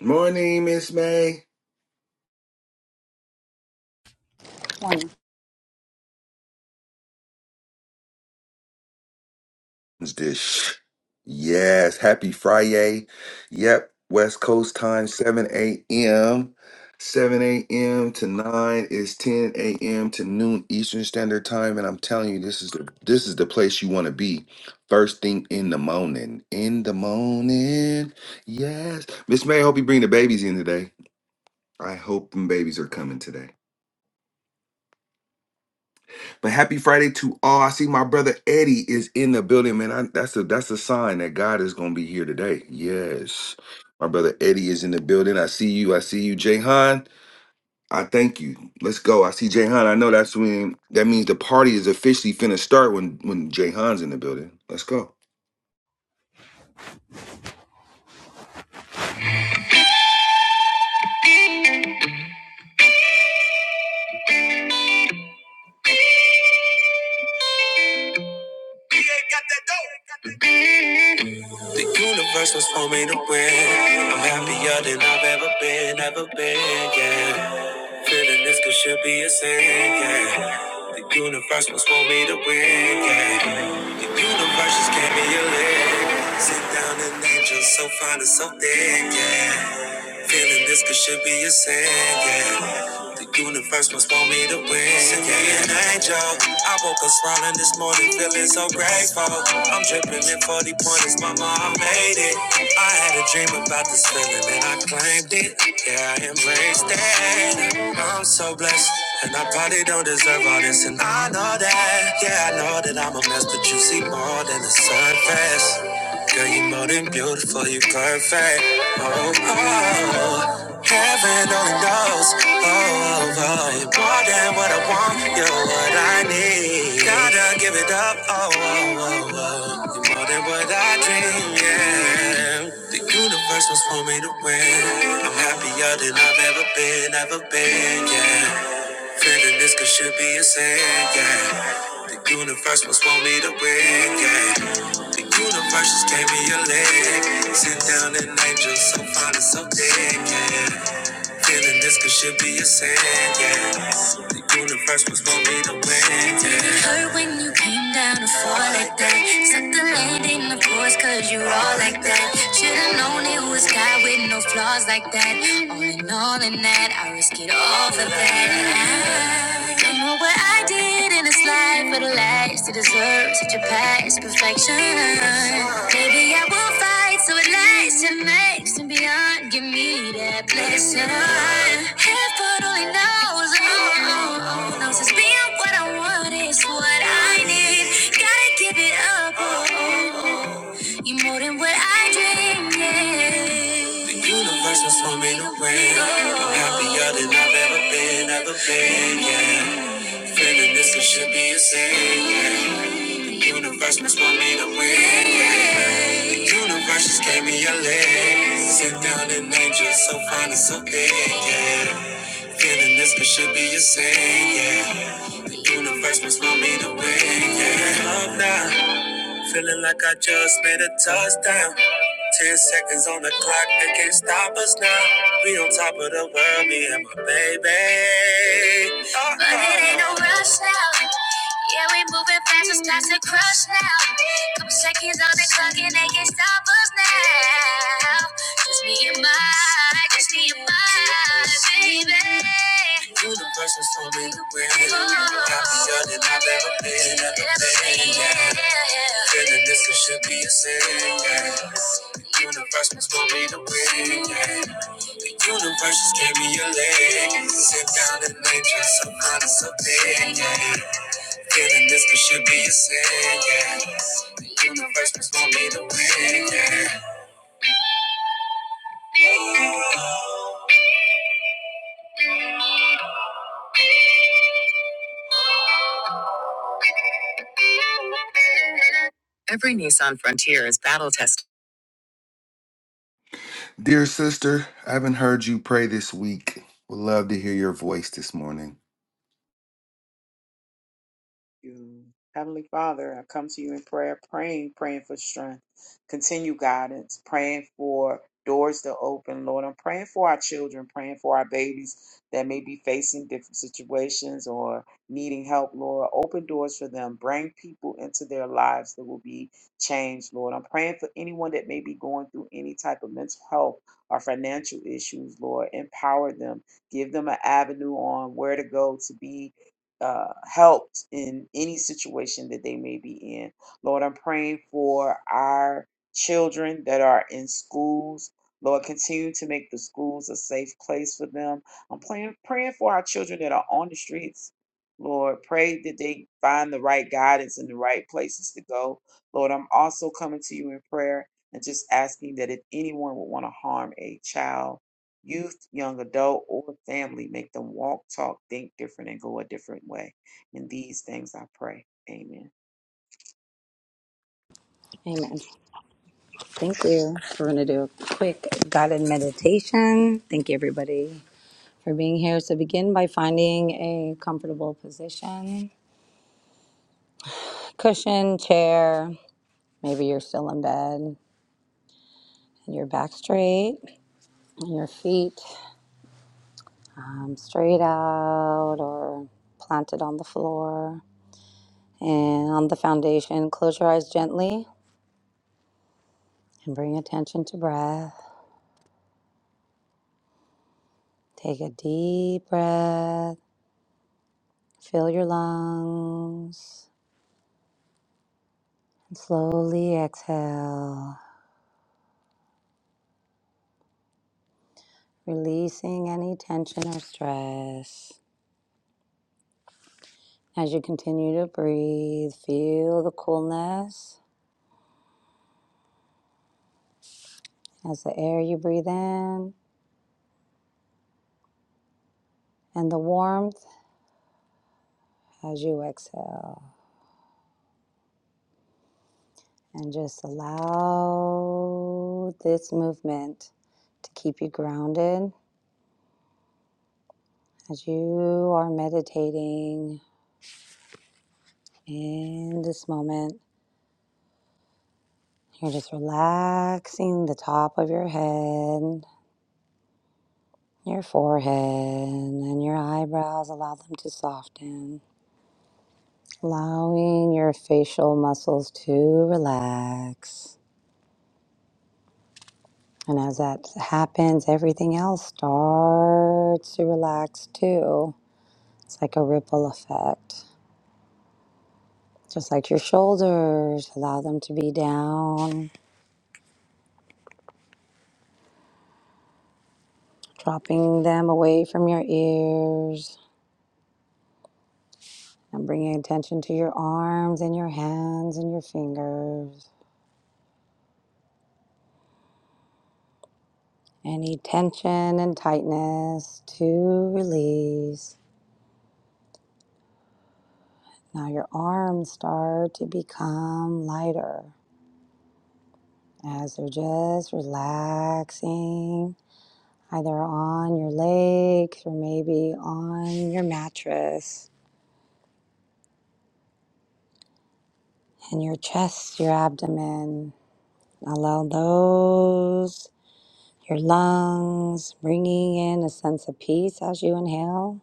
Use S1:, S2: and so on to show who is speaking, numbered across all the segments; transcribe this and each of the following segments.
S1: Morning, Miss May.
S2: Morning.
S1: It's This sh- yes, happy Friday. Yep, West Coast time, 7 a.m. 7 a.m. to 9 is 10 a.m. to noon Eastern Standard Time. And I'm telling you, this is the this is the place you want to be. First thing in the morning. In the morning. Yes. Miss May, I hope you bring the babies in today. I hope them babies are coming today. But happy Friday to all. I see my brother Eddie is in the building, man. I, that's a that's a sign that God is gonna be here today. Yes. My brother Eddie is in the building. I see you. I see you, Jayhan. I thank you. Let's go. I see Jayhan. I know that's when that means the party is officially finna start when when Jayhan's in the building. Let's go.
S3: The universe was for me to win. I'm happier than I've ever been, ever been, yeah. Feeling this could should be a sin, yeah. The universe was for me to win, yeah. The universe just gave me a leg. Sit down and angel so fine and so thick, yeah. Feeling this could should be a sin, yeah. The universe must want me to win. Send me an angel. I woke up smiling this morning, feeling so grateful. I'm dripping in 40 pointers, mama, I made it. I had a dream about this feeling and I claimed it. Yeah, I embraced it. I'm so blessed. And I probably don't deserve all this, and I know that. Yeah, I know that I'm a mess, but you see more than the surface. Girl, you are more than beautiful, you are perfect. Oh, oh, oh. heaven only knows. Oh, oh, oh, you're more than what I want, you're what I need. Gotta give it up. Oh, oh, oh, oh. you're more than what I dream. Yeah, the universe was for me to win. I'm happier than I've ever been, ever been. Yeah. Feeling this could should be a sin, yeah. The universe must want me to win, yeah. The universe just gave me a leg. Sit down an angel so fine and so thick, yeah. Feeling this could should be a sin, yeah. The universe was gonna be the wind, yeah. It hurt when you came down to fall like that. Set the landing, of course, cause you you're all like that. Should've known it was God with no flaws like that. All in all, in that, I risk it all for that. Don't know what I did in this life for the last to deserve such a past perfection. Maybe I will fight so it lasts and makes and beyond. Give me that blessing. Heaven only knows, oh, knows it's being what I want is what I need. Gotta give it up, oh, oh. you more than what I dreamed. Yeah. The universe was for me to win. I'm happier than I've ever been, ever been, yeah. Feeling this it should be a sin. yeah. Universe must want me to win. yeah. The Universe just gave me a leg. Sit down and angel so fine and so big. Yeah. Feeling this it should be a sin. Yeah. The Universe must want me to win. Yeah. Love now. Feeling like I just made a touchdown. Ten seconds on the clock, they can't stop us now. We on top of the world, me and my baby. Uh-oh. But it ain't no rush now. Yeah, we moving fast, it's past the crush now. Couple seconds on the clock and they can't stop us now. Just me and my it's me and my baby. You the person for me to win. Happier Oh, than I've ever been, ever been. Yeah. Feeling this it should be a sin. Yeah. The universe was for me to win. Yeah. The universe just gave me a leg. Sit down and lay just some honest opinion. Yeah. Feeling this it should be a sin. Yeah. The universe was for me to win. Yeah.
S1: Dear sister, I haven't heard you pray this week. Would love to hear your voice this morning.
S4: you. Heavenly Father, I come to you in prayer, praying, praying for strength, continue guidance, praying for doors to open, Lord. I'm praying for our children, praying for our babies that may be facing different situations or needing help, Lord. Open doors for them. Bring people into their lives that will be changed, Lord. I'm praying for anyone that may be going through any type of mental health or financial issues, Lord. Empower them. Give them an avenue on where to go to be uh, helped in any situation that they may be in. Lord, I'm praying for our children that are in schools. Lord, continue to make the schools a safe place for them. I'm praying, praying for our children that are on the streets. Lord, pray that they find the right guidance and the right places to go. Lord, I'm also coming to you in prayer and just asking that if anyone would want to harm a child, youth, young adult, or family. Make them walk, talk, think different, and go a different way. In these things I pray. Amen.
S2: Amen. Thank you. We're going to do a quick guided meditation. Thank you, everybody, for being here. So, begin by finding a comfortable position cushion, chair. Maybe you're still in bed and your back straight and your feet um, straight out or planted on the floor. And on the foundation, close your eyes gently and bring attention to breath. Take a deep breath. Fill your lungs Slowly exhale, releasing any tension or stress. As you continue to breathe, feel the coolness as the air you breathe in and the warmth as you exhale. And just allow this movement to keep you grounded as you are meditating in this moment. You're just relaxing the top of your head, your forehead and your eyebrows. Allow them to soften, allowing your facial muscles to relax. And as that happens, everything else starts to relax too. It's like a ripple effect. Just like your shoulders, allow them to be down, dropping them away from your ears, and bringing attention to your arms and your hands and your fingers Any tension and tightness to release. Now your arms start to become lighter as they're just relaxing, either on your legs or maybe on your mattress. And your chest, your abdomen, allow those, your lungs, bringing in a sense of peace as you inhale,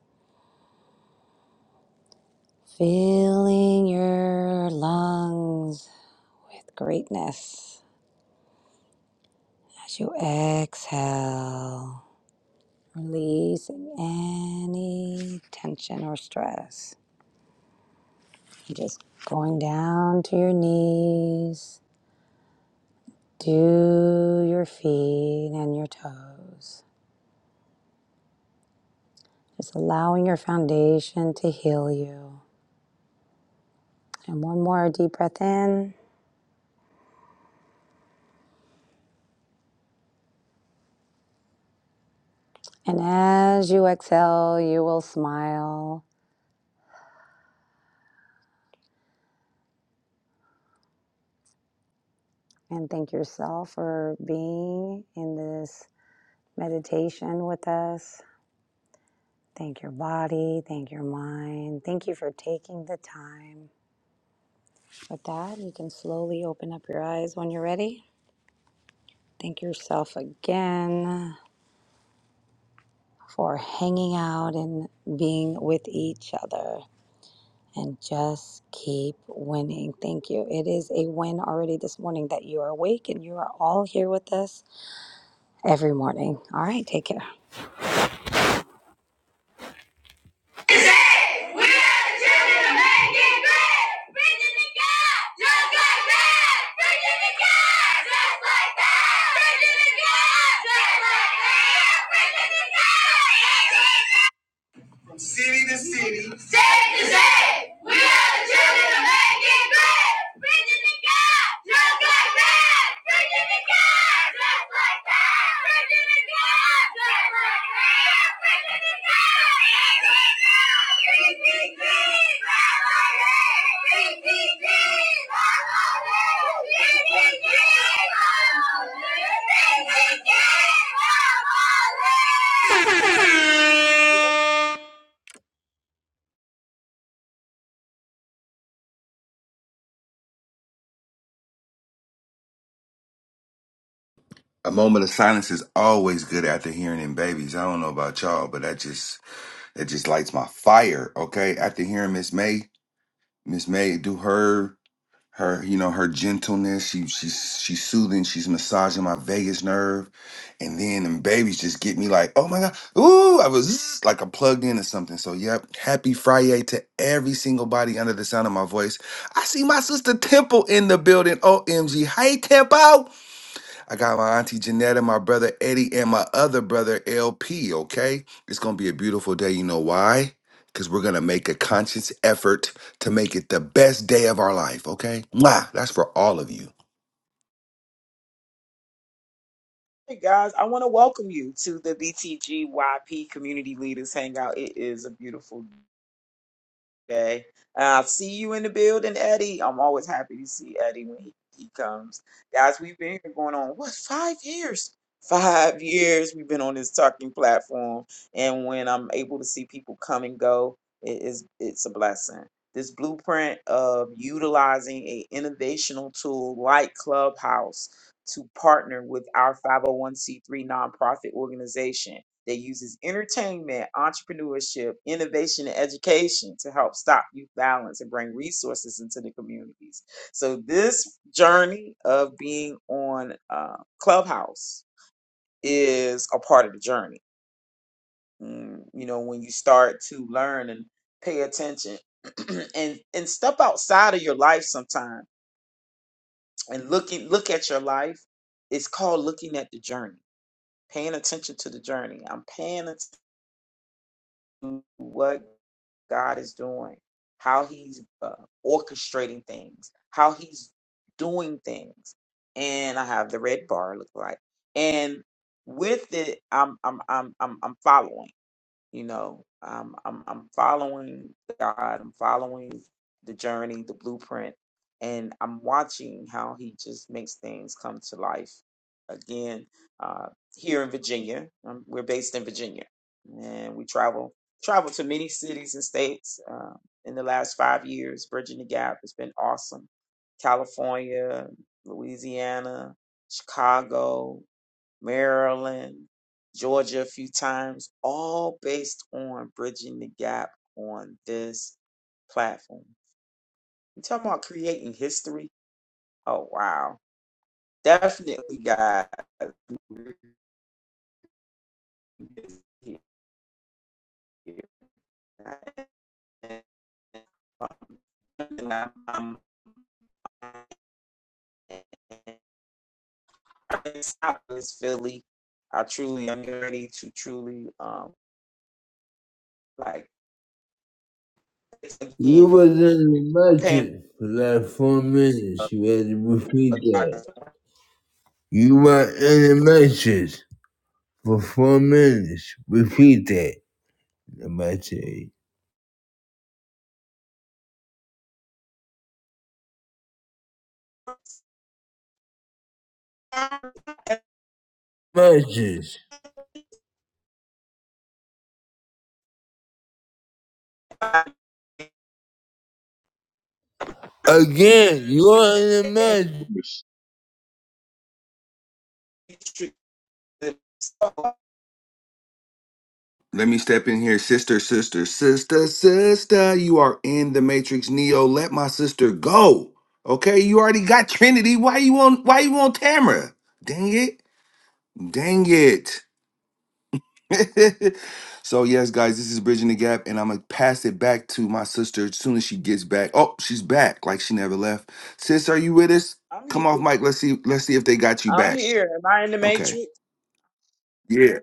S2: filling your lungs with greatness As you exhale, releasing any tension or stress. And Just going down to your knees, to your feet and your toes. Just allowing your foundation to heal you. And one more deep breath in. And as you exhale, you will smile and thank yourself for being in this meditation with us. Thank your body. Thank your mind. Thank you for taking the time. With that, you can slowly open up your eyes when you're ready. Thank yourself again for hanging out and being with each other. And just keep winning. Thank you. It is a win already this morning that you are awake and you are all here with us every morning. All right, take care.
S3: We are the children of making great. Preaching to God, just like that. Preaching to God, just like that. Preaching to God, just like that. Preaching to God, City to city. State to state. We are the children of making great. Bridging the gap. Just like that. Bridging the gap. Just like that. Bridging the gap. Just like that. Bridging the gap. BTG. BTG. BTG. just like that.
S1: A moment of silence is always good after hearing in babies. I don't know about y'all, but that just It just lights my fire. Okay. After hearing Miss May, Miss May do her her you know her gentleness. She she's she's soothing. She's massaging my vagus nerve, and then and babies just get me like oh my god ooh I was like I'm plugged in or something. So yep. Happy Friday to every single body under the sound of my voice. I see my sister Temple in the building. Omg, hey Temple. I got my auntie Janetta, my brother Eddie, and my other brother LP, okay? It's gonna be a beautiful day. You know why? Because we're gonna make a conscious effort to make it the best day of our life, okay? Mwah! That's for all of you.
S4: Hey guys, I want to welcome you to the BTGYP Community Leaders Hangout. It is a beautiful Okay. Uh, see you in the building, Eddie. I'm always happy to see Eddie when he, he comes. Guys, we've been here going on, what, five years? Five years we've been on this talking platform. And when I'm able to see people come and go, it is it's a blessing. This blueprint of utilizing a innovational tool like Clubhouse to partner with our 501c3 nonprofit organization that uses entertainment, entrepreneurship, innovation, and education to help stop youth violence and bring resources into the communities. So, this journey of being on uh, Clubhouse is a part of the journey. Mm, you know, when you start to learn and pay attention and and step outside of your life sometime and looking look at your life. It's called looking at the journey, paying attention to the journey. I'm paying attention to what God is doing, how He's uh, orchestrating things, how He's doing things. And I have the red bar look like, and with it, I'm I'm I'm I'm, I'm following. You know, um, I'm I'm following God. I'm following the journey, the blueprint, and I'm watching how He just makes things come to life. Again, uh, here in Virginia, um, we're based in Virginia, and we travel travel to many cities and states. Uh, in the last five years, bridging the gap has been awesome. California, Louisiana, Chicago. Maryland, Georgia a few times, all based on bridging the gap on this platform. You talking about creating history? Oh wow. Definitely guys. we're here. And, um, I'm- I'm South Philly. I truly am ready to truly um like it's
S3: You
S4: again.
S3: wasn't in the
S4: I'm paying
S3: matrix for like four minutes. You had to repeat that.
S4: for
S3: You were in the matches for four minutes. Repeat that. Nobody tell you.
S4: I'm
S3: matches Again, you are in the matrix.
S5: worse,
S1: Let me step in here, sister, sister, sister, sister. You are in the Matrix Neo. Let my sister go. Okay, you already got Trinity. Why you on why you on Tamara? Dang it. Dang it. so yes, guys, this is bridging the gap, and I'm gonna pass it back to my sister as soon as she gets back. Oh, she's back, like she never left. Sis, are you with us?
S4: here.
S1: Come off, Mike. Let's see. Let's see if they got you
S4: I'm
S1: back.
S4: here. Am I in the
S1: Okay.
S4: matrix?
S1: Yeah.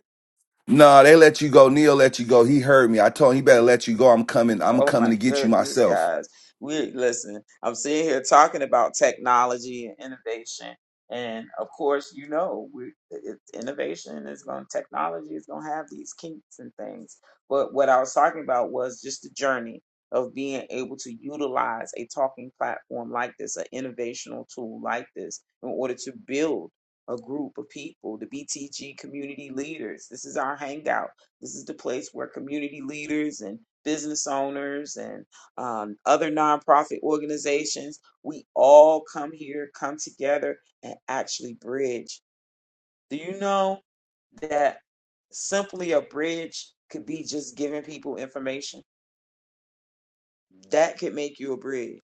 S1: No, they let you go. Neil let you go. He heard me. I told him he better let you go. I'm coming. I'm
S4: Oh
S1: coming
S4: my
S1: to get you
S4: goodness,
S1: myself.
S4: guys. We listen, I'm sitting here talking about technology and innovation. And of course, you know, we, it, innovation is going to, technology is going to have these kinks and things. But what I was talking about was just the journey of being able to utilize a talking platform like this, an innovational tool like this, in order to build a group of people, the BTG community leaders. This is our hangout this is the place where community leaders and business owners and um, other nonprofit organizations, we all come here, come together, and actually bridge. Do you know that simply a bridge could be just giving people information? That could make you a bridge.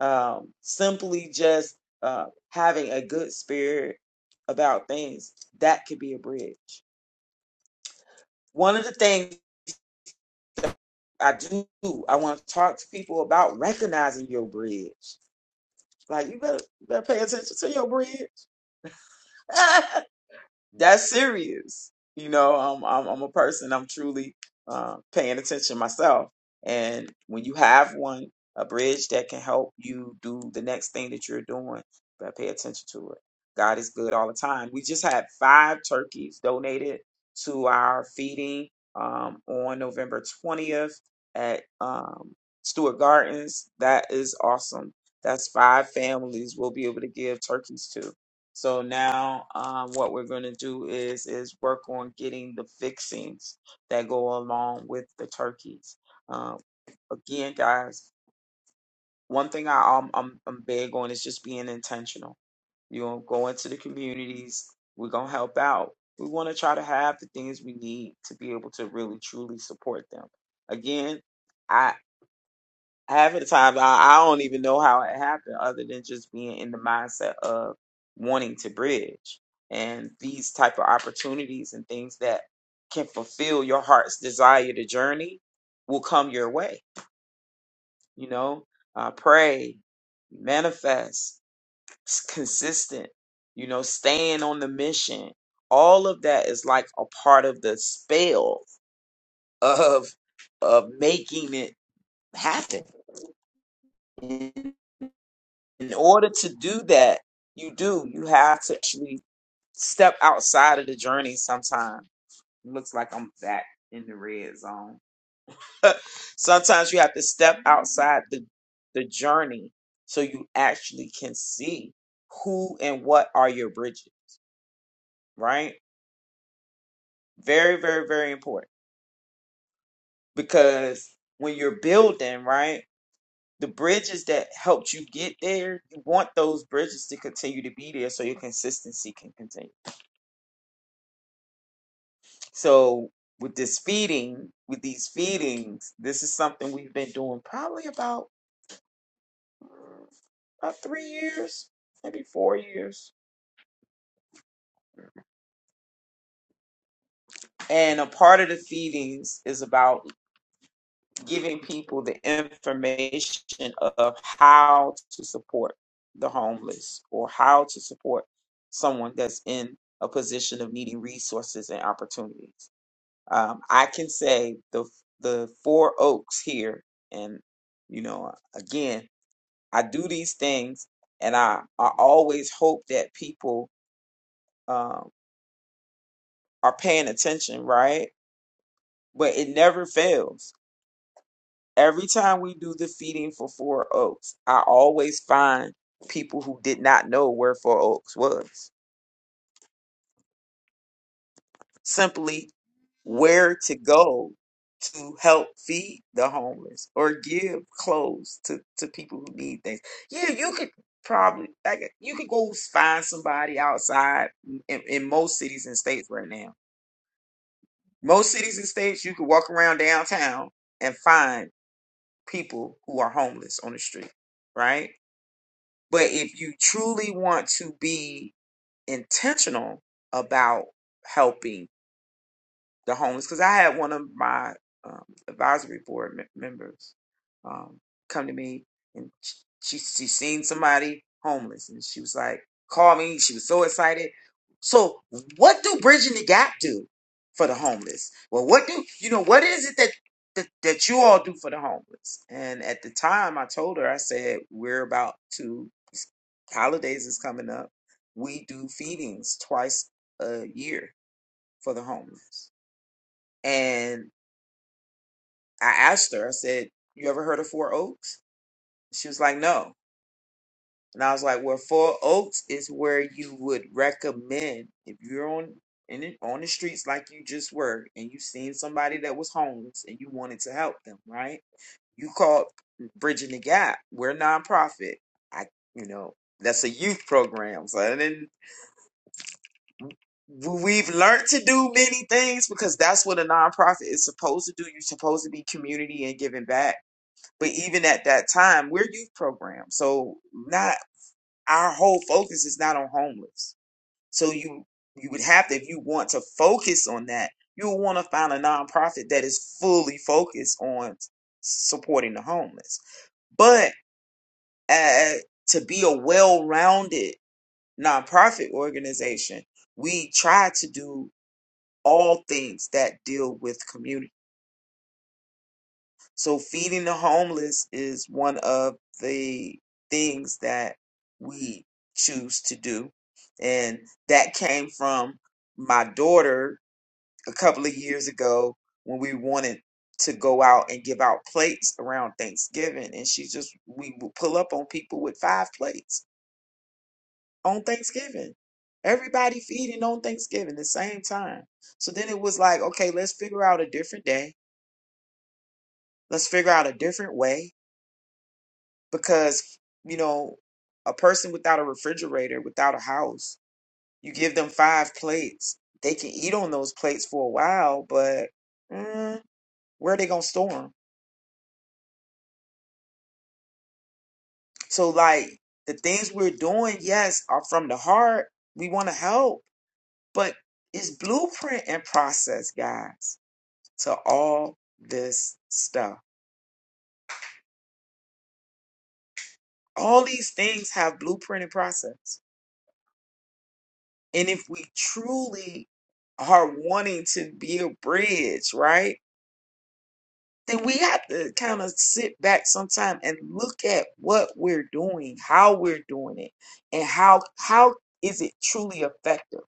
S4: Um, simply just uh, having a good spirit about things, that could be a bridge. One of the things I do. I want to talk to people about recognizing your bridge. Like you better, you better pay attention to your bridge. that's serious. You know, I'm I'm, I'm a person. I'm truly uh, paying attention myself. And when you have one, a bridge that can help you do the next thing that you're doing, but pay attention to it. God is good all the time. We just had five turkeys donated to our feeding um, on November 20th at um, Stewart Gardens. That is awesome. That's five families we'll be able to give turkeys to. So now, um, what we're going to do is is work on getting the fixings that go along with the turkeys. Um, again, guys, one thing I, um, I'm I'm big on is just being intentional. You know, go into the communities. We're gonna help out. We want to try to have the things we need to be able to really truly support them. Again half of the time I, I don't even know how it happened other than just being in the mindset of wanting to bridge and these type of opportunities and things that can fulfill your heart's desire to journey will come your way you know uh, pray manifest s- consistent you know staying on the mission all of that is like a part of the spell of of making it happen in order to do that, you do. You have to actually step outside of the journey Sometimes It looks like I'm back in the red zone. Sometimes you have to step outside the, the journey so you actually can see who and what are your bridges, right? Very, very, very important because when you're building, right? The bridges that helped you get there, you want those bridges to continue to be there so your consistency can continue. So with this feeding, with these feedings, this is something we've been doing probably about mm, about three years, maybe four years. And a part of the feedings is about giving people the information of how to support the homeless or how to support someone that's in a position of needing resources and opportunities. Um, I can say the the four oaks here, and you know, again, I do these things, and I I always hope that people um, are paying attention, right? But it never fails. Every time we do the feeding for four oaks, I always find people who did not know where four oaks was. Simply where to go to help feed the homeless or give clothes to, to people who need things. Yeah, you could probably like you could go find somebody outside in, in most cities and states right now. Most cities and states you could walk around downtown and find people who are homeless on the street, right? But if you truly want to be intentional about helping the homeless because I had one of my um, advisory board mem- members um, come to me and sh- she she seen somebody homeless and she was like, call me. She was so excited. So what do Bridging the Gap do for the homeless? Well, what do you know? What is it that that, that you all do for the homeless? And at the time, I told her, I said, we're about to holidays is coming up. We do feedings twice a year for the homeless and I asked her, I said, You ever heard of Four Oaks? She was like, No. And I was like, Well, Four Oaks is where you would recommend if you're on in the, on the streets like you just were and you seen somebody that was homeless and you wanted to help them, right? You called Bridging the Gap. We're nonprofit. I you know, that's a youth program. So and then we've learned to do many things because that's what a nonprofit is supposed to do. You're supposed to be community and giving back But even at that time, we're youth program, so not our whole focus is not on homeless. So you you would have to, if you want to focus on that, you would want to find a nonprofit that is fully focused on supporting the homeless. But uh, to be a well-rounded nonprofit organization, we try to do all things that deal with community. So feeding the homeless is one of the things that we choose to do. And that came from my daughter a couple of years ago when we wanted to go out and give out plates around Thanksgiving. And she just, we would pull up on people with five plates on Thanksgiving. Everybody feeding on Thanksgiving the same time. So then it was like, okay, let's figure out a different day. Let's figure out a different way because you know a person without a refrigerator without a house you give them five plates they can eat on those plates for a while but mm, where are they gonna store them so like the things we're doing yes are from the heart we want to help but it's blueprint and process guys to all this stuff all these things have blueprint and process and if we truly are wanting to be a bridge, right? then we have to kind of sit back sometime and look at what we're doing, how we're doing it, and how how is it truly effective?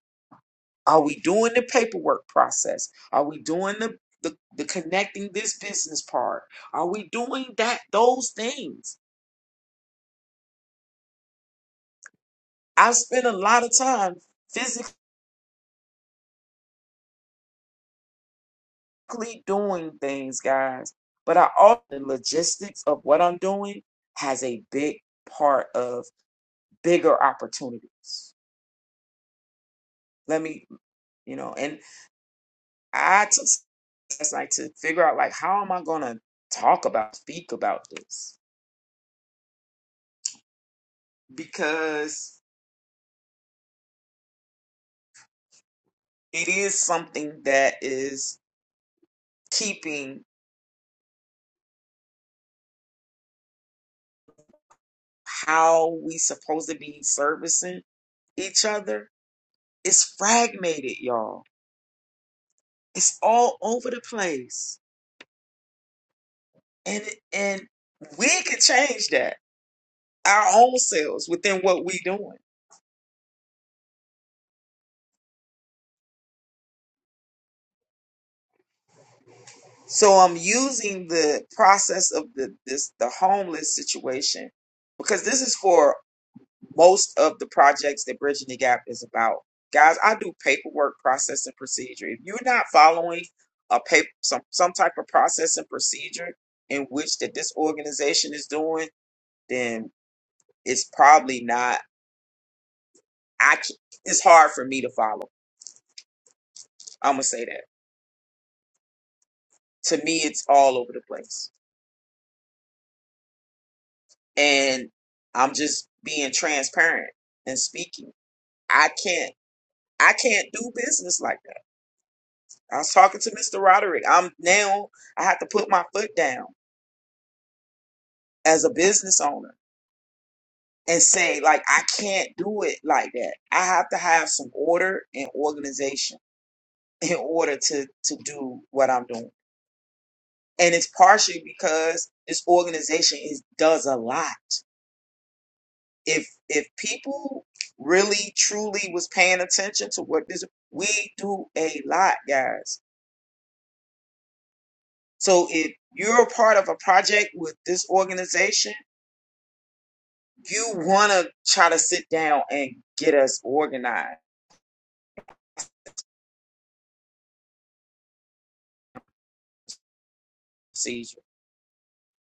S4: Are we doing the paperwork process? Are we doing the the, the connecting this business part? Are we doing that those things? I spend a lot of time physically doing things, guys, but I also the logistics of what I'm doing has a big part of bigger opportunities. Let me you know and i took last night to figure out like how am i gonna talk about speak about this because it is something that is keeping how we supposed to be servicing each other it's fragmented y'all it's all over the place and and we can change that our own selves within what we doing So I'm using the process of the this the homeless situation because this is for most of the projects that Bridging the Gap is about. Guys, I do paperwork process and procedure. If you're not following a paper some some type of process and procedure in which that this organization is doing, then it's probably not I c- it's hard for me to follow. I'm gonna say that. To me it's all over the place. And I'm just being transparent and speaking. I can't I can't do business like that. I was talking to Mr. Roderick. I'm now I have to put my foot down as a business owner and say like I can't do it like that. I have to have some order and organization in order to to do what I'm doing. And it's partially because this organization is does a lot. If if people really truly was paying attention to what this we do a lot, guys So if you're a part of a project with this organization, you want to try to sit down and get us organized, Caesar.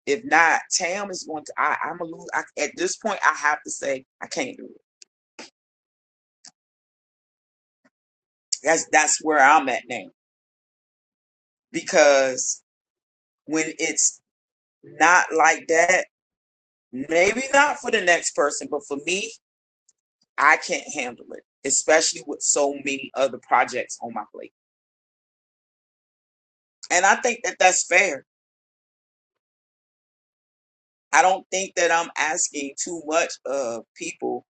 S4: If not, Tam is going to. I, I'm a lose. I, at this point, I have to say I can't do it. That's that's where I'm at now because when it's not like that, maybe not for the next person, but for me, I can't handle it, especially with so many other projects on my plate. And I think that that's fair I don't think that I'm asking too much of people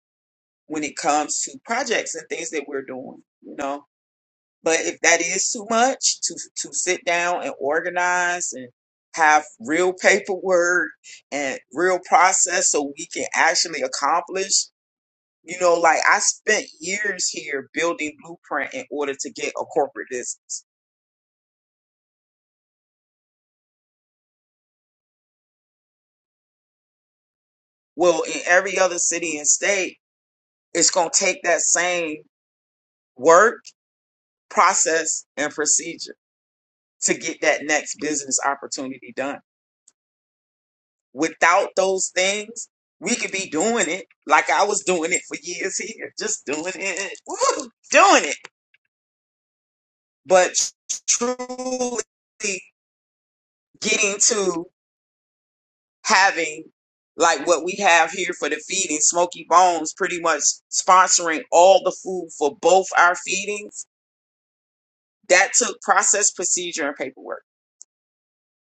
S4: when it comes to projects and things that we're doing, you know. But if that is too much to to sit down and organize and have real paperwork and real process so we can actually accomplish, you know, like I spent years here building blueprint in order to get a corporate business. Well, in every other city and state, it's going to take that same work, process, and procedure to get that next business opportunity done. Without those things, we could be doing it like I was doing it for years here, just doing it, woo, doing it. But truly getting to having like what we have here for the feeding, Smoky Bones pretty much sponsoring all the food for both our feedings, that took process, procedure, and paperwork.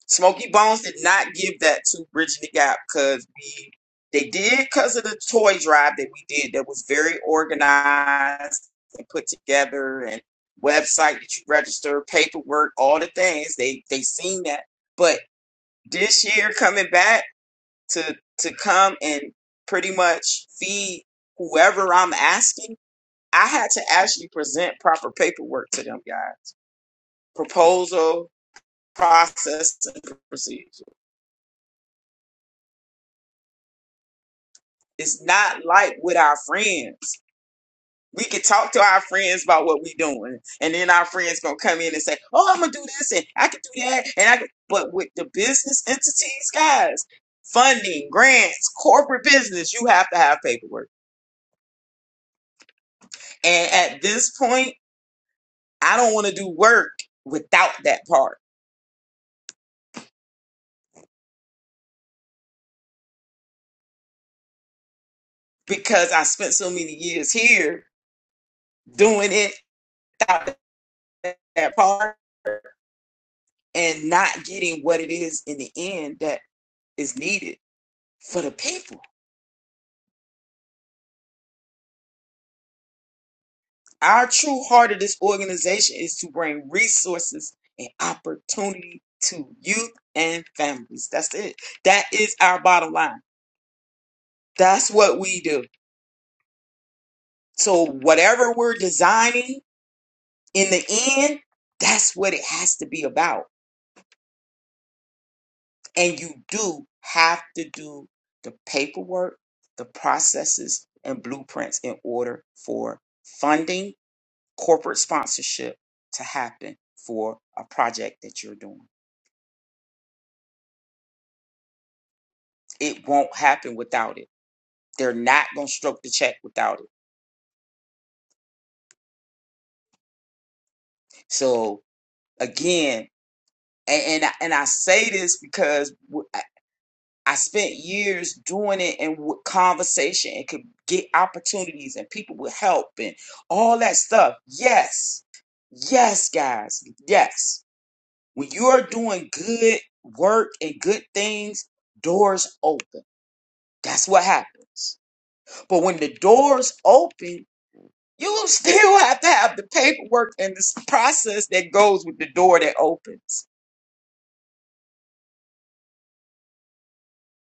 S4: Smokey Bones did not give that to Bridging the Gap because we they did because of the toy drive that we did that was very organized and put together and website that you register, paperwork, all the things. They they seen that. But this year coming back to to come and pretty much feed whoever I'm asking, I had to actually present proper paperwork to them guys. Proposal, process, and procedure. It's not like with our friends. We can talk to our friends about what we are doing, and then our friends gonna come in and say, "Oh, I'm gonna do this, and I can do that, and I." Can. But with the business entities, guys, funding, grants, corporate business, you have to have paperwork. And at this point, I don't want to do work without that part because I spent so many years here doing it without that part and not getting what it is in the end that is needed for the people. Our true heart of this organization is to bring resources and opportunity to youth and families. That's it. That is our bottom line. That's what we do. So, whatever we're designing in the end, that's what it has to be about. And you do have to do the paperwork, the processes, and blueprints in order for funding, corporate sponsorship to happen for a project that you're doing. it won't happen without it. They're not gonna stroke the check without it. So again, and and I, and I say this because w- I I spent years doing it and with conversation and could get opportunities and people would help and all that stuff. Yes, yes, guys, yes. When you're doing good work and good things, doors open. That's what happens. But when the doors open You will still have to have the paperwork and this process that goes with the door that opens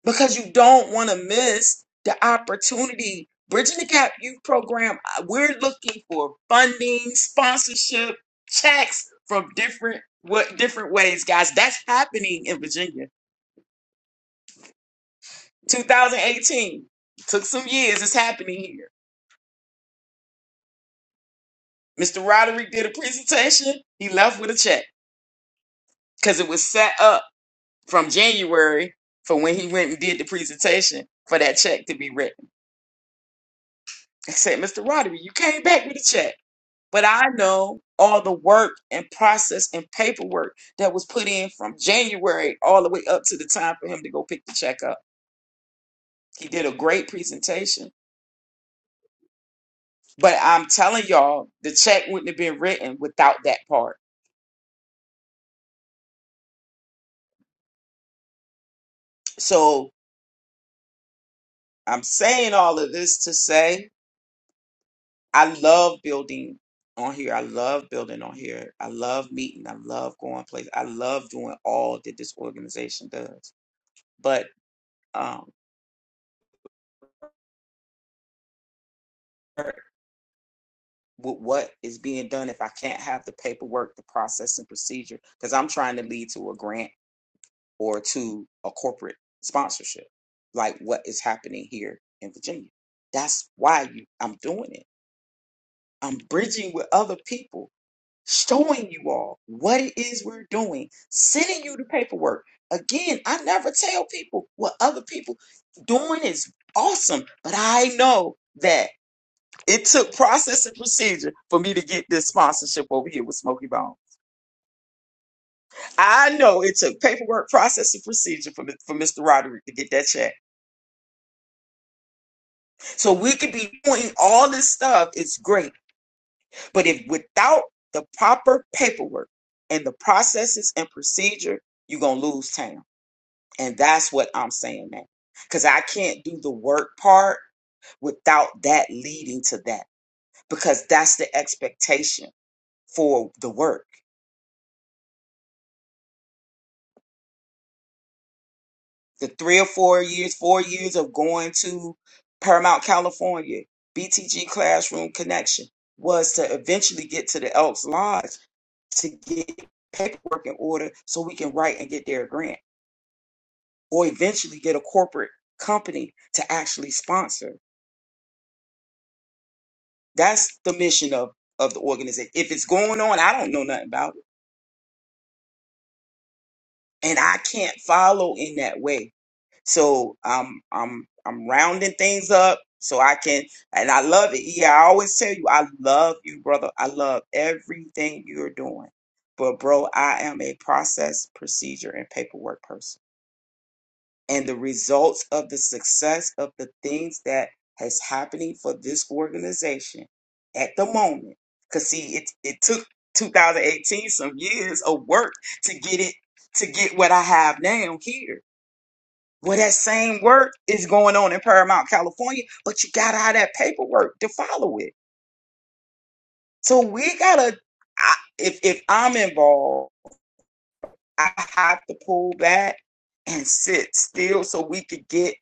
S4: because you don't want to miss the opportunity. Bridging the Gap Youth Program, uh, we're looking for funding, sponsorship, checks from different what different ways, guys. That's happening in Virginia. 2018 took some years. It's happening here. Mr. Roderick did a presentation. He left with a check because it was set up. from January for when he went and did the presentation for that check to be written. I said, Mr. Roderick, you came back with a check, but I know all the work and process and paperwork that was put in from January all the way up to the time for him to go pick the check up. He did a great presentation, but I'm telling y'all, the check wouldn't have been written without that part. So I'm saying all of this to say I love building on here. I love building on here. I love meeting. I love going places. I love doing all that this organization does. But um, with what is being done, if I can't have the paperwork, the process and procedure, because I'm trying to lead to a grant or to a corporate sponsorship, like what is happening here in Virginia. That's why you, I'm doing it. I'm bridging with other people showing you all what it is we're doing, sending you the paperwork. Again, I never tell people what other people doing is awesome, but I know that it took process and procedure for me to get this sponsorship over here with Smoky Bone. I know it took paperwork, process, and procedure for, for Mr. Roderick to get that check. So we could be doing all this stuff. It's great. But if without the proper paperwork and the processes and procedure, you're going to lose town And that's what I'm saying now. Because I can't do the work part without that leading to that. Because that's the expectation for the work. The three or four years, four years of going to Paramount, California, BTG Classroom Connection was to eventually get to the Elks Lodge to get paperwork in order so we can write and get their grant or eventually get a corporate company to actually sponsor. That's the mission of of the organization. If it's going on, I don't know nothing about it, and I can't follow in that way. So I'm I'm I'm rounding things up so I can, and I love it. Yeah, I always tell you, I love you, brother. I love everything you're doing, but bro, I am a process, procedure, and paperwork person. and the results of the success of the things that has happening for this organization at the moment. Cause see, it it took 2018 some years of work to get it to get what I have now here. Well, that same work is going on in Paramount, California, but you got all that paperwork to follow it. So we gotta. I, if if I'm involved, I have to pull back and sit still so we could get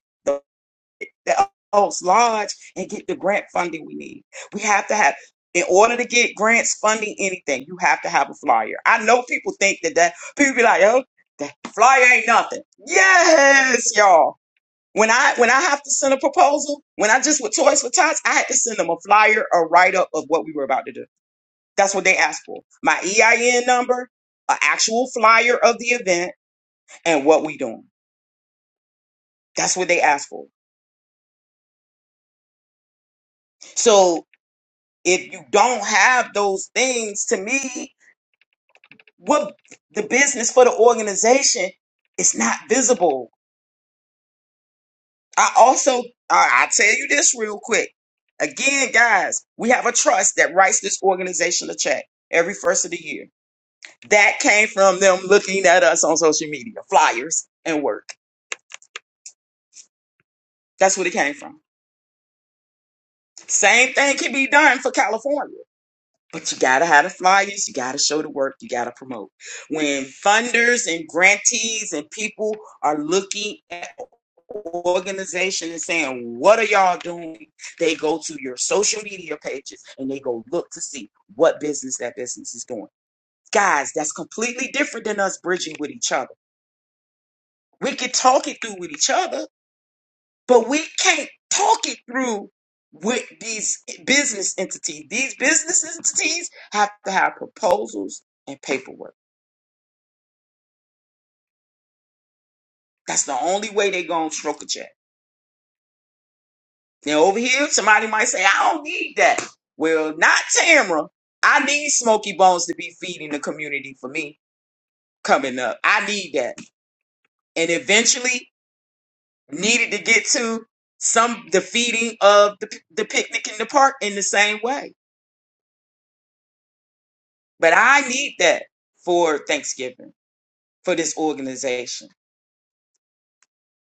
S4: the Oaks Lodge and get the grant funding we need. We have to have, in order to get grants funding anything, you have to have a flyer. I know people think that that people be like, oh, that flyer ain't nothing. Yes, y'all. When I when I have to send a proposal, when I just with Toys for Tots, I had to send them a flyer, a write up of what we were about to do. That's what they asked for. My EIN number, an actual flyer of the event, and what we doing. That's what they asked for. So. if you don't have those things, to me, what the business for the organization is not visible. I also, I, I tell you this real quick. Again, guys, we have a trust that writes this organization a check every first of the year. That came from them looking at us on social media, flyers and work. That's what it came from. Same thing can be done for California. But you gotta have the flyers, you gotta show the work, you gotta promote. When funders and grantees and people are looking at an organization and saying, What are y'all doing? They go to your social media pages and they go look to see what business that business is doing. Guys, that's completely different than us bridging with each other. We can talk it through with each other, but we can't talk it through with these business entities. These business entities have to have proposals and paperwork. That's the only way they're going to stroke a check. Now, over here, somebody might say, I don't need that. Well, not Tamra. I need Smoky Bones to be feeding the community for me coming up. I need that. And eventually, needed to get to some the feeding of the, the picnic in the park in the same way. But I need that for Thanksgiving. for this organization.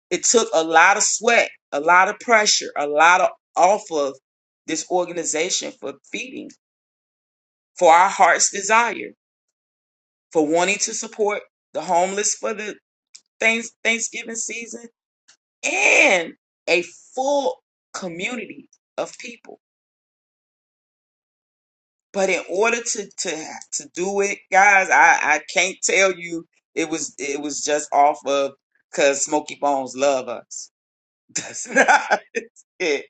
S4: It took a lot of sweat, a lot of pressure, a lot of off of this organization for feeding, for our heart's desire, for wanting to support the homeless for the thanks, Thanksgiving season and a full community of people. But in order to to to do it, guys, I I can't tell you it was it was just off of because Smokey Bones love us. That's not it.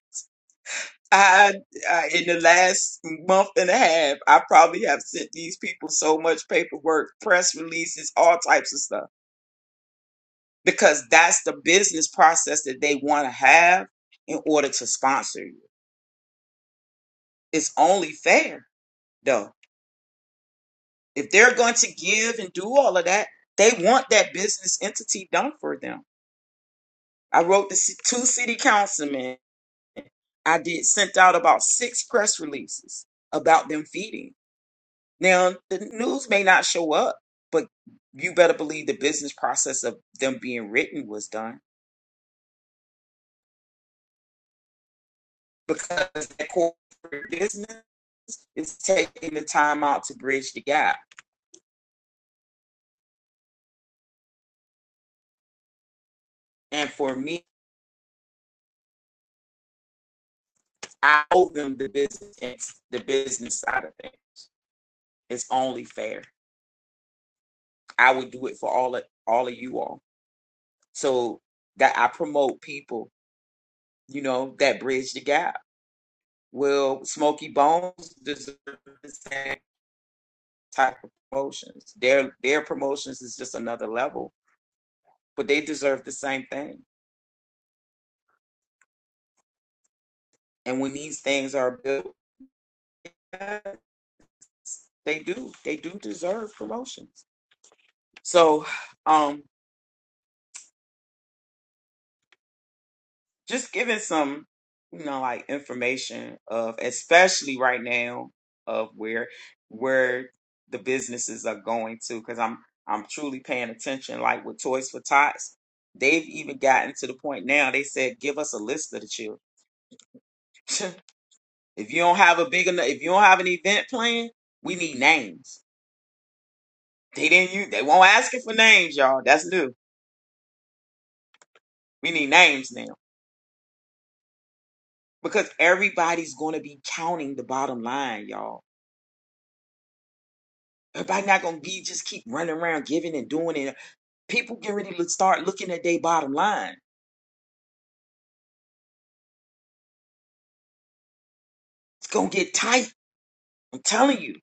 S4: I, I in the last month and a half, I probably have sent these people so much paperwork, press releases, all types of stuff because that's the business process that they want to have in order to sponsor you. It's only fair though. If they're going to give and do all of that, they want that business entity done for them. I wrote to ci- two city councilmen. I did sent out about six press releases about them feeding. Now, the news may not show up, but you better believe the business process of them being written was done because that corporate business is taking the time out to bridge the gap. And for me, I owe them the business, the business side of things. It's only fair. I would do it for all of all of you all. So that I promote people, you know, that bridge the gap. Will Smoky Bones deserve the same type of promotions. Their their promotions is just another level, but they deserve the same thing. And when these things are built, they do they do deserve promotions. So, um, just giving some you know like information of especially right now of where where the businesses are going to because I'm I'm truly paying attention. Like with Toys for Tots, they've even gotten to the point now. They said, give us a list of the children. If you don't have a big enough, if you don't have an event plan, we need names. They didn't you they won't ask you for names, y'all. That's new. We need names now. Because everybody's gonna be counting the bottom line, y'all. Everybody not gonna be just keep running around giving and doing it. People get ready to start looking at their bottom line. It's gonna get tight. I'm telling you.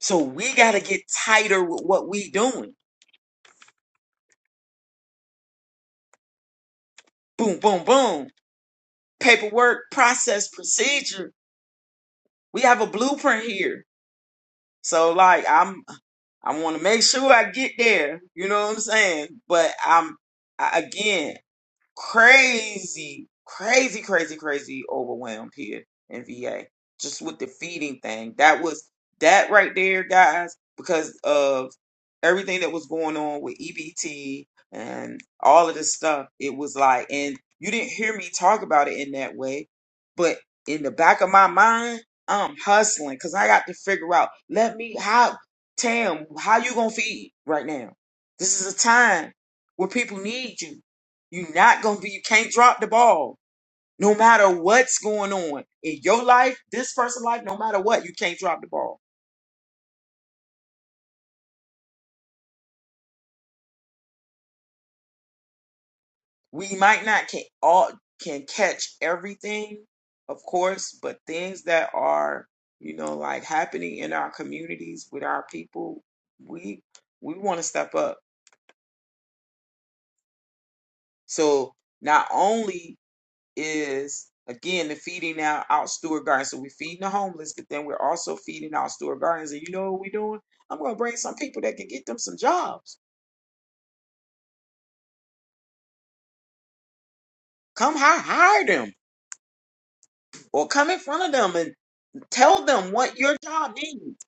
S4: So we gotta get tighter with what we doing. Boom, boom, boom. Paperwork, process, procedure. We have a blueprint here. So like I'm I want to make sure I get there. You know what I'm saying? But I'm I, again, crazy, crazy, crazy, crazy overwhelmed here in VA just with the feeding thing. That was that right there, guys, because of everything that was going on with EBT and all of this stuff. It was like, and you didn't hear me talk about it in that way, but in the back of my mind, I'm hustling because I got to figure out. Let me how Tam, how you gonna feed right now? This is a time where people need you. You're not gonna be. You can't drop the ball. No matter what's going on in your life, this person's life, no matter what, you can't drop the ball. We might not can all can catch everything, of course, but things that are you know like happening in our communities with our people, we we want to step up. So not only is again the feeding out out steward Gardens. So we're feeding the homeless, but then we're also feeding out steward Gardens. And you know what we're doing? I'm gonna bring some people that can get them some jobs. Come hi- hire them or come in front of them and tell them what your job needs.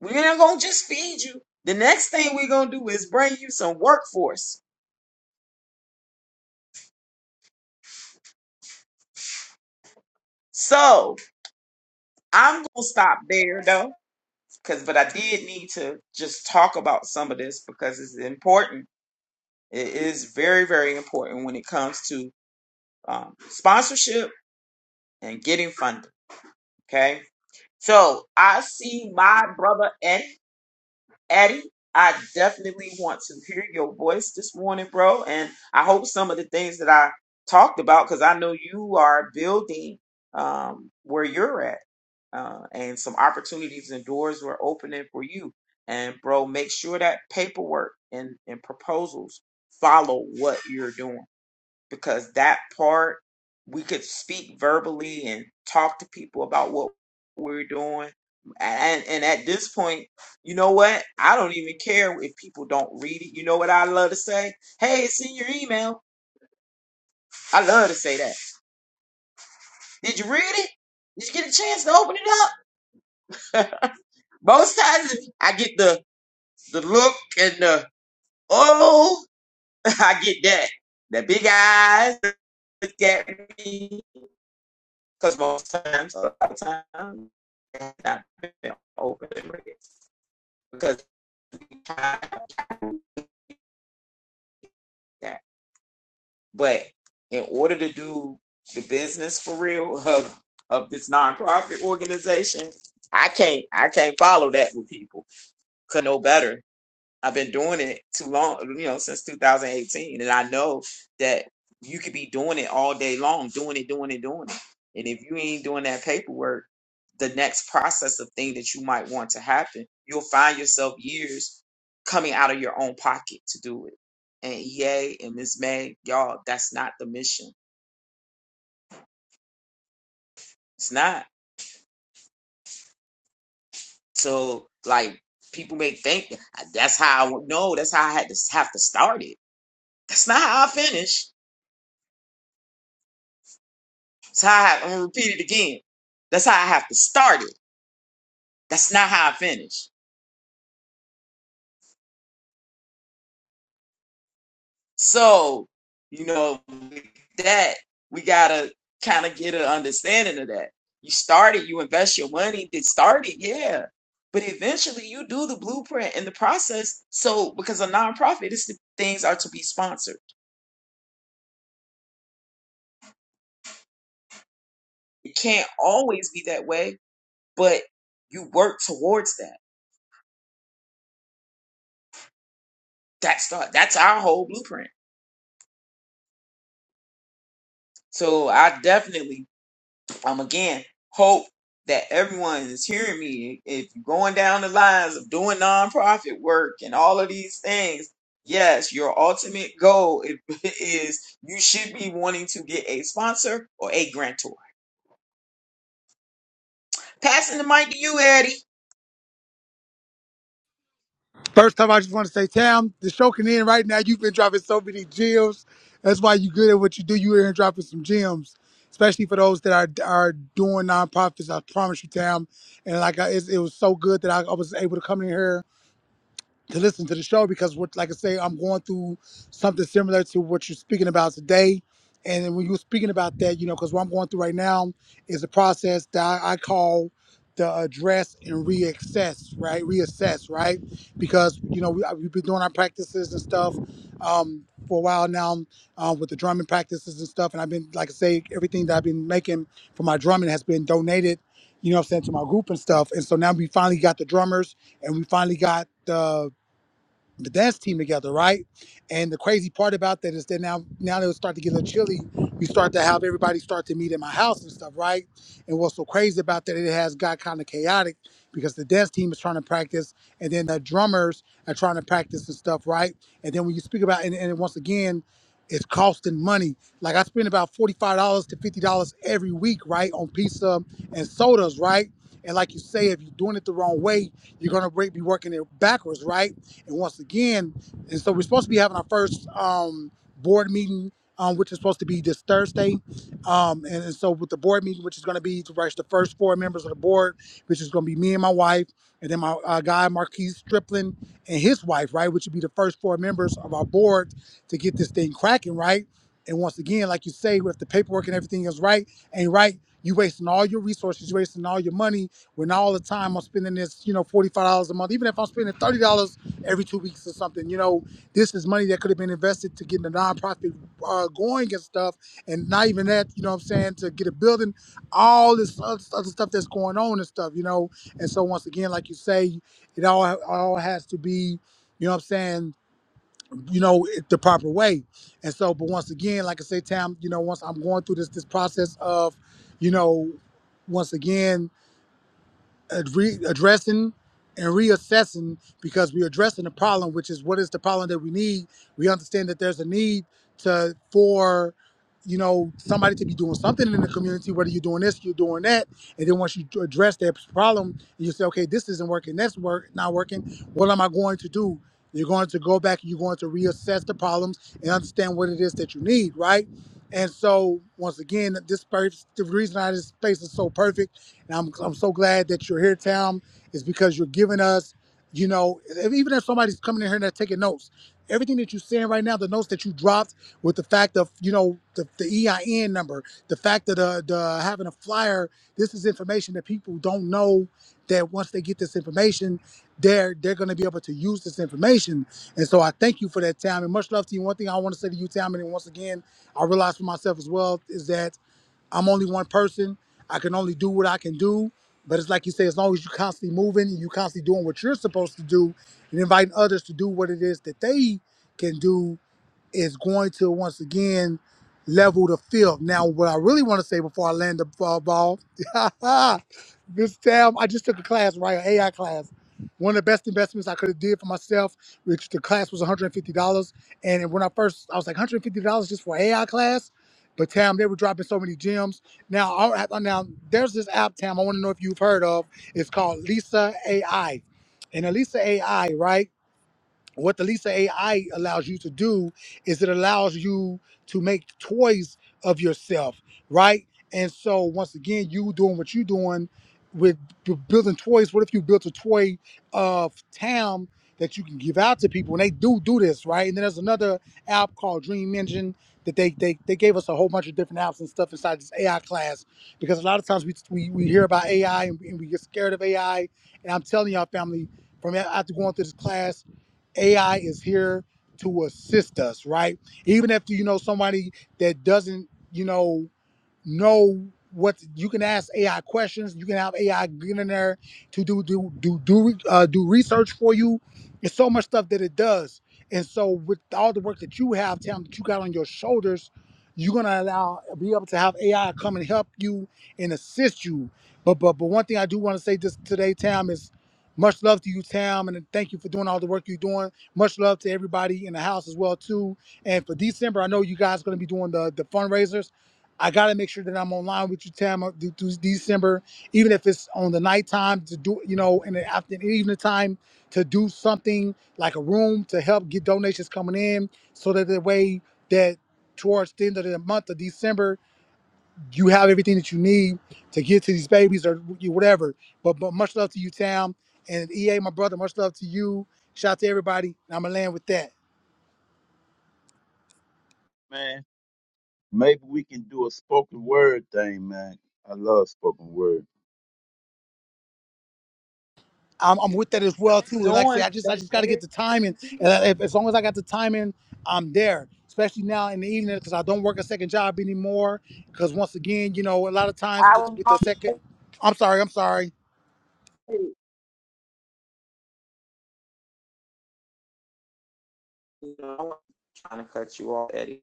S4: We're not gonna just feed you. The next thing we're gonna do is bring you some workforce. So I'm gonna stop there though, because but I did need to just talk about some of this because it's important. It is very, very important when it comes to um, sponsorship and getting funding. Okay. So I see my brother Eddie. Eddie, I definitely want to hear your voice this morning, bro. And I hope some of the things that I talked about, because I know you are building um, where you're at. Uh, and some opportunities and doors were opening for you. And bro, make sure that paperwork and, and proposals follow what you're doing because that part we could speak verbally and talk to people about what we're doing and and at this point you know what i don't even care if people don't read it you know what i love to say hey it's in your email i love to say that did you read it did you get a chance to open it up most times i get the the look and the oh i get that the big eyes look at me Because most times, a lot of times, it's not been open and read because that. But in order to do the business for real of of this nonprofit organization, I can't I can't follow that with people. Could know better. I've been doing it too long, you know, since 2018. And I know that you could be doing it all day long, doing it, doing it, doing it. And if you ain't doing that paperwork, the next process of thing that you might want to happen, you'll find yourself years coming out of your own pocket to do it. And EA and Ms. May, y'all, that's not the mission. It's not. So, like, people may think that's how I, no, that's how I had to have to start it. That's not how I finished. That's how I have, I'm gonna repeat it again. That's how I have to start it. That's not how I finish. So, you know, that we gotta kind of get an understanding of that. You start it, you invest your money, then start it, yeah. But eventually you do the blueprint and the process. So because a nonprofit is the things are to be sponsored. It can't always be that way, but you work towards that. That's the, that's our whole blueprint. So I definitely um, again, hope that everyone is hearing me. If you're going down the lines of doing nonprofit work and all of these things, yes, your ultimate goal i- is you should be wanting to get a sponsor or a grantor. Passing the mic to you, Eddie.
S6: First time, I just want to say, Tam, the show can end right now. You've been dropping so many gems. That's why you're good at what you do. You are dropping some gems, especially for those that are are doing nonprofits. I promise you, Tam. And like I, it, it was so good that I, I was able to come in here to listen to the show because what like I say, I'm going through something similar to what you're speaking about today. And then when you were speaking about that, you know, because what I'm going through right now is a process that I, I call the address and reassess, right? Reassess, right? Because you know we, we've been doing our practices and stuff um, for a while now um, with the drumming practices and stuff. And I've been, like I say, everything that I've been making for my drumming has been donated, you know, what I'm saying to my group and stuff. And so now we finally got the drummers and we finally got the the dance team together, right? And the crazy part about that is that now now they'll start to get a little chilly. You start to have everybody start to meet at my house and stuff, right? And what's so crazy about that, it has got kind of chaotic because the dance team is trying to practice and then the drummers are trying to practice and stuff, right? And then when you speak about and, and once again, it's costing money. Like I spend about $45 to $50 every week, right, on pizza and sodas, right? And like you say, if you're doing it the wrong way, you're gonna be working it backwards, right? And once again, and so we're supposed to be having our first um, board meeting, um, which is supposed to be this Thursday. Um, and, and so with the board meeting, which is going to be to rush the first four members of the board, which is going to be me and my wife, and then my uh, guy Marquise Stripling and his wife, right, which would be the first four members of our board to get this thing cracking, right. And once again, like you say, if the paperwork and everything is right, ain't right, you wasting all your resources, you wasting all your money, when all the time I'm spending this, you know, forty five dollars a month. Even if I'm spending thirty dollars every two weeks or something. You know, this is money that could have been invested to get the nonprofit uh, going and stuff, and not even that. You know what I'm saying? To get a building, all this other other stuff that's going on and stuff. You know, and so once again, like you say, it all all has to be. You know what I'm saying? You know it- the proper way, and so. But once again, like I say, Tam, you know, once I'm going through this this process of, you know, once again ad- re- addressing and reassessing because we're addressing the problem, which is what is the problem that we need. We understand that there's a need to for you know somebody to be doing something in the community, whether you're doing this, you're doing that, and then once you d- address that problem, you say, okay, this isn't working, that's work not working. What am I going to do? You're going to go back and you're going to reassess the problems and understand what it is that you need, right? And so, once again, this, per- the reason why this space is so perfect and I'm, I'm so glad that you're here, Tam, is because you're giving us, you know, if, even if somebody's coming in here and they're taking notes, everything that you're saying right now, the notes that you dropped with the fact of, you know, the, the EIN number, the fact that the, the having a flyer, this is information that people don't know that once they get this information, they're they're gonna be able to use this information. And so I thank you for that, Tam. And much love to you. One thing I want to say to you, Tam, and once again, I realize for myself as well, is that I'm only one person. I can only do what I can do. But it's like you say, as long as you're constantly moving and you're constantly doing what you're supposed to do and inviting others to do what it is that they can do, is going to once again level the field. Now, what I really want to say before I land the ball, ball this time I just took a class, right? An AI class. One of the best investments I could have did for myself, which the class was $150. And fifty dollars. And when I first, I was like, $150 just for AI class? But Tam, they were dropping so many gems. Now, I- I- now there's this app, Tam, I want to know if you've heard of. It's called Lisa AI. And Lisa AI, right? what the Lisa AI allows you to do is it allows you to make toys of yourself, right? And so once again, you doing what you doing with b- building toys. What if you built a toy of Tam that you can give out to people, and they do do this, right? And then there's another app called Dream Engine that they they, they gave us a whole bunch of different apps and stuff inside this AI class because a lot of times we we, we hear about AI and, and we get scared of AI, and I'm telling y'all, family, from after going through this class AI is here to assist us, right? Even if you know somebody that doesn't, you know, know what you can ask AI questions. You can have AI get in there to do do do do uh, do research for you. It's so much stuff that it does. And so with all the work that you have, time that you got on your shoulders, you're gonna allow be able to have AI come and help you and assist you. But but but one thing I do want to say this today, Tam, is much love to you, Tam, and thank you for doing all the work you're doing. Much love to everybody in the house as well too. And for December, I know you guys are gonna be doing the the fundraisers. I got to make sure that I'm online with you, Tam, through December, even if it's on the nighttime to do, you know, in the after in the evening time to do something like a room to help get donations coming in, so that the way that towards the end of the month of December, you have everything that you need to get to these babies or you- whatever. But but much love to you, Tam, and EA, my brother. Much love to you. Shout out to everybody. And I'm gonna land with that.
S5: man. Maybe we can do a spoken word thing, man. I love spoken word.
S6: I'm, I'm with that as well too. And like I say,
S4: Doing
S6: I just
S4: stuff,
S6: I just got to get
S4: Eddie.
S6: the timing. And I- if, as long as I got the timing, I'm there. Especially now in the evening because I don't work a second job anymore. Because once again, you know, a lot of times with, with the second, I'm sorry, I'm sorry.
S4: You know, I'm trying to cut you off, Eddie.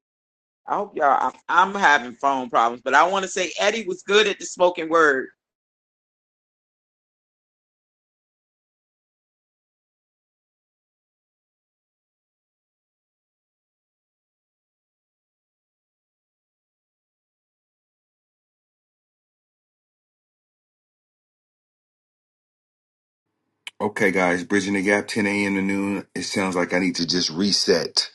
S4: I hope y'all. I'm, I'm having phone problems, but I want to say Eddie was good at the spoken word.
S1: Okay, guys, bridging the gap, 10 a.m. to noon. It sounds like I need to just reset.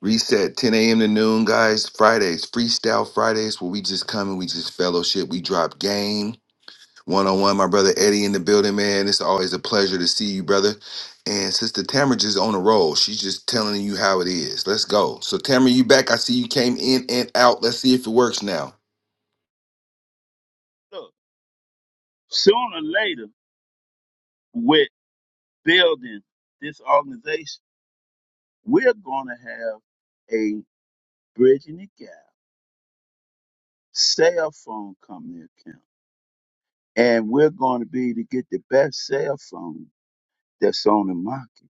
S1: Reset 10 a.m. to noon, guys. Fridays, freestyle Fridays, where we just come and we just fellowship. We drop game. one on one. My brother Eddie in the building, man. It's always a pleasure to see you, brother. And Sister Tamara just on a roll. She's just telling you how it is. Let's go. So Tamara, you back? I see you came in and out. Let's see if it works now.
S5: Look, sooner or later, with building this organization, we're going to have a bridging the gap cell phone company account, and we're going to be to get the best cell phone that's on the market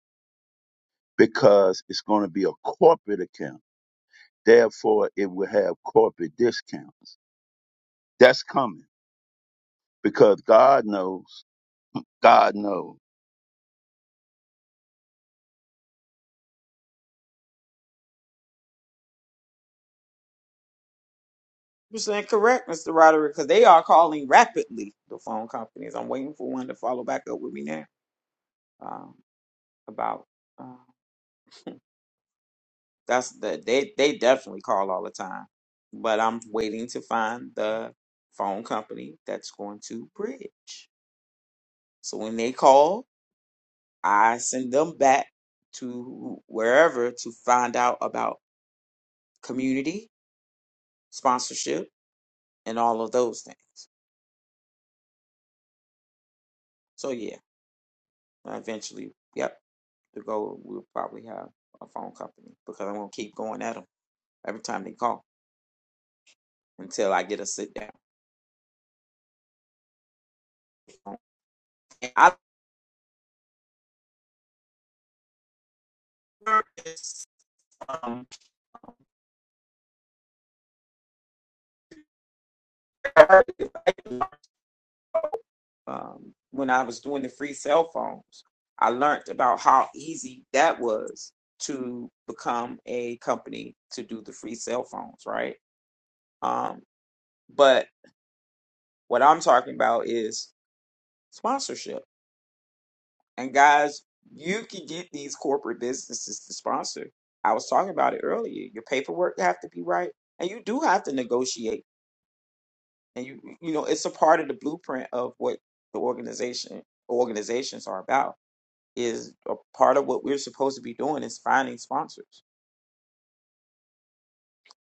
S5: because it's going to be a corporate account. Therefore, it will have corporate discounts. That's coming because God knows. God knows.
S4: one hundred percent correct, Mr. Roderick, because they are calling rapidly the phone companies. I'm waiting for one to follow back up with me now um, about uh, that's the they they definitely call all the time, but I'm waiting to find the phone company that's going to bridge. So when they call, I send them back to wherever to find out about community sponsorship and all of those things. So yeah, eventually, yep. to go, we'll probably have a phone company because I'm gonna keep going at them every time they call until I get a sit down. I learned this um, um, when I was doing the free cell phones. I learned about how easy that was to become a company to do the free cell phones, right? Um, but what I'm talking about is sponsorship And guys, you can get these corporate businesses to sponsor. I was talking about it earlier. Your paperwork have to be right, and you do have to negotiate. And you you know it's a part of the blueprint of what the organization organizations are about. Is a part of what we're supposed to be doing is finding sponsors.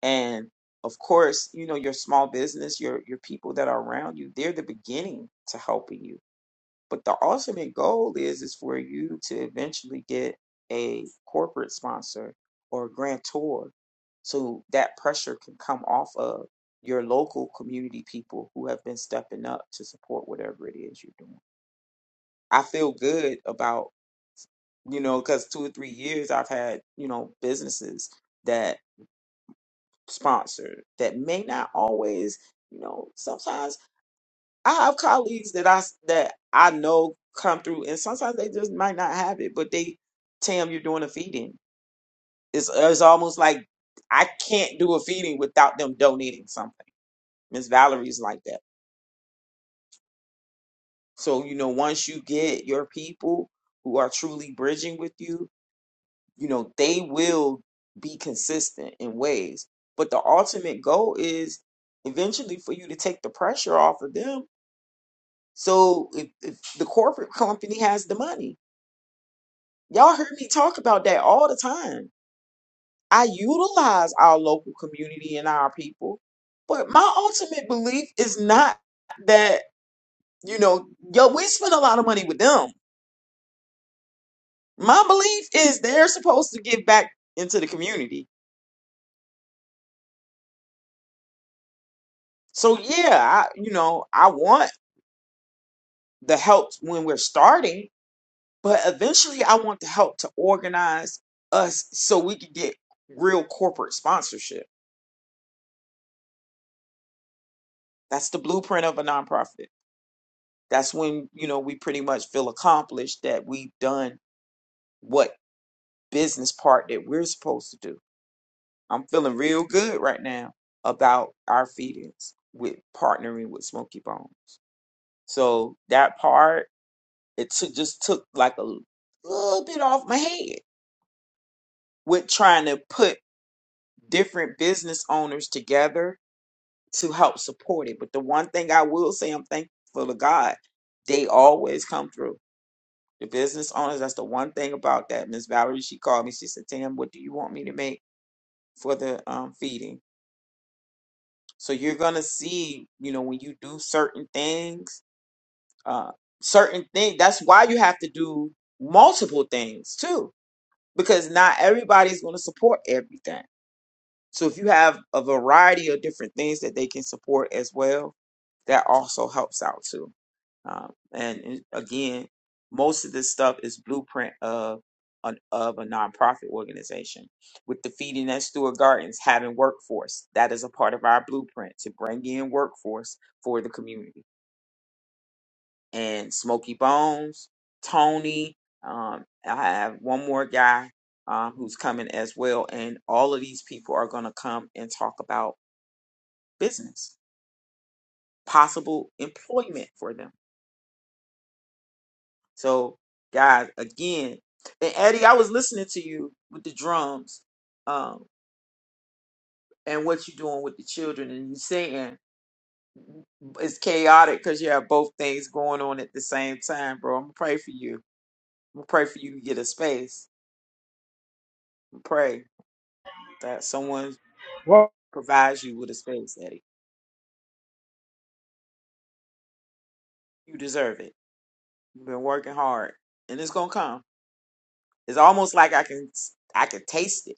S4: And of course, you know your small business, your your people that are around you, they're the beginning to helping you But the ultimate goal is is for you to eventually get a corporate sponsor or grantor so that pressure can come off of your local community people who have been stepping up to support whatever it is you're doing. I feel good about, you know, because two or three years I've had, you know, businesses that sponsor that may not always, you know, sometimes I have colleagues that I s- that I know come through, and sometimes they just might not have it, but they, Tam, you're doing a feeding. It's it's almost like I can't do a feeding without them donating something. Miss Valerie's like that. So you know, once you get your people who are truly bridging with you, you know they will be consistent in ways. But the ultimate goal is eventually for you to take the pressure off of them. So if, if the corporate company has the money Y'all heard me talk about that all the time. I utilize our local community and our people, but my ultimate belief is not that, you know, yo, we spend a lot of money with them. My belief is they're supposed to give back into the community. So yeah, I, you know, I want the help when we're starting, but eventually I want the help to organize us so we can get real corporate sponsorship. That's the blueprint of a nonprofit. that's when you know we pretty much feel accomplished that we've done what business part that we're supposed to do. I'm feeling real good right now about our feedings with partnering with Smoky Bones. So that part it took just took like a little bit off my head with trying to put different business owners together to help support it. But the one thing I will say I'm thankful to God, they always come through The business owners, that's the one thing about that. Miss Valerie, she called me. She said, Tam, what do you want me to make for the um, feeding? So you're gonna see, you know, when you do certain things, uh, certain things. That's why you have to do multiple things too, because not everybody's gonna support everything. So if you have a variety of different things that they can support as well, that also helps out too. Um, and it- again, most of this stuff is blueprint of an, of a nonprofit organization. With the Feeding at Stewart Gardens, having workforce that is a part of our blueprint to bring in workforce for the community. And Smoky Bones, Tony, um, I have one more guy uh, who's coming as well, and all of these people are going to come and talk about business, possible employment for them So, guys, again, and Eddie, I was listening to you with the drums, um, and what you're doing with the children, and you saying it's chaotic because you have both things going on at the same time, bro. I'm gonna pray for you. I'm gonna pray for you to get a space. I'm pray that someone provides you with a space, Eddie. You deserve it. You've been working hard, and it's gonna come. It's almost like I can, I can taste it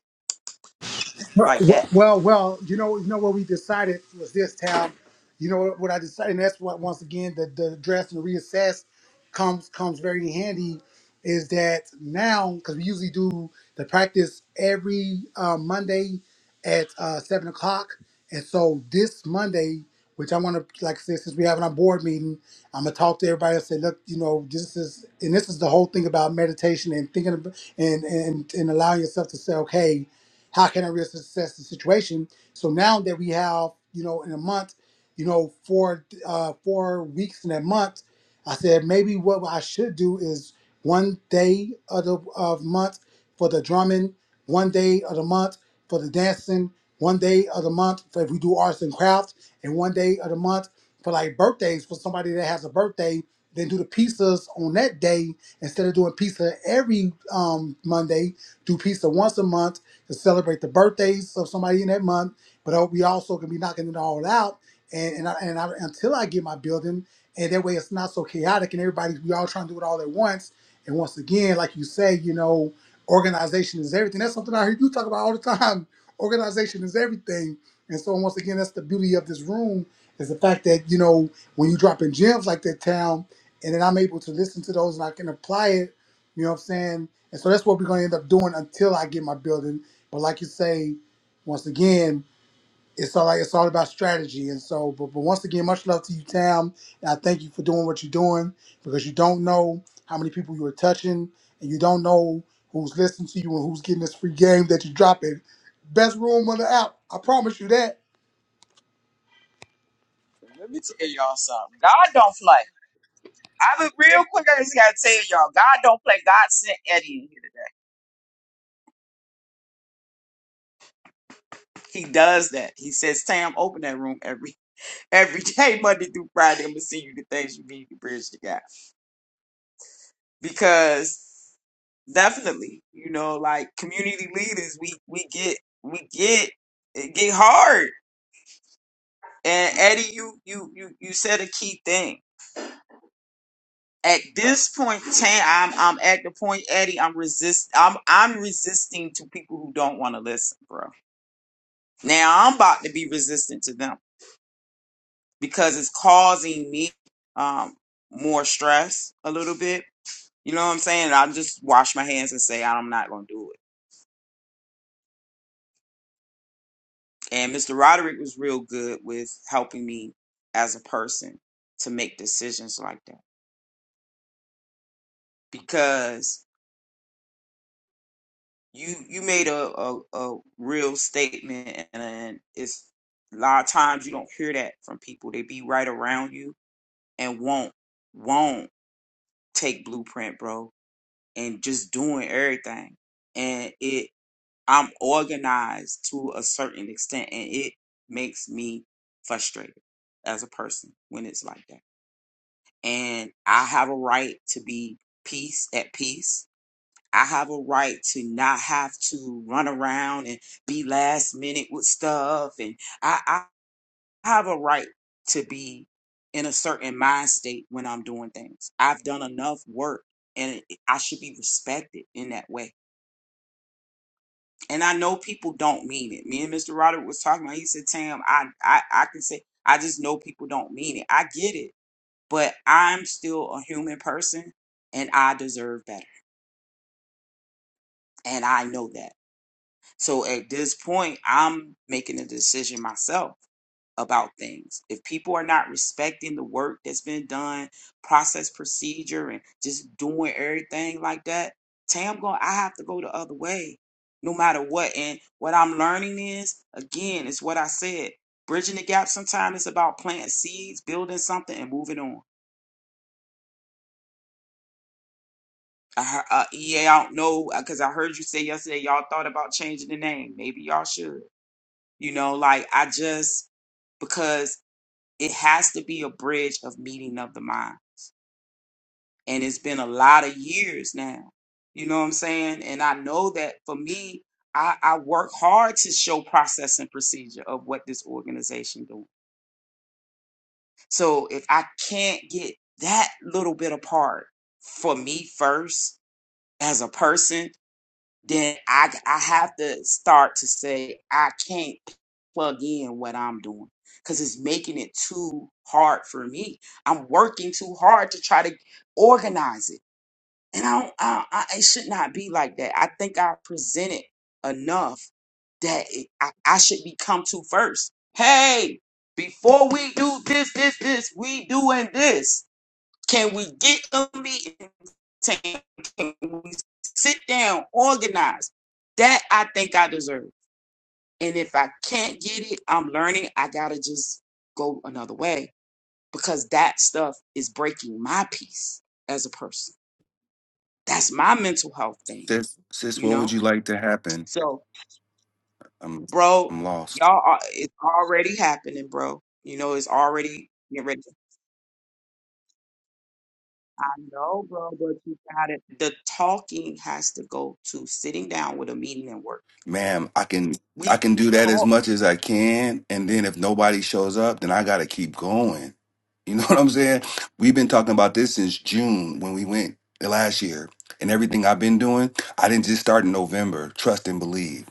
S6: Well,
S4: like
S6: well,
S4: that.
S6: well, well, you know, you know what we decided was this town. You know what I decided, and that's what once again the the address and reassess comes comes very handy. Is that now because we usually do the practice every uh, Monday at uh, seven o'clock, and so this Monday, which I want to like I said, since we having our board meeting, I'm gonna talk to everybody and say, look, you know, this is and this is the whole thing about meditation and thinking about, and and and allowing yourself to say, okay how can I really assess the situation? So now that we have, you know, in a month, you know, four uh, four weeks in that month, I said maybe what I should do is one day of the of month for the drumming, one day of the month for the dancing, one day of the month for if we do arts and crafts, and one day of the month for like birthdays for somebody that has a birthday. Then do the pizzas on that day instead of doing pizza every um, Monday. Do pizza once a month to celebrate the birthdays of somebody in that month. But uh, we also can be knocking it all out, and and, I, and I, until I get my building, and that way it's not so chaotic, and everybody we all trying to do it all at once. And once again, like you say, you know, organization is everything. That's something I hear you talk about all the time. Organization is everything. And so once again, that's the beauty of this room is the fact that you know when you drop in gems like that town, and then I'm able to listen to those and I can apply it. You know what I'm saying? And so that's what we're gonna end up doing until I get my building. But like you say, once again, it's all like it's all about strategy. And so, but, but once again, much love to you, Tam. And I thank you for doing what you're doing because you don't know how many people you are touching, and you don't know who's listening to you and who's getting this free game that you're dropping. Best room on the app. I promise you that.
S4: Let me tell y'all something. God don't play. I be real quick. I just gotta tell y'all, God don't play. God sent Eddie in here today. He does that. He says, "Sam, open that room every every day, Monday through Friday. I'm gonna send you the things you need to bridge the gap." Because definitely, you know, like community leaders, we we get we get it get hard. And Eddie, you you you you said a key thing. At this point, Tam, I'm I'm at the point, Eddie. I'm resist. I'm I'm resisting to people who don't want to listen, bro. Now I'm about to be resistant to them because it's causing me um, more stress a little bit. You know what I'm saying? I just wash my hands and say I'm not going to do it. And Mr. Roderick was real good with helping me as a person to make decisions like that because you you made a a, a real statement and it's a lot of times you don't hear that from people. They be right around you and won't won't take blueprint, bro and just doing everything. And it, I'm organized to a certain extent, and it makes me frustrated as a person when it's like that. And I have a right to be peace at peace. I have a right to not have to run around and be last minute with stuff. And I, I have a right to be in a certain mind state when I'm doing things. I've done enough work and I should be respected in that way and I know people don't mean it. Me and Mr. Roderick was talking about. He said, "Tam, I, I, I can say I just know people don't mean it. I get it, but I'm still a human person, and I deserve better, and I know that. So at this point, I'm making a decision myself. about things. If people are not respecting the work that's been done, process procedure, and just doing everything like that, Tam going I have to go the other way, no matter what. And what I'm learning is, again, it's what I said. Bridging the gap sometimes is about planting seeds, building something, and moving on. I, hear- uh, yeah, I don't know because I heard you say yesterday y'all thought about changing the name. Maybe y'all should. You know, like I just because it has to be a bridge of meeting of the mind and it's been a lot of years now. You know what I'm saying? And I know that for me, I, I work hard to show process and procedure of what this organization doing. So if I can't get that little bit apart for me first as a person, then I I have to start to say I can't plug in what I'm doing because it's making it too hard for me. I'm working too hard to try to organize it and I, don't, I, I, it should not be like that. I think I presented enough that it, I, I should be come to first. Hey, before we do this, this, this, we doing this. Can we get a meeting? Can can we sit down, organize? That I think I deserve. And if I can't get it, I'm learning. I gotta just go another way because that stuff is breaking my peace as a person. That's my mental health thing
S1: Sis, sis,
S4: you
S1: what would
S4: know?
S1: you like to happen?
S4: So,
S1: I'm
S4: bro,
S1: I'm lost.
S4: y'all, are, it's already happening, bro. You know, it's already getting ready. to- I know, bro, but you got it. The talking has to go to sitting down with a meeting and work.
S1: Ma'am, I can
S4: We
S1: I can
S4: can
S1: do that as
S4: talk
S1: much as I can, and then if nobody shows up, then I got to keep going. You know what I'm saying? We've been talking
S4: okay,
S1: about this since June when we went last year, and everything I've been doing, I didn't just start in November. Trust and believe.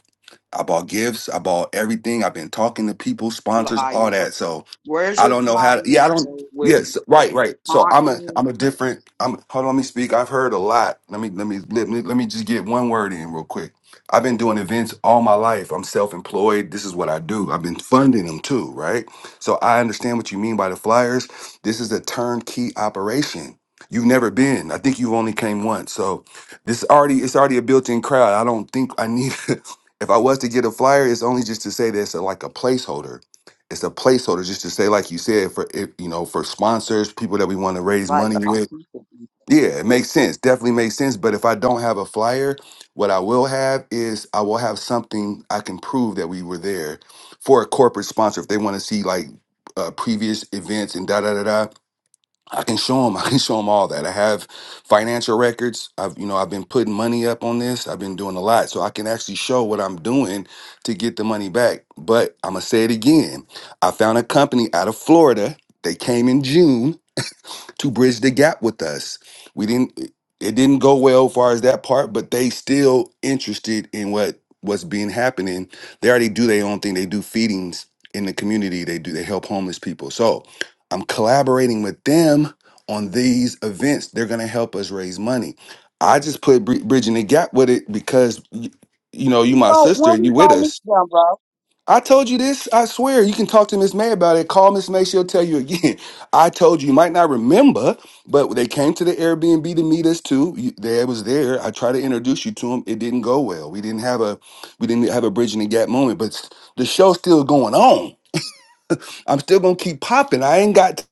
S1: I bought gifts, I bought everything. I've been talking to people, sponsors, all
S4: flyer, bro.
S1: that. So
S4: Where's
S1: I
S4: your
S1: don't know how. To,
S4: flyer,
S1: yeah, I don't.
S4: bro, with
S1: Yes,
S4: the
S1: right, right. So I'm a I'm
S4: conference?
S1: a
S4: You
S1: different. I'm hold on. Let me speak. I've heard a lot. Let me let me let me let me just get one word in real quick. I've been doing events all my life. I'm self employed. This is what I do. I've been funding them too, right? So I understand what you mean by the flyers. This is a turnkey operation. You've never been. I think you only came once. So this already it's already a built in crowd. I don't think I need. if I was to get a flyer, it's only just to say that's a, like a placeholder it's a placeholder just to say, like you said, for if you know, for sponsors, people that we want to raise
S4: invite
S1: money
S4: other
S1: with.
S4: people. We
S1: Yeah, it makes sense. Definitely makes sense. But if I don't have a flyer, what I will have is I will have something I can prove that we were there for a corporate sponsor if they want to see like uh, previous events and da da da da. I can show them. I can show them all that. I have financial records. I've, you know, I've been putting money up on this. I've been doing a lot, so I can actually show what I'm doing to get the money back. But I'm gonna say it again. I found a company out of Florida. They came in June to bridge the gap with us. We didn't it didn't go well as far as that part, but they still interested in what what's being happening. They already do their own thing. They do feedings in the community. They do they help homeless people. So I'm collaborating with them on these events. They're gonna help us raise money. I just put bri- bridging the gap with it because y- you know you my
S4: go-
S1: sister
S4: When
S1: and you
S4: we
S1: with
S4: gonna
S1: us.
S4: meet them, bro?
S1: I told you this. I swear. You can talk to Miss May about it. Call Miss May. She'll tell you again. I told you. You might not remember, but they came to the Airbnb to meet us too. You- They was there. I tried to introduce you to them. It didn't go well. We didn't have a we didn't have a bridging the gap moment. But s- the show's still going on. I'm still gonna keep popping. I ain't got.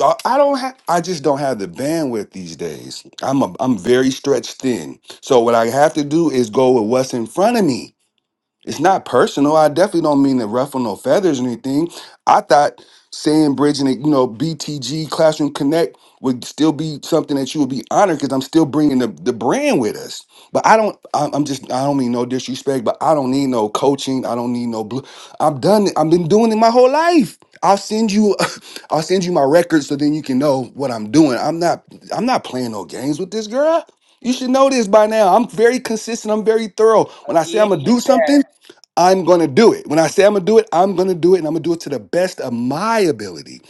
S1: uh, I don't have. I just don't have the bandwidth these days. I'm a, I'm very stretched thin. So what I have to do is go with what's in front of me. It's not personal. I definitely don't mean to ruffle no feathers or anything. I thought saying bridge and you know BTG Classroom Connect would still be something that you would be honored because I'm still bringing the, the brand with us. But I don't. I'm I'm just. I don't mean no disrespect, but I don't need no coaching. I don't need no blue. I'm done. I've been doing it my whole life. I'll send you. I'll send you my records so then you can know what I'm doing. I'm not. I'm not playing no games with this girl. You should know this by now. I'm very consistent. I'm very thorough. When I say I'm
S4: Again,
S1: gonna do something. I'm going to do it. When I say I'm going to do it, I'm going to do it and I'm going to do it to the best of my ability.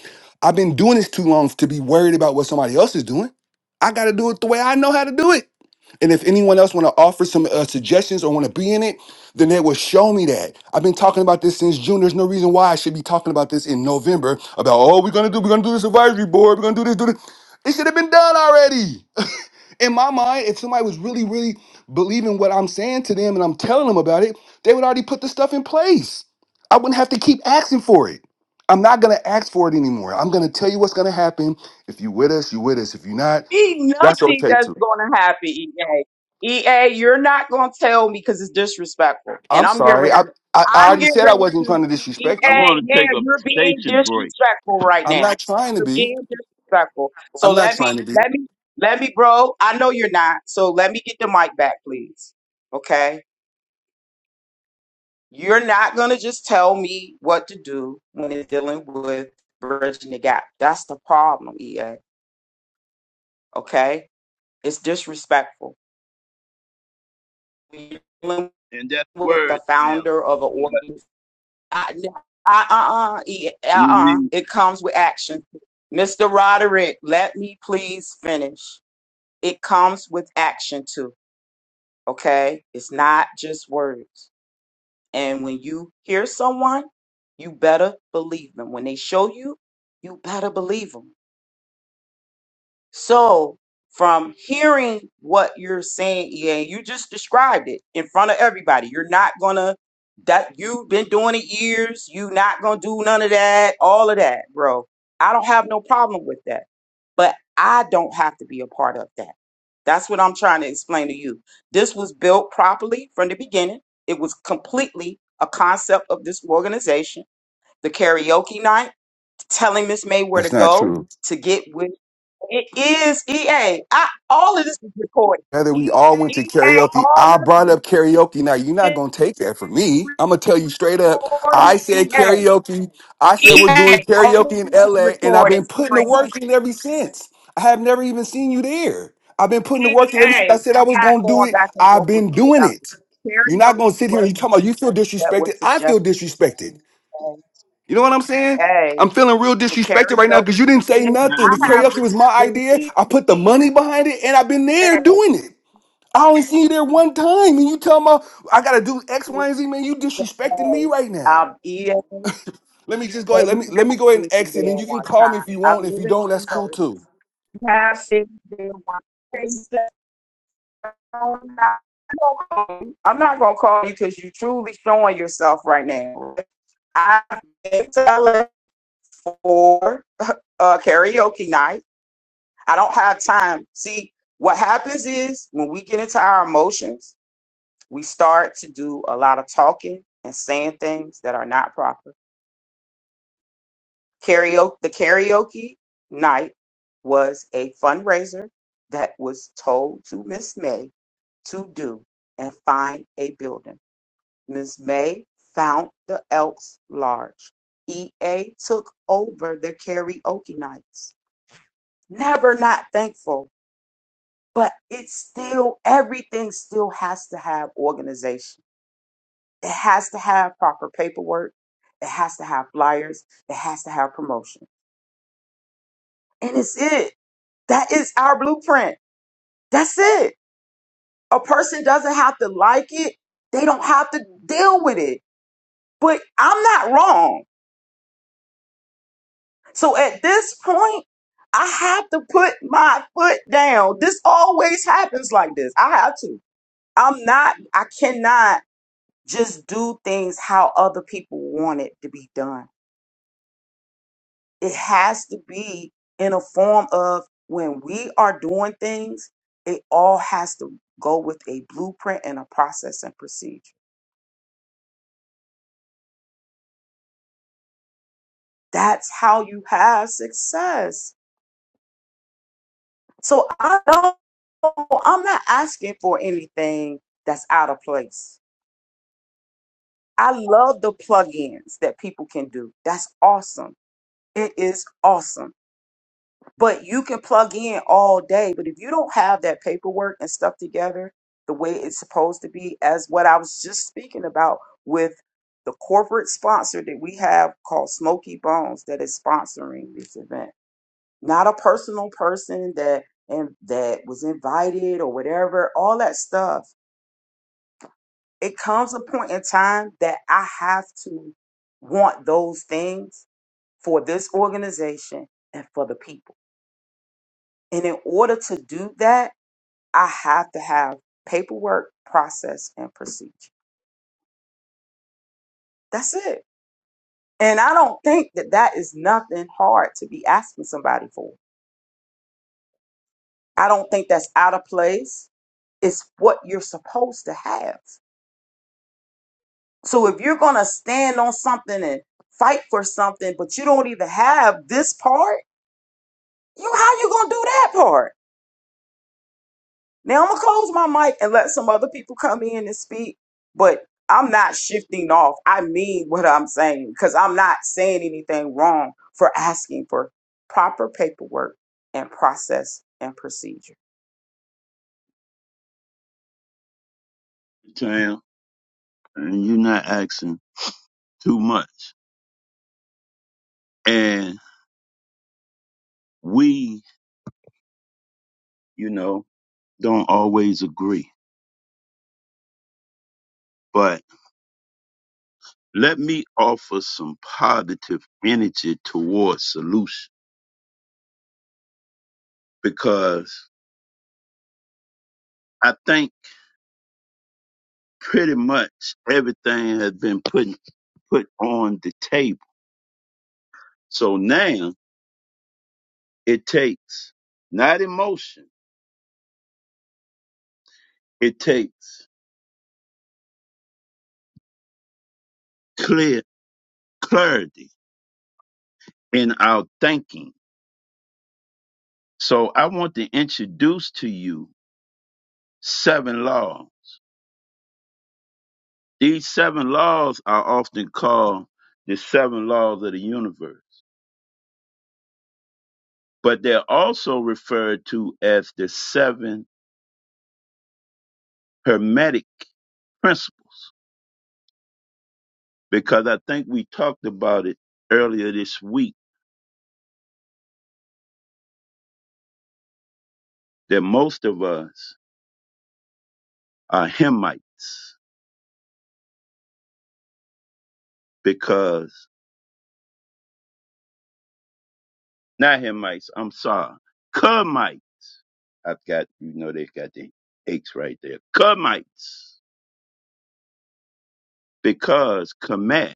S1: I've been doing this too long to be worried about what somebody else is doing. I got to do it the way I know how to do it. And if anyone else want to offer some uh, suggestions or want to be in it, then they will show me that. I've been talking about this since June. There's no reason why I should be talking about this in November about, oh, we're going to do, we're going to do this advisory board. We're going to do this, do this. It should have been done already in my mind, if somebody was really, really believing what I'm saying to them and I'm telling them about it, they would already put the stuff in place. I wouldn't have to keep asking for it. I'm not gonna ask for it anymore. I'm gonna tell you what's gonna happen. If you with us, you with us. If you're not,
S4: be
S1: that's
S4: nothing
S1: okay
S4: that's
S1: too.
S4: going to happen, EA. EA, you're not going to tell me because it's disrespectful. And
S1: I'm
S4: I'm getting
S1: sorry.
S4: ready.
S1: I, I, I
S4: I'm
S1: already
S4: getting
S1: said I
S4: ready
S1: wasn't
S4: to.
S1: trying to
S4: EA,
S1: disrespect
S5: I
S1: you.
S5: want to
S4: yeah,
S5: take a
S4: you're being
S5: station break,
S4: disrespectful right
S1: I'm
S4: now.
S1: not trying to
S4: You're
S1: be.
S4: being disrespectful. So
S1: I'm not
S4: let
S1: trying
S4: me,
S1: to be.
S4: let me, let me, bro. I know you're not. So let me get the mic back, please. Okay. You're not going to just tell me what to do when it's dealing with bridging the gap. That's the problem, EA. Okay. It's disrespectful. we're dealing
S5: and that's
S4: with the
S5: word, Tam.
S4: founder of an
S5: But
S4: organization. Uh, uh, uh, yeah,
S5: we
S4: uh, uh,
S5: need
S4: it comes with action. Mr. Roderick, let me please finish. It comes with action too, okay? It's not just words. And when you hear someone, you better believe them. When they show you, you better believe them So, from hearing what you're saying, yeah, you just described it in front of everybody. You're not gonna that you've been doing it years. You not gonna do none of that, all of that, bro. I don't have no problem with that, but I don't have to be a part of that. That's what I'm trying to explain to you. This was built properly from the beginning. It was completely a concept of this organization. The karaoke night, telling Miss May where to
S1: That's not
S4: go
S1: true.
S4: to get with. It is EA. all of this is recorded.
S1: Heather, we all went to
S4: EA,
S1: karaoke.
S4: all
S1: I
S4: of
S1: brought
S4: this
S1: up karaoke. Now you're not
S4: is
S1: gonna take that from me. I'm gonna tell you straight up.
S4: recorded.
S1: I said
S4: EA.
S1: karaoke. I said we're doing
S4: All
S1: karaoke
S4: of
S1: in
S4: this is
S1: LA, and I've
S4: recorded,
S1: been putting the
S4: friends.
S1: work in ever since. I have never even seen you there. I've been putting the
S4: EA.
S1: work in ever since I
S4: I'm
S1: said I was
S4: not
S1: gonna do
S4: going
S1: it.
S4: back and
S1: I've
S4: forth with
S1: been
S4: you
S1: doing
S4: about
S1: it.
S4: this.
S1: You're not gonna
S4: Karaoke
S1: sit here and
S4: was
S1: you
S4: an
S1: talking about you feel
S4: event that
S1: disrespected.
S4: was
S1: I feel
S4: suggested
S1: disrespected.
S4: by
S1: You know what I'm saying?
S4: EA.
S1: I'm feeling real
S4: The
S1: disrespected right now
S4: karaoke
S1: because you didn't say
S4: EA.
S1: nothing.
S4: I
S1: The
S5: time
S4: have
S5: out,
S1: karaoke
S4: this
S1: was my
S4: this
S1: idea.
S4: EA.
S1: I put the money behind it, and I've been there doing it. I only seen you there one time, and you tell me I gotta do X, Y, and Z, man. You disrespecting me right now.
S4: Um, EA.
S1: Let me just go
S4: Yeah,
S1: ahead. Let
S4: you
S1: me let
S4: have
S1: me go ahead
S4: me
S1: and
S4: there
S1: exit, and you can
S4: one
S1: call
S4: time.
S1: me if you want.
S4: I'm
S1: If you
S4: living
S1: don't, that's
S4: in the
S1: cool too.
S4: Pastor, they want "No, I'm not gonna call you because you're truly showing yourself right now. I am telling for uh, karaoke night. I don't have time. See, what happens is when we get into our emotions, we start to do a lot of talking and saying things that are not proper. karaoke the karaoke night was a fundraiser that was told to Miss May to do and find a building. Miss May found the Elks Lodge. EA took over the karaoke nights. Never not thankful, but it's still everything still has to have organization. It has to have proper paperwork. It has to have flyers. It has to have promotion. And it's it. That is our blueprint. That's it. A person doesn't have to like it, they don't have to deal with it. But I'm not wrong. So at this point, I have to put my foot down. This always happens like this. I have to. I'm not, I cannot just do things how other people want it to be done. it has to be in a form of when we are doing things, it all has to go with a blueprint and a process and procedure. That's how you have success. So I don't, I'm not asking for anything that's out of place. I love the plugins that people can do. That's awesome. It is awesome But you can plug in all day. But if you don't have that paperwork and stuff together the way it's supposed to be, as what I was just speaking about with the corporate sponsor that we have called Smoky Bones that is sponsoring this event, not a personal person that and that was invited or whatever, all that stuff. It comes a point in time that I have to want those things for this organization and for the people. And in order to do that, I have to have paperwork, process, and procedure. That's it. And I don't think that that is nothing hard to be asking somebody for. I don't think that's out of place. It's what you're supposed to have. So if you're going to stand on something and fight for something, but you don't even have this part, you how you going to do that part? Now I'm gonna close my mic and let some other people come in and speak, but I'm not shifting off. I mean what I'm saying because I'm not saying anything wrong for asking for proper paperwork and process and procedure.
S5: Tam. And you're not asking too much. And we, you know, don't always agree. But let me offer some positive energy towards solution because I think pretty much everything has been put put on the table. So now it takes not emotion, it takes clear clarity in our thinking. So I want to introduce to you seven laws. These seven laws are often called the seven laws of the universe, but they're also referred to as the seven hermetic principles because I think we talked about it earlier this week that most of us are Hemites because not Hemites, I'm sorry, Cumites I've got, you know, they've got the aches right there. Kemites, because Kemet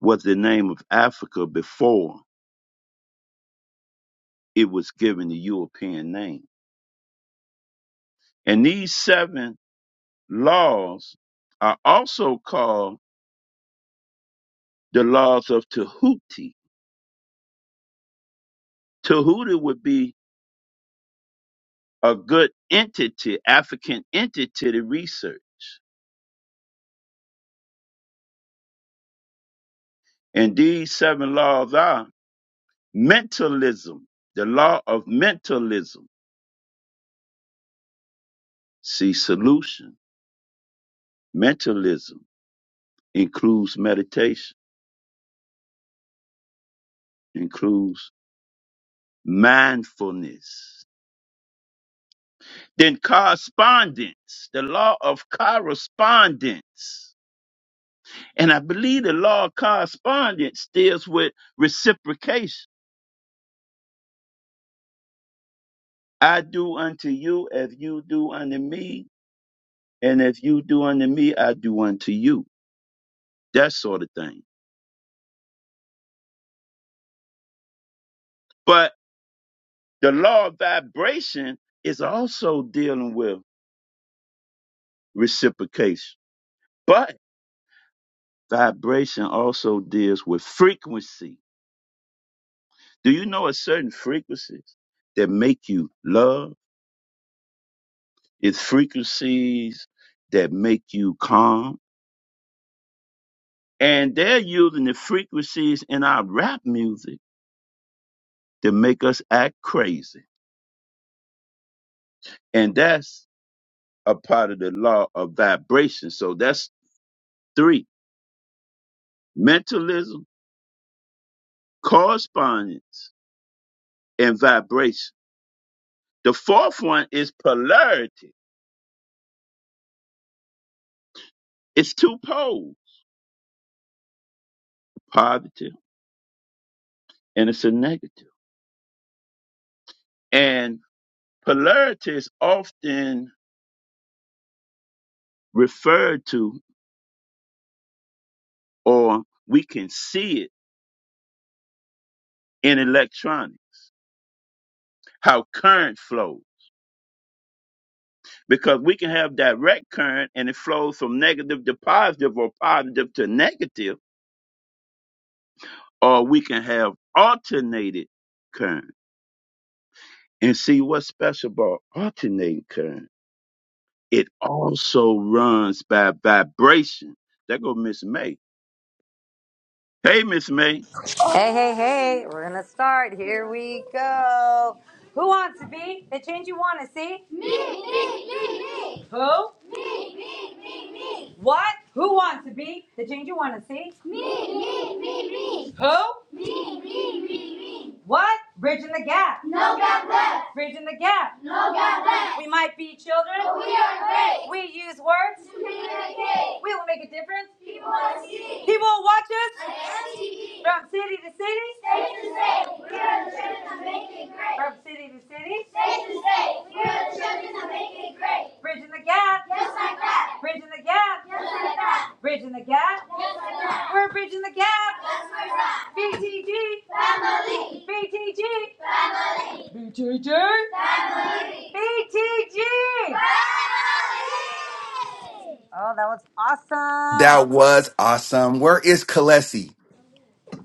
S5: was the name of Africa before it was given the European name. And these seven laws are also called the laws of Tahuti. Tahuti would be a good entity, African entity to research. And these seven laws are mentalism, the law of mentalism. See, solution, mentalism includes meditation, includes mindfulness. Then correspondence, the law of correspondence. And I believe the law of correspondence deals with reciprocation. I do unto you as you do unto me, and if you do unto me, I do unto you. That sort of thing. But the law of vibration is also dealing with reciprocation. But vibration also deals with frequency Do you know a certain frequencies that make you love? It's frequencies that make you calm. And they're using the frequencies in our rap music to make us act crazy. And that's a part of the law of vibration. So that's three mentalism, correspondence, and vibration. The fourth one is polarity. It's two poles, positive and it's a negative. And polarity is often referred to or we can see it in electronics how current flows because we can have direct current and it flows from negative to positive or positive to negative or we can have alternated current and see what's special about alternating current it also runs by vibration there go miss may hey miss may
S2: Hey, hey, hey, we're gonna start. Here we go. Who wants to be the change you want to see? Me, me, me, me. Who? Me, me, me, me. What? Who wants to be the change you want to see? Me, me, me, me. Who? Me, me, me, me. What? Bridging the gap. No gap left. Bridging the gap. No gap left. We might be children, but we are great. We use words to communicate. We will make a difference People want to see. People will watch us from city to city, State to state. We are the children of making great. from city to city, State to state. We are the children of making great. bridging the gap, Just like that. bridging the gap, Just like that. bridging the gap. Just like that. We're bridging the gap. That's where it's at. BTG, Family. BTG, Family. BTG, Family. BTG. Family. Oh, that was awesome. All
S1: That was awesome. Where is Kalesi?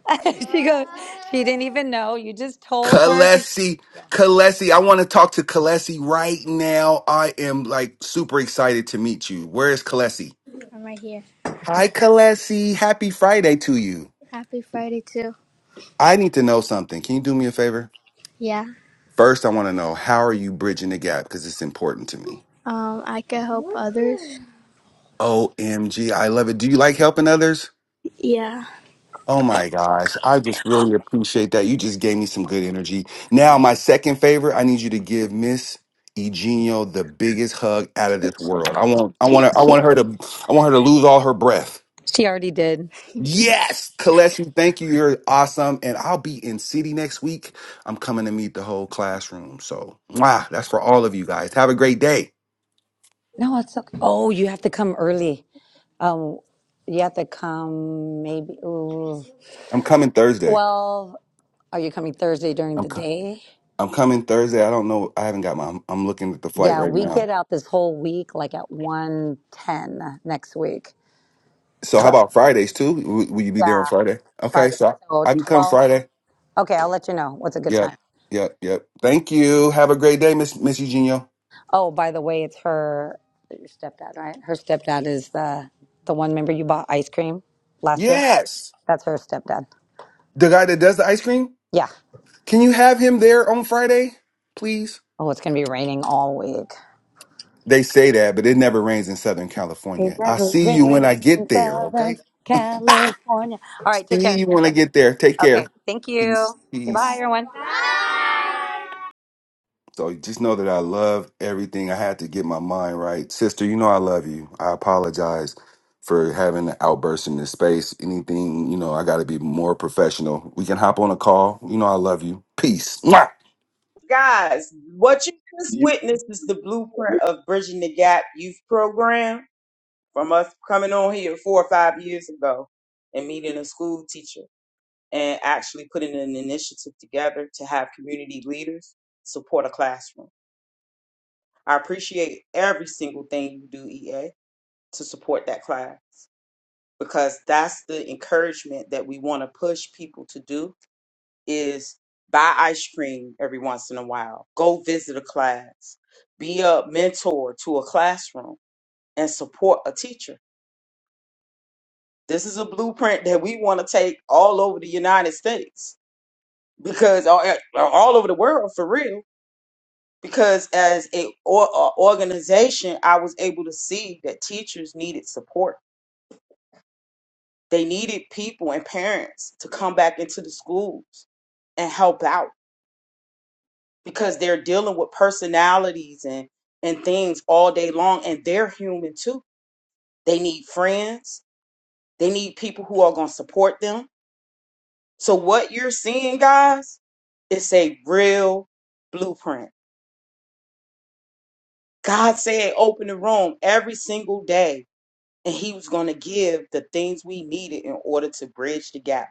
S2: she goes, she didn't even know. You just told her. She,
S1: Kalesi, Kalesi, I want to talk to Kalesi right now. I am like super excited to meet you. Where is Kalesi?
S2: I'm right here.
S1: Hi, Kalesi. Happy Friday to you.
S2: Happy Friday too.
S1: I need to know something. Can you do me a favor?
S2: Yeah.
S1: First, I want to know how are you bridging the gap because it's important to me.
S2: Um, I can help others.
S1: OMG, I love it. Do you like helping others?
S2: Yeah.
S1: Oh my gosh, I just really appreciate that. You just gave me some good energy. Now, my second favorite, I need you to give Miss Eugenio the biggest hug out of this world. I want, I
S2: she,
S1: want, her, I want
S2: she,
S1: her to, I want her to lose all her breath.
S2: she already did.
S1: Yes, Kaleshi, thank you. You're awesome, and I'll be in city next week. I'm coming to meet the whole classroom. So, wow, that's for all of you guys. Have a great day.
S2: No, it's okay. Oh, you have to come early. Um, you have to come maybe ooh,
S1: I'm coming Thursday.
S2: 12. Are you coming Thursday during
S1: I'm
S2: the
S1: coming.
S2: day?
S1: I'm coming Thursday. I don't know. I haven't got my. I'm, I'm looking at the flight
S2: Yeah,
S1: right
S2: we
S1: now.
S2: get out this whole week like at 110 next week.
S1: So how
S2: So,
S1: about Fridays too? Will, will you be there on
S2: yeah,
S1: Friday? Okay,
S2: Friday.
S1: so
S2: So
S1: I, I can come
S2: 12.
S1: Friday.
S2: Okay, I'll let you know what's a good
S1: Yep,
S2: time.
S1: yep, yep. Thank you. Have a great day, Miss Miss Eugenio.
S2: Oh, by the way, it's her your stepdad, right? Her stepdad is the the one member you bought ice cream last year.
S1: Yes,
S2: That's her stepdad.
S1: the guy that does the ice cream.
S2: Yeah.
S1: Can you have him there on Friday, please?
S2: Oh, it's gonna be raining all week.
S1: They say that, but it never rains in Southern
S2: It
S1: California. I
S2: never
S1: see you when
S2: rains
S1: I get
S2: in
S1: there. Okay.
S2: Southern California. All right, take care.
S1: See you when I
S2: Bye.
S1: get there. Take
S2: Okay,
S1: care.
S2: thank you.
S1: Peace.
S2: Say bye,
S1: Peace.
S2: everyone.
S1: So just know that I love everything. I had to get my mind right. Sister, you know I love you. I apologize for having an outburst in this space. Anything, you know, I got to be more professional. We can hop on a call. You know I love you. Peace. Mwah!
S4: Guys, what you just
S5: you
S4: witnessed is the blueprint of Bridging the Gap Youth Program from us coming on here four or five years ago and meeting a school teacher and actually putting an initiative together to have community leaders support a classroom. I appreciate every single thing you do, EA, to support that class because that's the encouragement that we want to push people to do is buy ice cream every once in a while, go visit a class, be a mentor to a classroom and support a teacher. This is a blueprint that we want to take all over the United States because all, all over the world for real because as a, or, a organization i was able to see that teachers needed support They needed people and parents to come back into the schools and help out because they're dealing with personalities and and things all day long and they're human too. They need friends. They need people who are going to support them. So what you're seeing guys is a real blueprint. God said open the room every single day and he was going to give the things we needed in order to bridge the gap.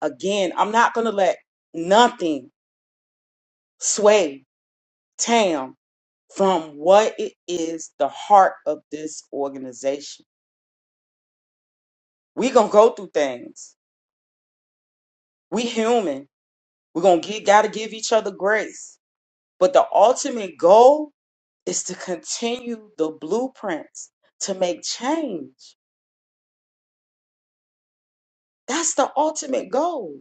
S4: Again, I'm not going to let nothing sway Tam from what it is the heart of this organization. We gonna go through things. We human. We gonna get gotta give each other grace. But the ultimate goal is to continue the blueprints to make change. That's the ultimate goal.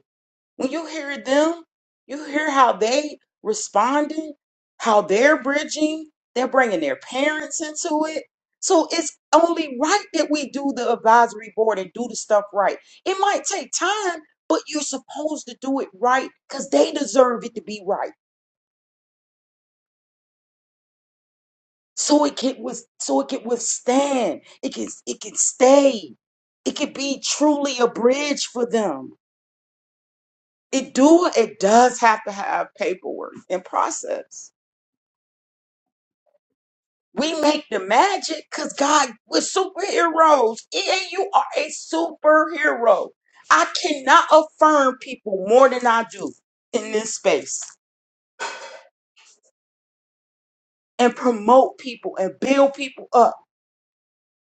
S4: When you hear them, you hear how they responding, how they're bridging, they're bringing their parents into it. So it's only right that we do the advisory board and do the stuff right. It might take time, but you're supposed to do it right because they deserve it to be right. So it can with so it can withstand. It can it can stay. It can be truly a bridge for them. It do it does have to have paperwork and process. We make the magic because God we're superheroes. And you are a superhero. I cannot affirm people more than I do in this space and promote people and build people up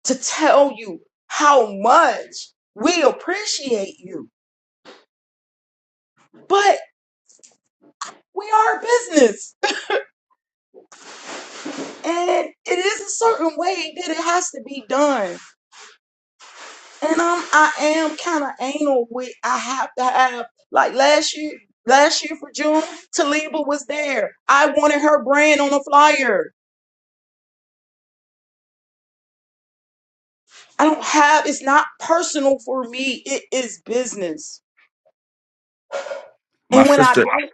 S4: to tell you how much we appreciate you. But we are a business and it is a certain way that it has to be done. And I'm I am kind of anal with I have to have like last year last year for June, Taliba was there. I wanted her brand on a flyer. I don't have it's not personal for me. It is business.
S1: My
S4: And when I
S1: sister,
S4: do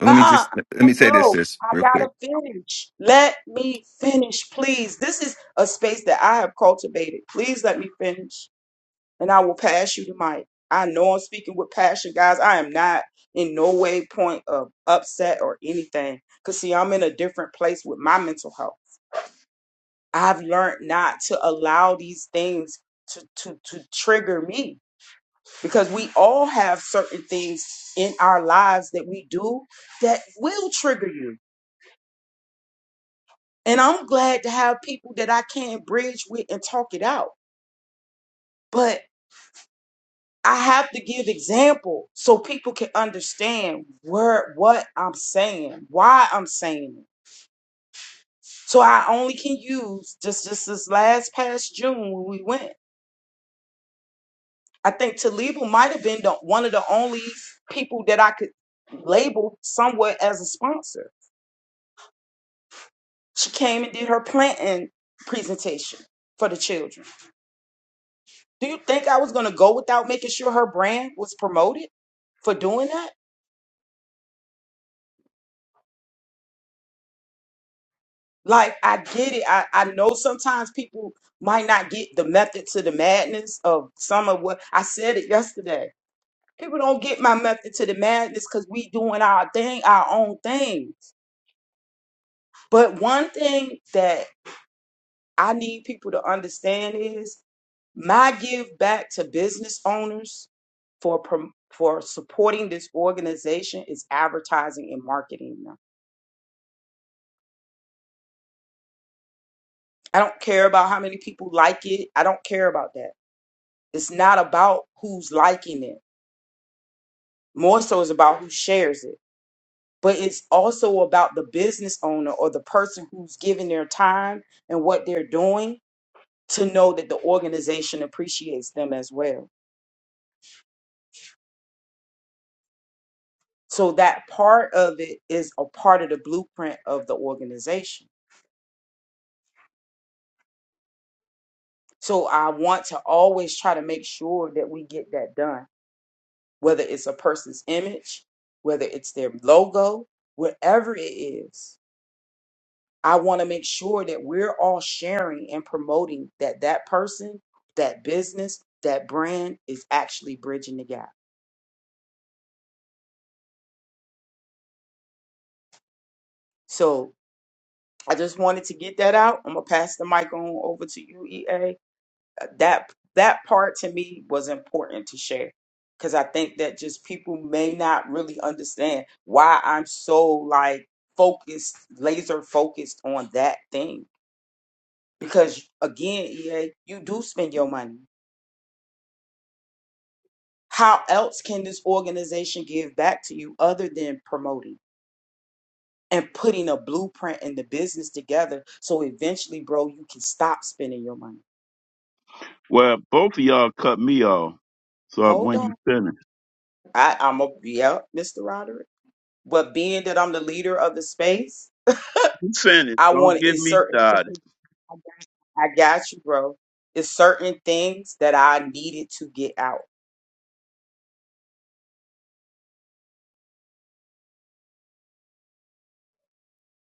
S1: let me
S4: uh
S1: just let
S4: uh
S1: me say this,
S4: bro,
S1: sis,
S4: I
S1: real
S4: gotta
S1: quick.
S4: finish. Let me finish, please. This is a space that I have cultivated. Please let me finish. and I will pass you the mic. I know I'm speaking with passion, guys. I am not in no way point of upset or anything. Cause see, I'm in a different place with my mental health. I've learned not to allow these things to to to trigger me because we all have certain things in our lives that we do that will trigger you. And I'm glad to have people that I can bridge with and talk it out. But I have to give example so people can understand where what I'm saying, why I'm saying it. So I only can use just just this last past June when we went. I think Taliba might have been the, one of the only people that I could label somewhat as a sponsor. She came and did her planting presentation for the children. Do you think I was going to go without making sure her brand was promoted for doing that? Like I get it. I, I know sometimes people might not get the method to the madness of some of what I said it yesterday. People don't get my method to the madness because we doing our thing, our own thing. But one thing that I need people to understand is my give back to business owners for prom- for supporting this organization is advertising and marketing. I don't care about how many people like it. I don't care about that. It's not about who's liking it. More so it's about who shares it. But it's also about the business owner or the person who's giving their time and what they're doing to know that the organization appreciates them as well. So that part of it is a part of the blueprint of the organization. So I want to always try to make sure that we get that done, whether it's a person's image, whether it's their logo, whatever it is I want to make sure that we're all sharing and promoting that that person, that business, that brand is actually bridging the gap. So I just wanted to get that out. I'm gonna pass the mic on over to you, EA. Uh, That that part to me was important to share because I think that just people may not really understand why I'm so like focused, laser focused on that thing. Because again, EA, you do spend your money How else can this organization give back to you other than promoting and putting a blueprint and the business together so eventually, bro, you can stop spending your money?
S5: well both of y'all cut me off so
S4: Hold
S5: when you
S4: on.
S5: finish
S4: I, I'm a, yeah, Mr. Roderick. But being that I'm the leader of the space,
S5: you finish
S4: I
S5: don't
S4: want
S5: give
S4: it's
S5: me
S4: certain
S5: started
S4: things. I got, I got you, bro. It's certain things that I needed to get out.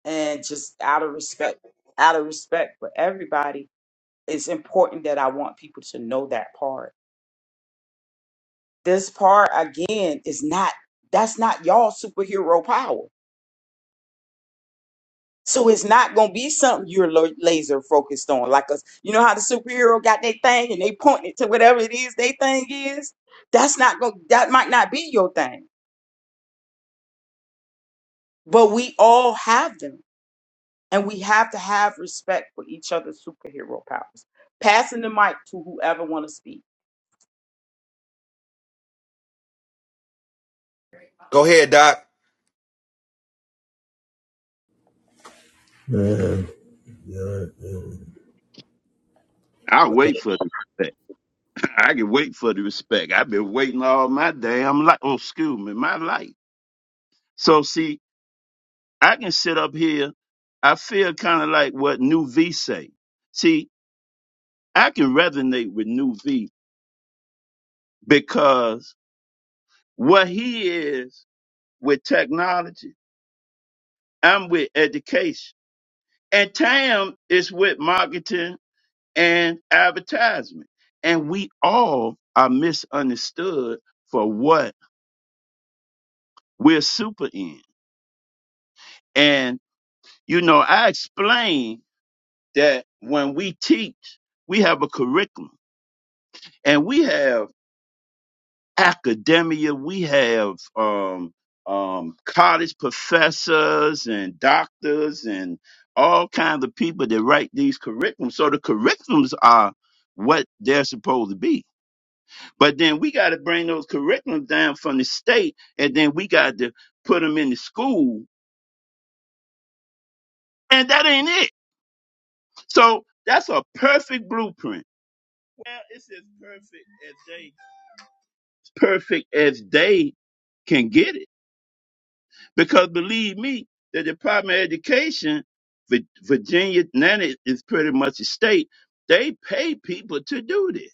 S4: And just out of respect, out of respect for everybody, it's important that I want people to know that part this part again is not that's not y'all superhero power so it's not gonna be something you're lo- laser focused on like us you know how the superhero got their thing and they point it to whatever it is they thing is that's not going that might not be your thing but we all have them and we have to have respect for each other's superhero powers passing the mic to whoever want to speak
S1: Go ahead, Doc.
S3: Uh,
S5: i wait for the respect. I can wait for the respect. I've been waiting all my damn life. Oh, excuse me, my life. So see, I can sit up here. I feel kind of like what New V say. See, I can resonate with New V because what he is with technology, I'm with education. And Tam is with marketing and advertisement. And we all are misunderstood for what we're super in. And, you know, I explain that when we teach, we have a curriculum and we have academia, we have um, um, college professors and doctors and all kinds of people that write these curriculums. So the curriculums are what they're supposed to be. But then we got to bring those curriculums down from the state and then we got to put them in the school. And that ain't it. So that's a perfect blueprint Well, it's as perfect as they perfect as they can get it. Because believe me, the Department of Education, Vi- Virginia, now it is pretty much a state. They pay people to do this.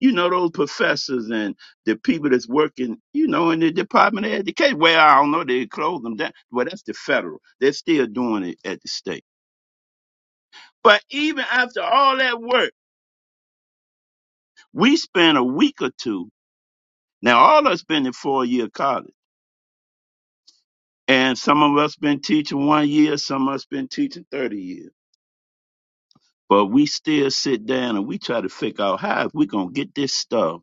S5: You know those professors and the people that's working, you know, in the Department of Education. Well, I don't know, they close them down. Well, that's the federal. They're still doing it at the state. But even after all that work, we spent a week or two. Now all of us been in four year college. And some of us been teaching one year, some of us been teaching 30 years. But we still sit down and we try to figure out how if we gonna get this stuff,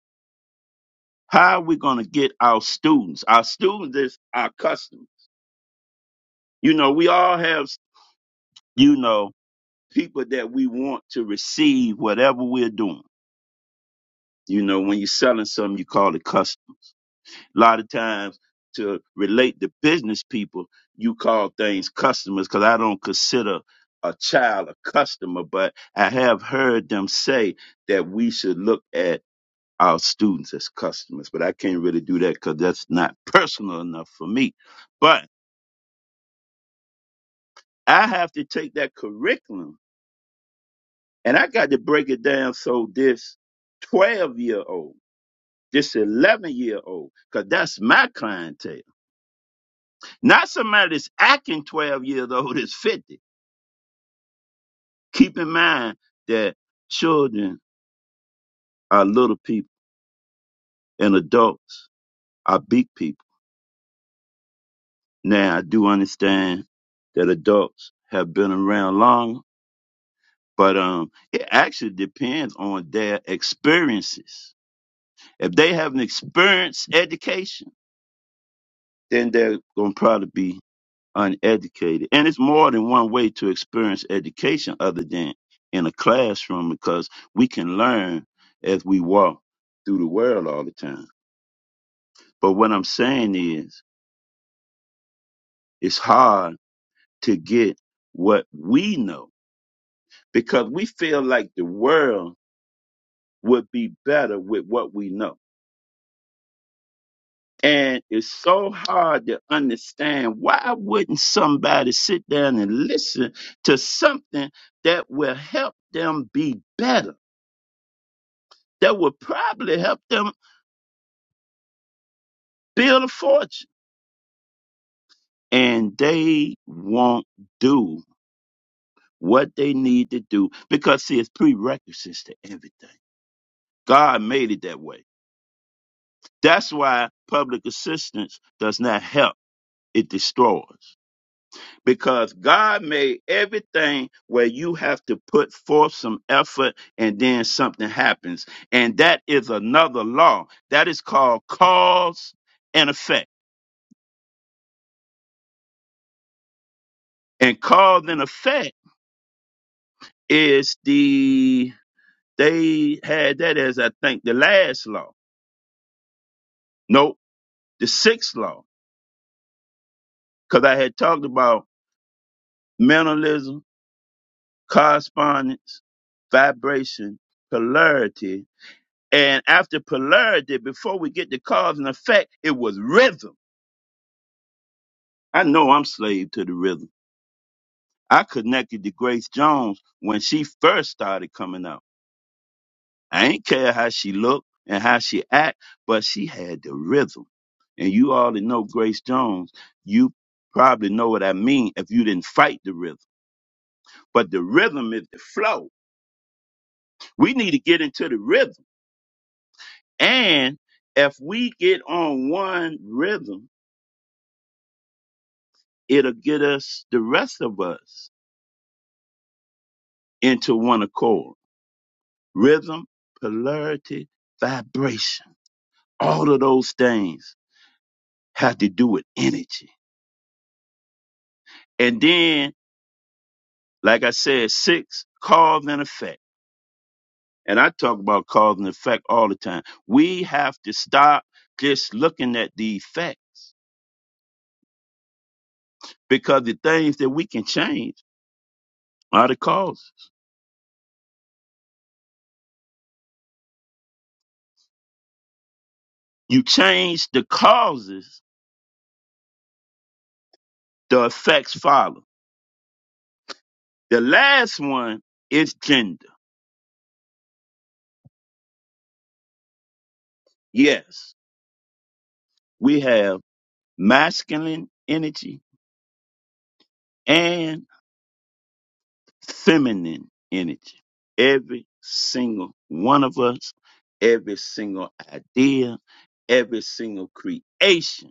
S5: how we gonna get our students. Our students is our customers. You know, we all have, you know, people that we want to receive whatever we're doing. You know, when you're selling something, you call it customers. A lot of times to relate to business people, you call things customers because I don't consider a child a customer, but I have heard them say that we should look at our students as customers, but I can't really do that because that's not personal enough for me. But I have to take that curriculum and I got to break it down so this 12 year old, this 11 year old, because that's my clientele Not somebody that's acting 12 years old is 50. Keep in mind that children are little people and adults are big people. Now, I do understand that adults have been around long, but um, it actually depends on their experiences. If they have an experienced education, then they're going to probably be uneducated. And it's more than one way to experience education other than in a classroom because we can learn as we walk through the world all the time. But what I'm saying is, it's hard to get what we know because we feel like the world would be better with what we know. And it's so hard to understand why wouldn't somebody sit down and listen to something that will help them be better? that would probably help them build a fortune. And they won't do what they need to do because, see, it's prerequisites to everything. God made it that way. That's why public assistance does not help, it destroys. Because God made everything where you have to put forth some effort and then something happens. And that is another law. That is called cause and effect. And cause and effect is the they had that as I think the last law. Nope, the sixth law. Because I had talked about mentalism, correspondence, vibration, polarity. And after polarity, before we get to cause and effect, it was rhythm. I know I'm slave to the rhythm. I connected to Grace Jones when she first started coming out. I ain't care how she looked and how she act, but she had the rhythm. And you all that know Grace Jones. You probably know what I mean if you didn't fight the rhythm. But the rhythm is the flow. We need to get into the rhythm. And if we get on one rhythm, it'll get us, the rest of us, into one accord. Rhythm, polarity, vibration. All of those things have to do with energy. And then Like I said, six, cause and effect. And I talk about cause and effect all the time. We have to stop just looking at the effects because the things that we can change are the causes. You change the causes, the effects follow. The last one is gender. Yes, we have masculine energy and. feminine energy. Every single one of us, every single idea, every single creation.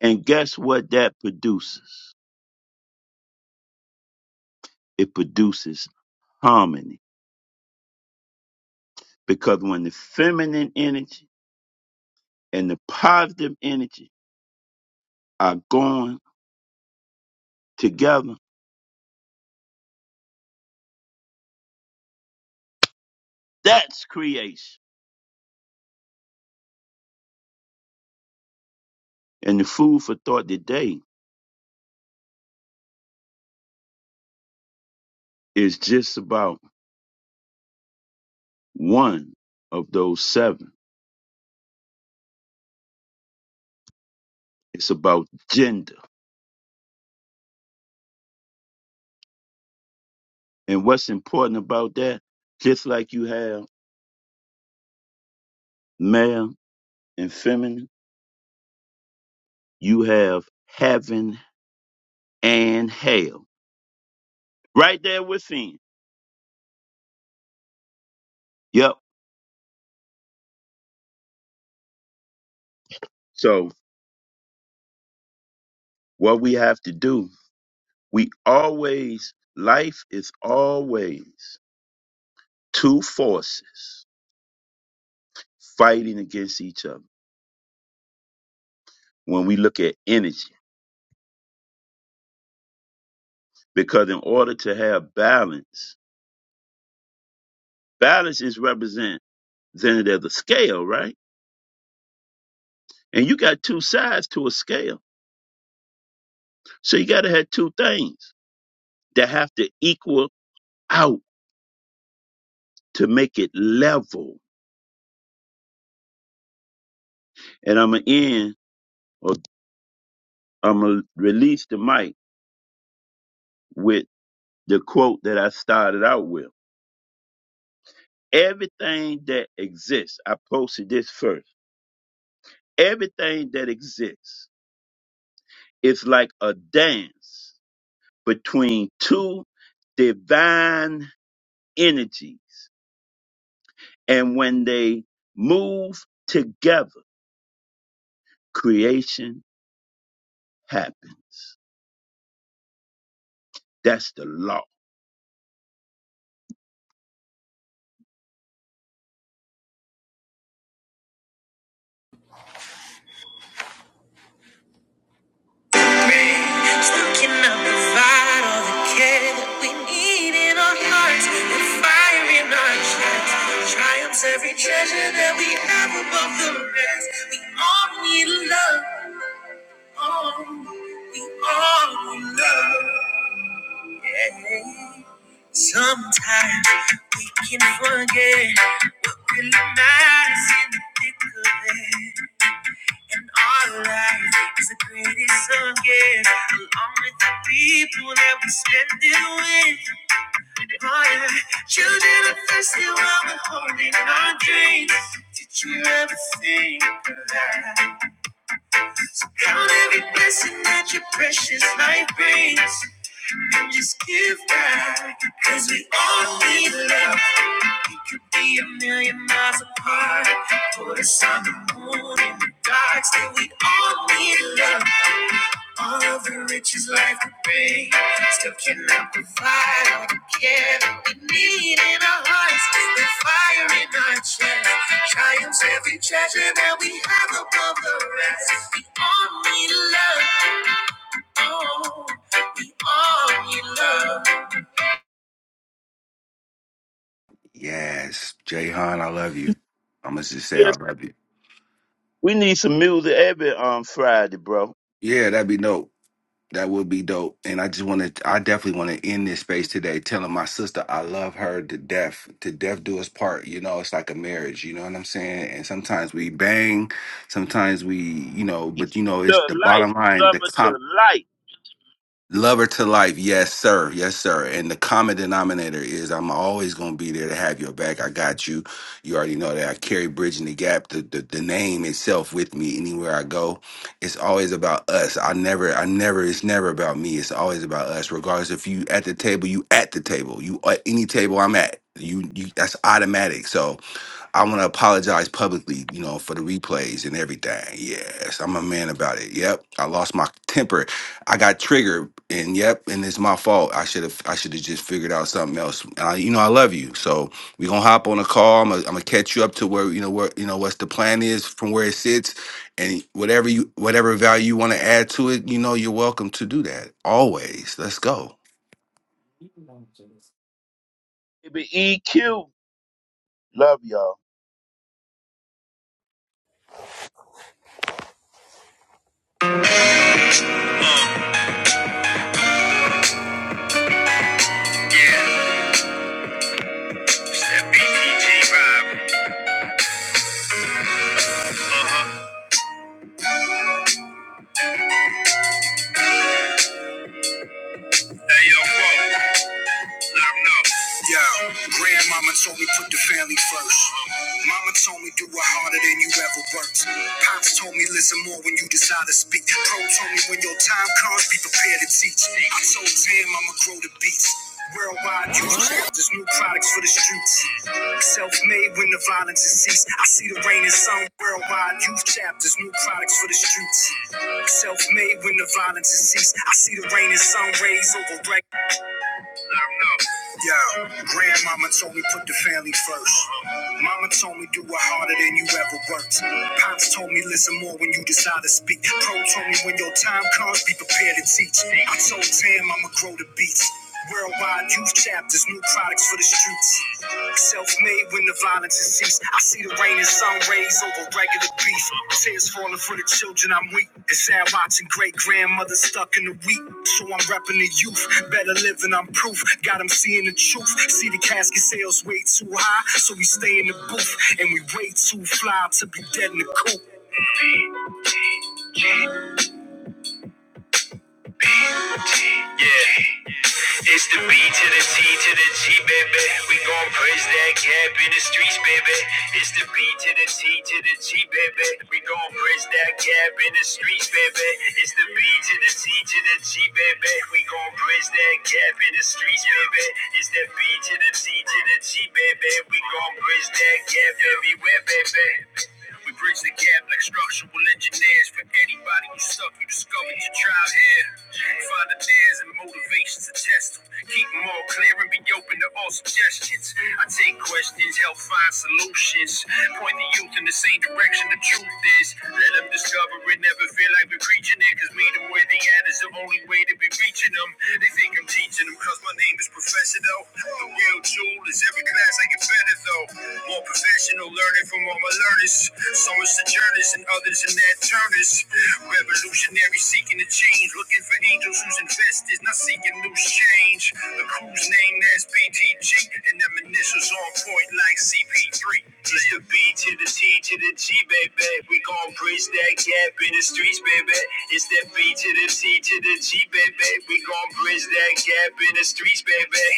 S5: And guess what that produces? It produces harmony. Because when the feminine energy and the positive energy are going together, that's creation. And the food for thought today is just about one of those seven. It's about gender. And what's important about that, just like you have male and feminine, you have heaven and hell right there within. Yep. So what we have to do, we always, life is always two forces fighting against each other when we look at energy. Because in order to have balance, balance is represented as a scale, right? And you got two sides to a scale So you got to have two things that have to equal out to make it level. And I'm going to end, or I'm going to release the mic with the quote that I started out with. Everything that exists, I posted this first. Everything that exists is like a dance between two divine energies. And when they move together, creation happens. That's the law.
S3: looking up to find all the care that we need in our hearts, the fire in our chest, triumphs every treasure that we have above the rest. We all need love. on. You are we all will love. Yeah. Sometimes we can forget what really matters in the thick of it. And our life is the greatest song, yeah. Along with the people that we spend it with. Oh, yeah. Children are thirsty while we're holding our dreams. Did you ever think of that? Count every blessing that your precious life brings. Just give back, cause we all need love. We could be a million miles apart. Put us on the moon in the dark. Still, we all need love. All of the riches life could bring. Still cannot provide all the care that we need in our hearts. The fire in our chest. Triumphs every treasure that we have above the rest. We all need love. Oh, we all need love.
S1: Yes, Jayhan, I love you. I'm gonna just say
S5: Yes,
S1: I love you.
S5: we need some music every um Friday, bro.
S1: Yeah, that'd be dope. That would be dope. And I just want to, I definitely want to end this space today telling my sister I love her to death, to death do us part. You know, it's like a marriage, you know what I'm saying? And sometimes we bang, sometimes we, you know,
S5: To
S1: but you know, it's the
S5: life,
S1: bottom
S5: you
S1: line,
S5: love
S1: the,
S5: her
S1: com-
S5: to life.
S1: Love her to life. Yes, sir. Yes, sir. And the common denominator is I'm always going to be there to have your back. I got you. You already know that I carry Bridging the Gap, the, the, the name itself with me anywhere I go. It's always about us. I never, I never, it's never about me. It's always about us. Regardless if you at the table, you at the table. You at any table I'm at. You, you that's automatic. So I want to apologize publicly, you know, for the replays and everything. Yes, I'm a man about it. Yep, I lost my temper. I got triggered, and yep, and it's my fault. I should have, I should have just figured out something else. And I, you know, I love you, so we gonna hop on a call. I'm gonna, I'm gonna catch you up to where you know where you know what's the plan is from where it sits, and whatever you whatever value you want to add to it, you know, you're welcome to do that always. Let's go.
S5: Baby EQ, love y'all.
S3: Yo, grandmama told me put the family first. Mama told me do it harder than you ever worked. Pops told me listen more when you decide to speak. Pro told me when your time comes, be prepared to teach. I told Tim I'ma grow the beats. Worldwide use there's new products for the streets. Self-made when the violence has ceased. I see the rain and sun. Worldwide youth chapters, new products for the streets. Self-made when the violence has ceased. I see the rain and sun rays over rain. Yo, grandmama told me put the family first. Mama told me do it harder than you ever worked. Pops told me listen more when you decide to speak. Pro told me when your time comes, be prepared to teach. I told Tam I'ma grow the beats. Worldwide youth chapters, new products for the streets. Self-made when the violence. I see the rain and sun rays over regular beef. Tears falling for the children I'm weak. It's sad watching great grandmother stuck in the wheat. So I'm repping the youth. Better living, I'm proof. Got 'em seeing the truth. See the casket sales way too high. So we stay in the booth. And we way too fly to be dead in the coop. We gon' praise that cap in the streets, baby. It's the B to the T to the G, baby. We gon' praise that cap in the streets, baby. It's the B to the T to the G, baby. We gon' praise that cap in the streets, baby. It's the B to the T to the G, baby. We gon' praise that cap everywhere, baby. We bridge the gap like structural engineers. For anybody who suck, you discovered your tribe here. Find the dares and motivations to test them. Keep them all clear and be open to all suggestions. I take questions, help find solutions. Point the youth in the same direction the truth is. Let them discover it, never feel like we're preaching it. Cause meet where they at is the only way to be reaching them. They think I'm teaching them cause my name is Professor though. The real tool is every class I get better Though though. More professional learning from all my learners. Some are sojourners and others in their turners. Revolutionary seeking to change. Looking for angels who's investors, not seeking loose change. The crew's name that's BTG. And them initials on point like CP3. It's the B to the T to the G, baby. We gon' bridge that gap in the streets, baby. It's that B to the T to the G, baby. We gon' bridge that gap in the streets, baby.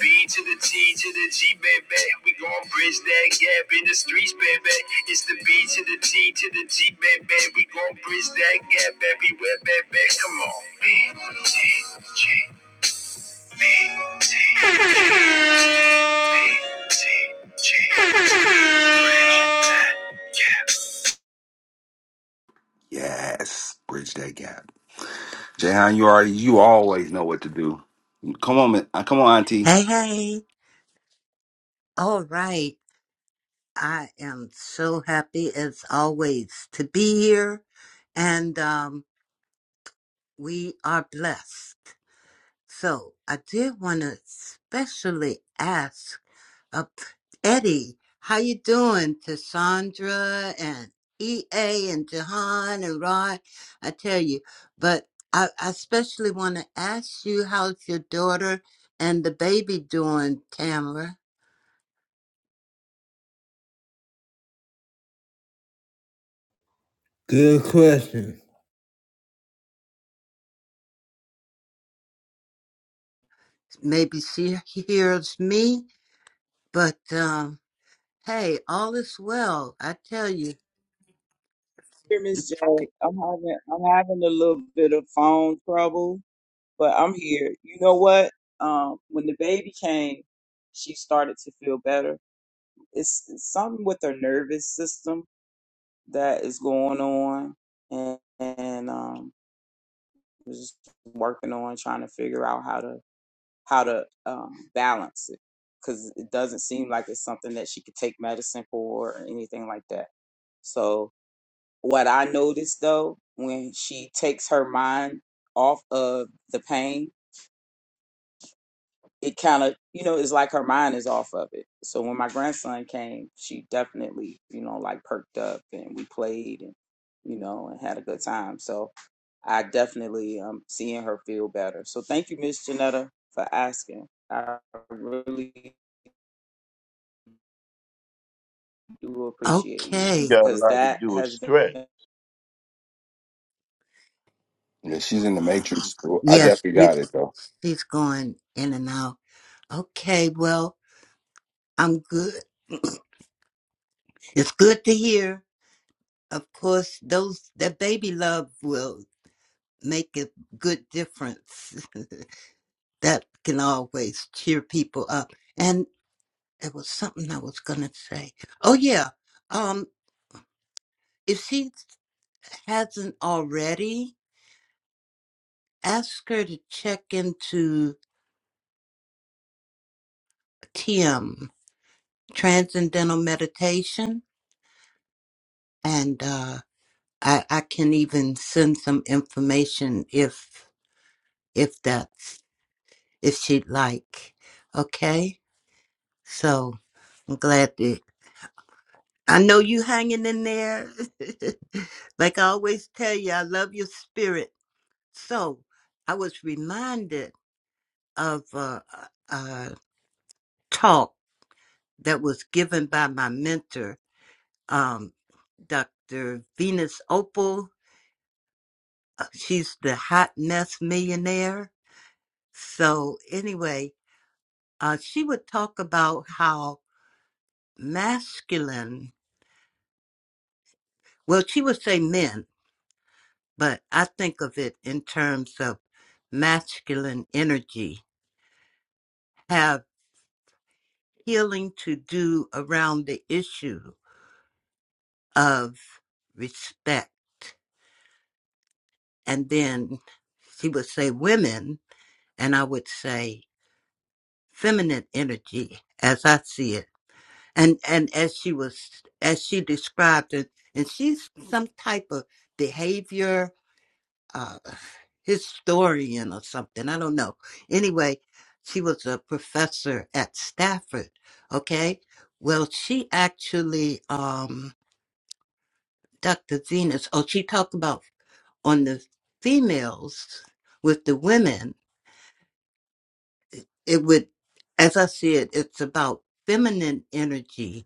S3: B to the T to the G, baby. We gon' bridge that gap in the streets, baby. It's the B to the T to the G, baby. We gon' bridge that gap everywhere, baby. Come on. B, T, G, T, B.
S1: Yes, bridge that gap. Jayhan, you already you always know what to do. Come on, man. Come on, Auntie.
S7: Hey, hey. All right. I am so happy as always to be here. And um, we are blessed. So I did want to especially ask uh, Eddie, how you doing? To Sandra and EA and Jahan and Rod, I tell you. But I, I especially want to ask you, how's your daughter and the baby doing, Tamara?
S3: Good question.
S7: maybe she hears me, but um, hey, all is well. I tell you.
S4: Here, Miss J, I'm having I'm having a little bit of phone trouble. but I'm here. You know what? Um, when the baby came, she started to feel better. It's, it's something with her nervous system that is going on, and, and um, we're just working on trying to figure out how to how to um, balance it because it doesn't seem like it's something that she could take medicine for or anything like that. So what I noticed though, when she takes her mind off of the pain it kind of you know it's like her mind is off of it so when my grandson came she definitely you know like perked up and we played and you know and had a good time so i definitely am seeing her feel better so thank you miss janetta for asking i really do appreciate you
S5: She
S7: Okay.
S5: got a
S4: because
S5: lot to
S4: that
S5: do with
S4: has
S5: strength.
S4: been
S1: Yeah, she's in the Matrix. I
S7: Yes,
S1: definitely
S7: you,
S1: got it though.
S7: she's going in and out. Okay, well, I'm good. It's good to hear. Of course, those that baby love will make a good difference. that can always cheer people up. And there was something I was gonna say. Oh yeah. Um, if she hasn't already, ask her to check into TM, Transcendental Meditation, and uh, I, I can even send some information if if that's if she'd like. Okay, so I'm glad that I know you hanging in there. like I always tell you, I love your spirit. So I was reminded of a, a a talk that was given by my mentor um, Dr. Venus Opal. Uh, She's the hot mess millionaire. So, anyway, uh, she would talk about how masculine, well, she would say men, but I think of it in terms of masculine energy, have healing to do around the issue of respect. And then she would say women, and I would say feminine energy as I see it. And and as she was as she described it, and she's some type of behavior uh historian or something. I don't know. Anyway, she was a professor at Stafford. Okay. Well she actually um Dr. Venus, oh she talked about on the females with the women, it would as I see it, it's about feminine energy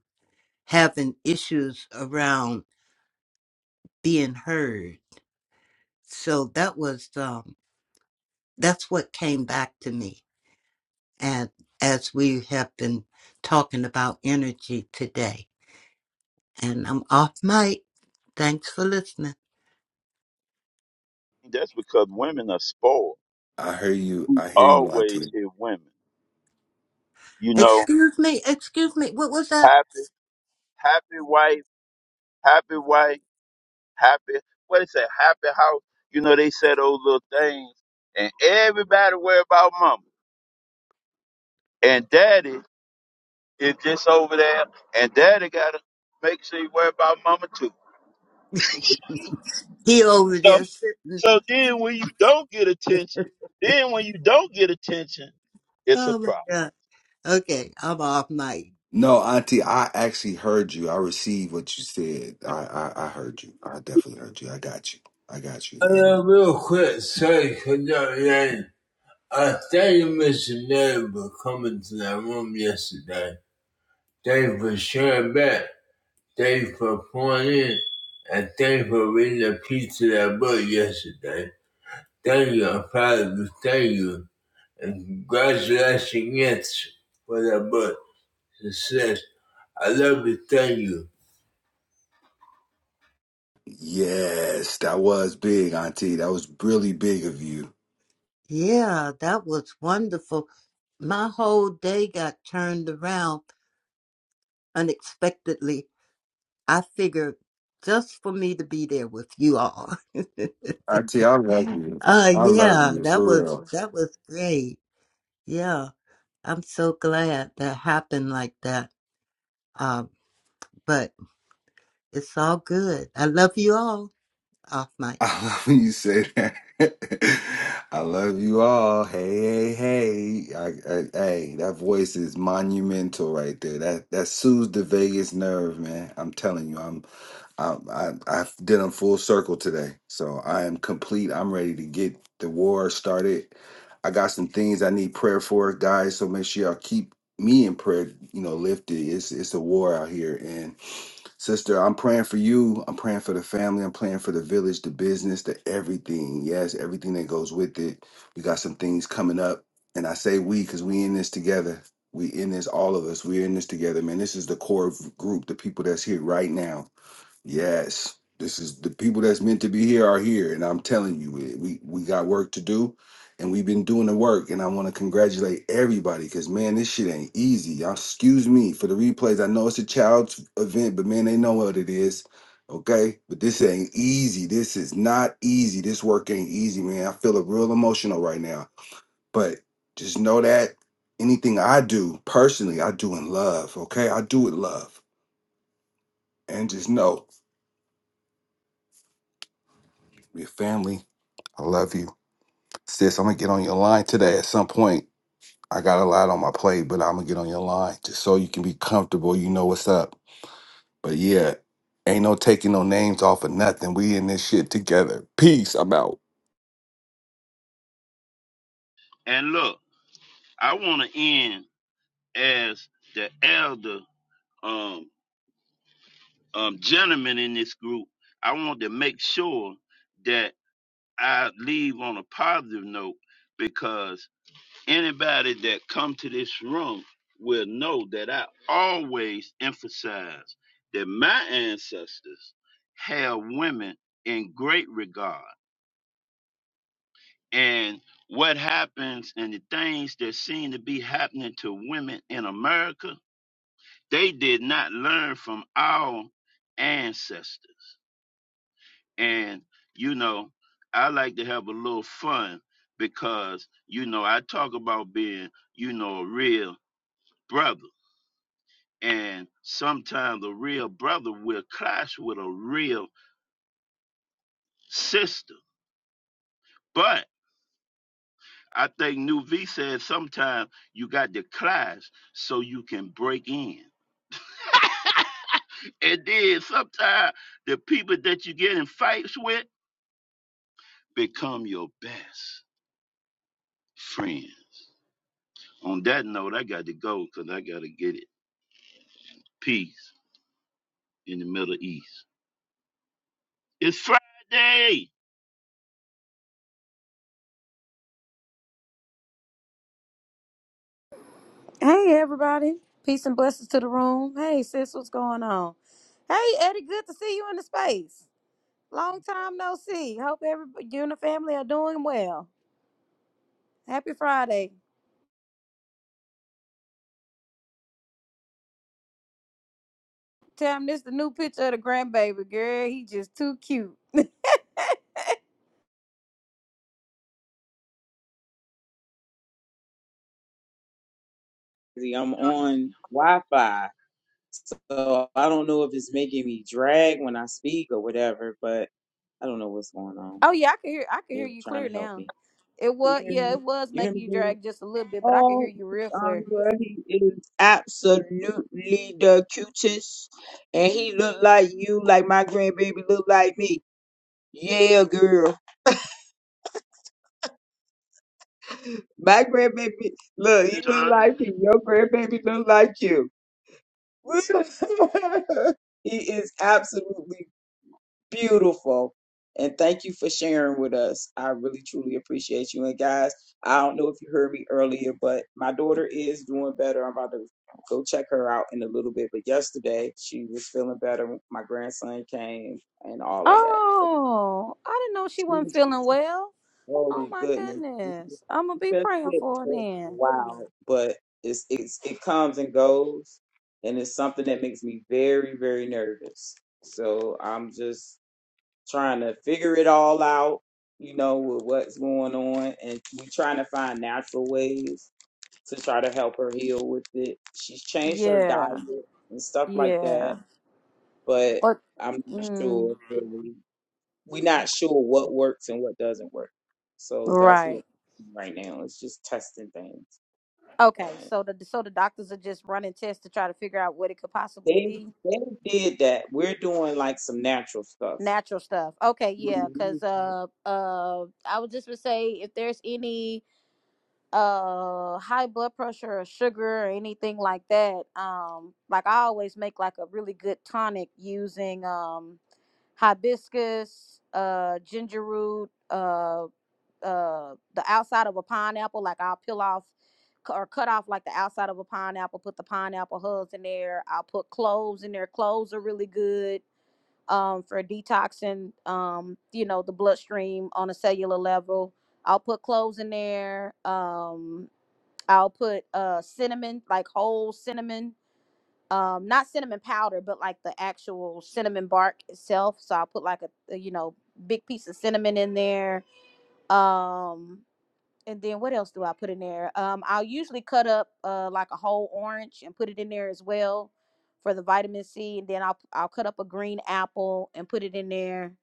S7: having issues around being heard. So that was um, that's what came back to me, and as we have been talking about energy today, and I'm off mic. Thanks for listening.
S5: That's because women are spoiled.
S1: I hear you.
S5: We
S1: I hear you,
S5: always
S1: Auntie.
S5: hear women. You know,
S7: Excuse me, excuse me. What was that?
S5: happy, happy wife. happy wife, happy, what they say. happy house. You know, they say those little things. And everybody worry about mama. And daddy is just over there. And daddy got to make sure you worry about mama too.
S7: He over
S5: So,
S7: there sitting.
S5: so then when you don't get attention, then when you don't get attention, it's a
S7: Oh my
S5: problem.
S7: God. Okay, I'm off mic.
S1: No, Auntie, I actually heard you. I received what you said. I, I, I heard you. I definitely heard you. I got you. I got
S3: I
S1: you. And
S3: Uh, real quick, sorry for not name. I thank you, Mr. Dave, for coming to that room yesterday. Thank you for sharing back. Thank you for pouring in. And thank you for reading a piece of that book yesterday. Thank you. I'm proud of you. Thank you. And congratulations for that book. Success. I love you. Thank you.
S1: Yes, that was big, Auntie. That was really big of you.
S7: Yeah, that was wonderful. My whole day got turned around unexpectedly I figured just for me to be there with you all. uh
S1: Auntie, I love
S7: yeah,
S1: you. I love you,
S7: that
S1: for
S7: was
S1: real.
S7: that was great. Yeah. I'm so glad that happened like that. Um, but it's all good. I love you all. Off mic.
S1: I love when you say that. I love you all. Hey, hey, hey. I, I, hey, that voice is monumental right there. That that soothes the vagus nerve, man. I'm telling you. I'm. I, I I did them full circle today, so I am complete. I'm ready to get the war started. I got some things I need prayer for, guys. So make sure y'all keep me in prayer. You know, lifted. It's it's a war out here, and sister, I'm praying for you. I'm praying for the family. I'm praying for the village, the business, the everything. Yes, everything that goes with it. We got some things coming up, and I say we because we in this together. We in this, all of us. We're in this together, man. This is the core group, the people that's here right now Yes, this is the people that's meant to be here are here, and I'm telling you, we we we got work to do, and we've been doing the work. And I want to congratulate everybody because man, this shit ain't easy. Y'all, excuse me for the replays. I know it's a child's event, but man, they know what it is. Okay, but this ain't easy. This is not easy. This work ain't easy, man. I feel real emotional right now. But just know that anything I do personally, I do in love. Okay, I do it love, and just know we're family I love you. Sis, I'm gonna get on your line today at some point. I got a lot on my plate, but I'm gonna get on your line just so you can be comfortable. You know what's up. But yeah, ain't no taking no names off of nothing. We in this shit together. Peace. I'm out.
S5: And look, I want to end as the elder um, um, gentleman in this group. I want to make sure that. I leave on a positive note because anybody that come to this room will know that I always emphasize that my ancestors held women in great regard. And what happens and the things that seem to be happening to women in America, they did not learn from our ancestors. And, you know, I like to have a little fun because, you know, I talk about being, you know, a real brother. And sometimes a real brother will clash with a real sister. But I think New V said sometimes you got to clash so you can break in. And then sometimes the people that you get in fights with become your best friends. On that note, I got to go because I got to get it. Peace in the Middle East. It's Friday.
S8: Hey everybody. Peace and blessings to the room. Hey sis, what's going on? Hey Eddie, good to see you in the space. Long time no see. Hope every you and the family are doing well. Happy Friday. Tell him this the new picture of the grandbaby girl. He just too cute.
S4: i'm on wi-fi so i don't know if it's making me drag when i speak or whatever but i don't know what's going on
S8: Oh yeah, I can hear I can hear
S4: they're
S8: you
S4: trying
S8: clear
S4: to help me
S8: now. It was
S4: you hear
S8: yeah,
S4: me?
S8: it was
S4: You hear
S8: making
S4: me?
S8: you
S4: dude?
S8: drag just a little bit, but I can hear
S4: Oh,
S8: you real clear.
S4: Andre, he is absolutely the cutest, and he look like you, like my grandbaby look like me. Yeah, girl, my grandbaby look, he look
S5: John.
S4: like me. Your grandbaby look like you. he is absolutely Beautiful. And thank you for sharing with us. I really truly appreciate you. And guys, I don't know if you heard me earlier, but my daughter is doing better. I'm about to go check her out in a little bit. But yesterday she was feeling better. My grandson came and all of that.
S8: Oh, I didn't know she
S4: She
S8: wasn't
S4: was-
S8: feeling well. Oh
S4: Oh
S8: my
S4: goodness. She just
S8: goodness. I'm gonna be
S4: she just
S8: praying
S4: sick.
S8: for her
S4: so
S8: then.
S4: Wow. But it's it's it comes and goes and it's something that makes me very, very nervous. So I'm just trying to figure it all out, you know, with what's going on. And we trying to find natural ways to try to help her heal with it. She's changed her
S8: Yeah.
S4: diet and stuff like
S8: Yeah.
S4: that, but
S8: Or
S4: I'm not
S8: mm,
S4: sure really. We're not sure what works and what doesn't work. So that's what
S8: right.
S4: we're doing right now. It's just testing things.
S8: Okay. So the so the doctors are just running tests to try to figure out what it could possibly
S4: They
S8: be.
S4: they did that. We're doing like some natural stuff.
S8: Natural stuff. Okay, yeah, cuz
S4: Mhm.
S8: uh uh I would just would say if there's any uh high blood pressure or sugar or anything like that, um like I always make like a really good tonic using um hibiscus, uh ginger root, uh. uh the outside of a pineapple like i'll peel off or cut off like the outside of a pineapple put the pineapple hulls in there i'll put cloves in there cloves are really good um for detoxing um you know the bloodstream on a cellular level i'll put cloves in there um i'll put uh cinnamon like whole cinnamon um not cinnamon powder but like the actual cinnamon bark itself so i'll put like a, a you know big piece of cinnamon in there um and then what else do I put in there? Um, I'll usually cut up uh, like a whole orange and put it in there as well for the vitamin C. And then I'll I'll cut up a green apple and put it in there.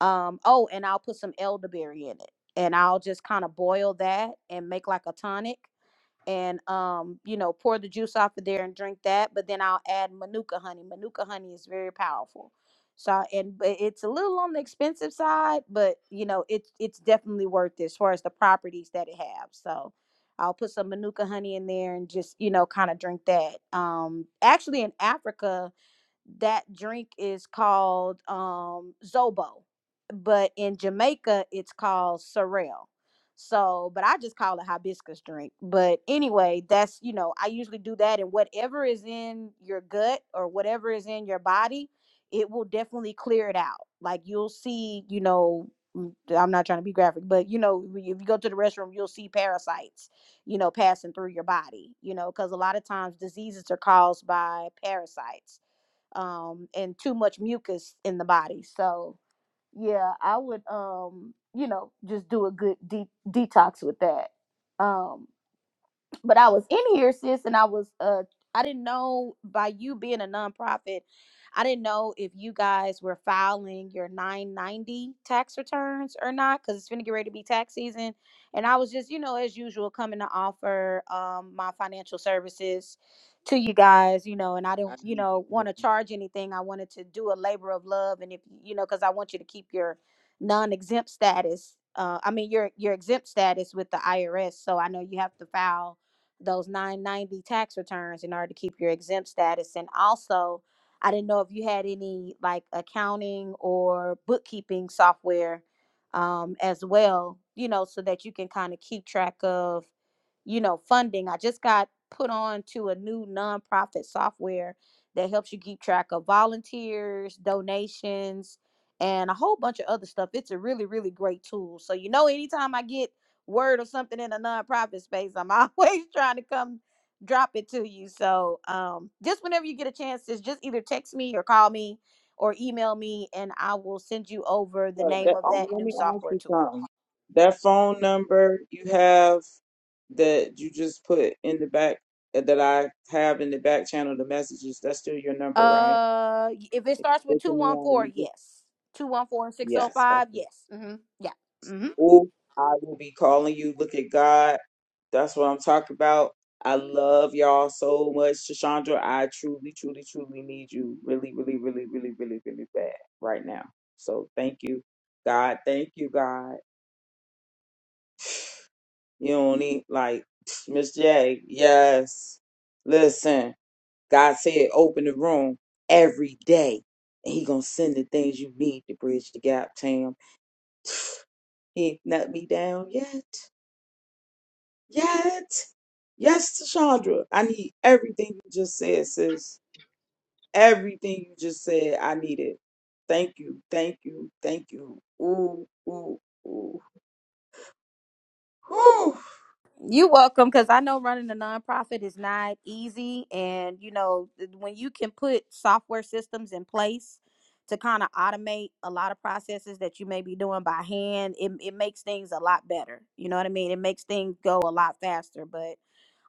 S8: Um, oh, and I'll put some elderberry in it, and I'll just kind of boil that and make like a tonic and um, you know, pour the juice off of there and drink that. But then I'll add manuka honey. Manuka honey is very powerful. So and but it's a little on the expensive side, but you know, it's it's definitely worth it as far as the properties that it has. So I'll put some manuka honey in there and just, you know, kind of drink that. Um actually in Africa, that drink is called um zobo but in jamaica it's called sorrel so but i just call it hibiscus drink but anyway that's you know i usually do that and whatever is in your gut or whatever is in your body it will definitely clear it out like you'll see you know mm, i'm not trying to be graphic but you know if you go to the restroom you'll see parasites you know passing through your body you know because a lot of times diseases are caused by parasites um, and too much mucus in the body. So yeah, I would um, you know just do a good de- detox with that. Um, but I was in here, sis, and I was uh I didn't know by you being a nonprofit, I didn't know if you guys were filing your 990 tax returns or not, because it's gonna get ready to be tax season. And I was just, you know, as usual, coming to offer um my financial services to you guys, you know, and I
S4: I
S8: didn't, you
S4: need
S8: know,
S4: to
S8: want to charge anything. I wanted to do a labor of love. And if you know, because I want you to keep your non-exempt status. Uh, I mean your your exempt status with the IRS. So I know you have to file those 990 tax returns in order to keep your exempt status. And also, I didn't know if you had any like accounting or bookkeeping software um, as well, you know, so that you can kind of keep track of, you know, funding. I just got put on to a new nonprofit software that helps you keep track of volunteers, donations, and a whole bunch of other stuff. It's a really, really great tool. So, you know, anytime I get word or something in a nonprofit space, I'm always trying to come drop it to you. So um, just whenever you get a chance, just just either text me or call me or email me, and I will send you over the
S4: Look, That,
S8: name of
S4: oh,
S8: that
S4: let
S8: new
S4: me ask
S8: software
S4: you
S8: tool.
S4: something. That phone number you have that you just put in the back uh, that I have in the back channel, the messages. That's still your number, right?
S8: Uh, y- if it
S4: If
S8: starts
S4: you
S8: with
S4: look
S8: two
S4: in the
S8: one
S4: eye,
S8: four,
S4: you just-
S8: yes. Two one four and six zero
S4: yes.
S8: five,
S4: Okay.
S8: yes. Mm-hmm. Yeah. Mm-hmm.
S4: Oh, I will be calling you. Look at God. That's what I'm talking about. I love y'all so much, Shashandra. I truly, truly, truly need you, really, really, really, really, really, really bad right now. So thank you, God. Thank you, God. You don't need like Miss J. Yes. Listen, God said open the room every day. And he gonna send the things you need to bridge the gap, Tam. He ain't let me down yet. Yet. Yes, Chandra. I need everything you just said, sis. Everything you just said, I need it. Thank you. Thank you. Thank you. Ooh, ooh, ooh. Whew.
S8: You welcome, because I know running a nonprofit is not easy, and you know th- when you can put software systems in place to kind of automate a lot of processes that you may be doing by hand, it it makes things a lot better. You know what I mean? It makes things go a lot faster. But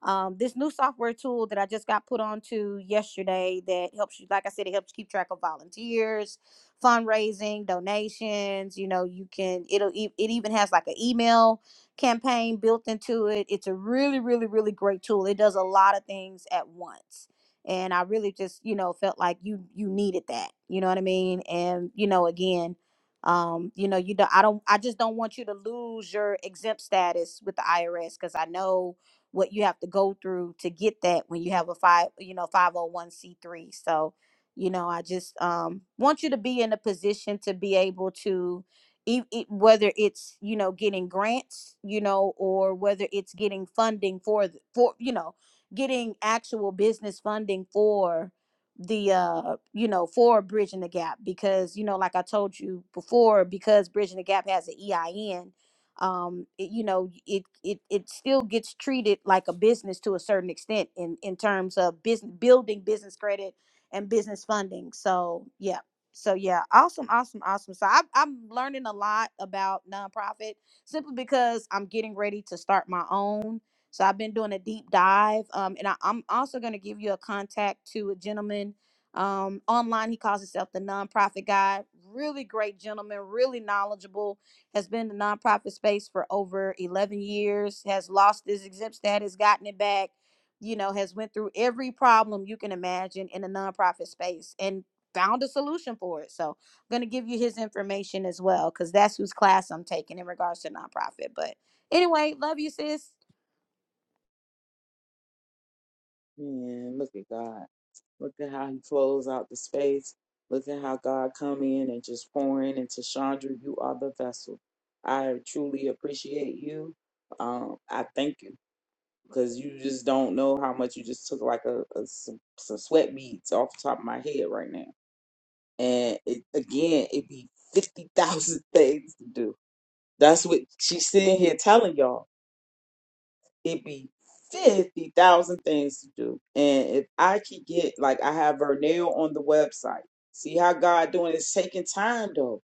S8: um, this new software tool that I just got put onto yesterday that helps you, like I said, it helps keep track of volunteers, fundraising, donations. You know, you can it'll e- it even has like an email campaign built into it. It's a really, really, really great tool. It does a lot of things at once. And I really just, you know, felt like you you needed that. You know what I mean? And, you know, again, um, you know, you don't I don't I just don't want you to lose your exempt status with the IRS because I know what you have to go through to get that when you have a five, you know, 501c3. So, you know, I just um want you to be in a position to be able to e- e- whether it's you know getting grants you know or whether it's getting funding for th- for you know getting actual business funding for the uh you know for bridging the gap because you know like i told you before because bridging the gap has an ein um it, you know it, it it still gets treated like a business to a certain extent in in terms of business building business credit and business funding so yeah so yeah awesome awesome awesome so I, i'm learning a lot about nonprofit simply because i'm getting ready to start my own so i've been doing a deep dive um, and I, i'm also going to give you a contact to a gentleman um, online he calls himself the nonprofit guy really great gentleman really knowledgeable has been in the nonprofit space for over 11 years has lost his exempt status gotten it back you know has went through every problem you can imagine in the nonprofit space and found a solution for it. So I'm gonna give you his information as well, because that's whose class I'm taking in regards to nonprofit. But anyway, love you, sis.
S4: Man, look at God. Look at how he flows out the space. Look at how God come in and just pour in into Chandra. You are the vessel. I truly appreciate you. Um, I thank you because you just don't know how much you just took like a, a some, some sweat beads off the top of my head right now. And it, again, it'd be fifty thousand things to do. That's what she's sitting here telling y'all it'd be fifty thousand things to do. And if I could get like I have her on the website. See how God doing is taking time though.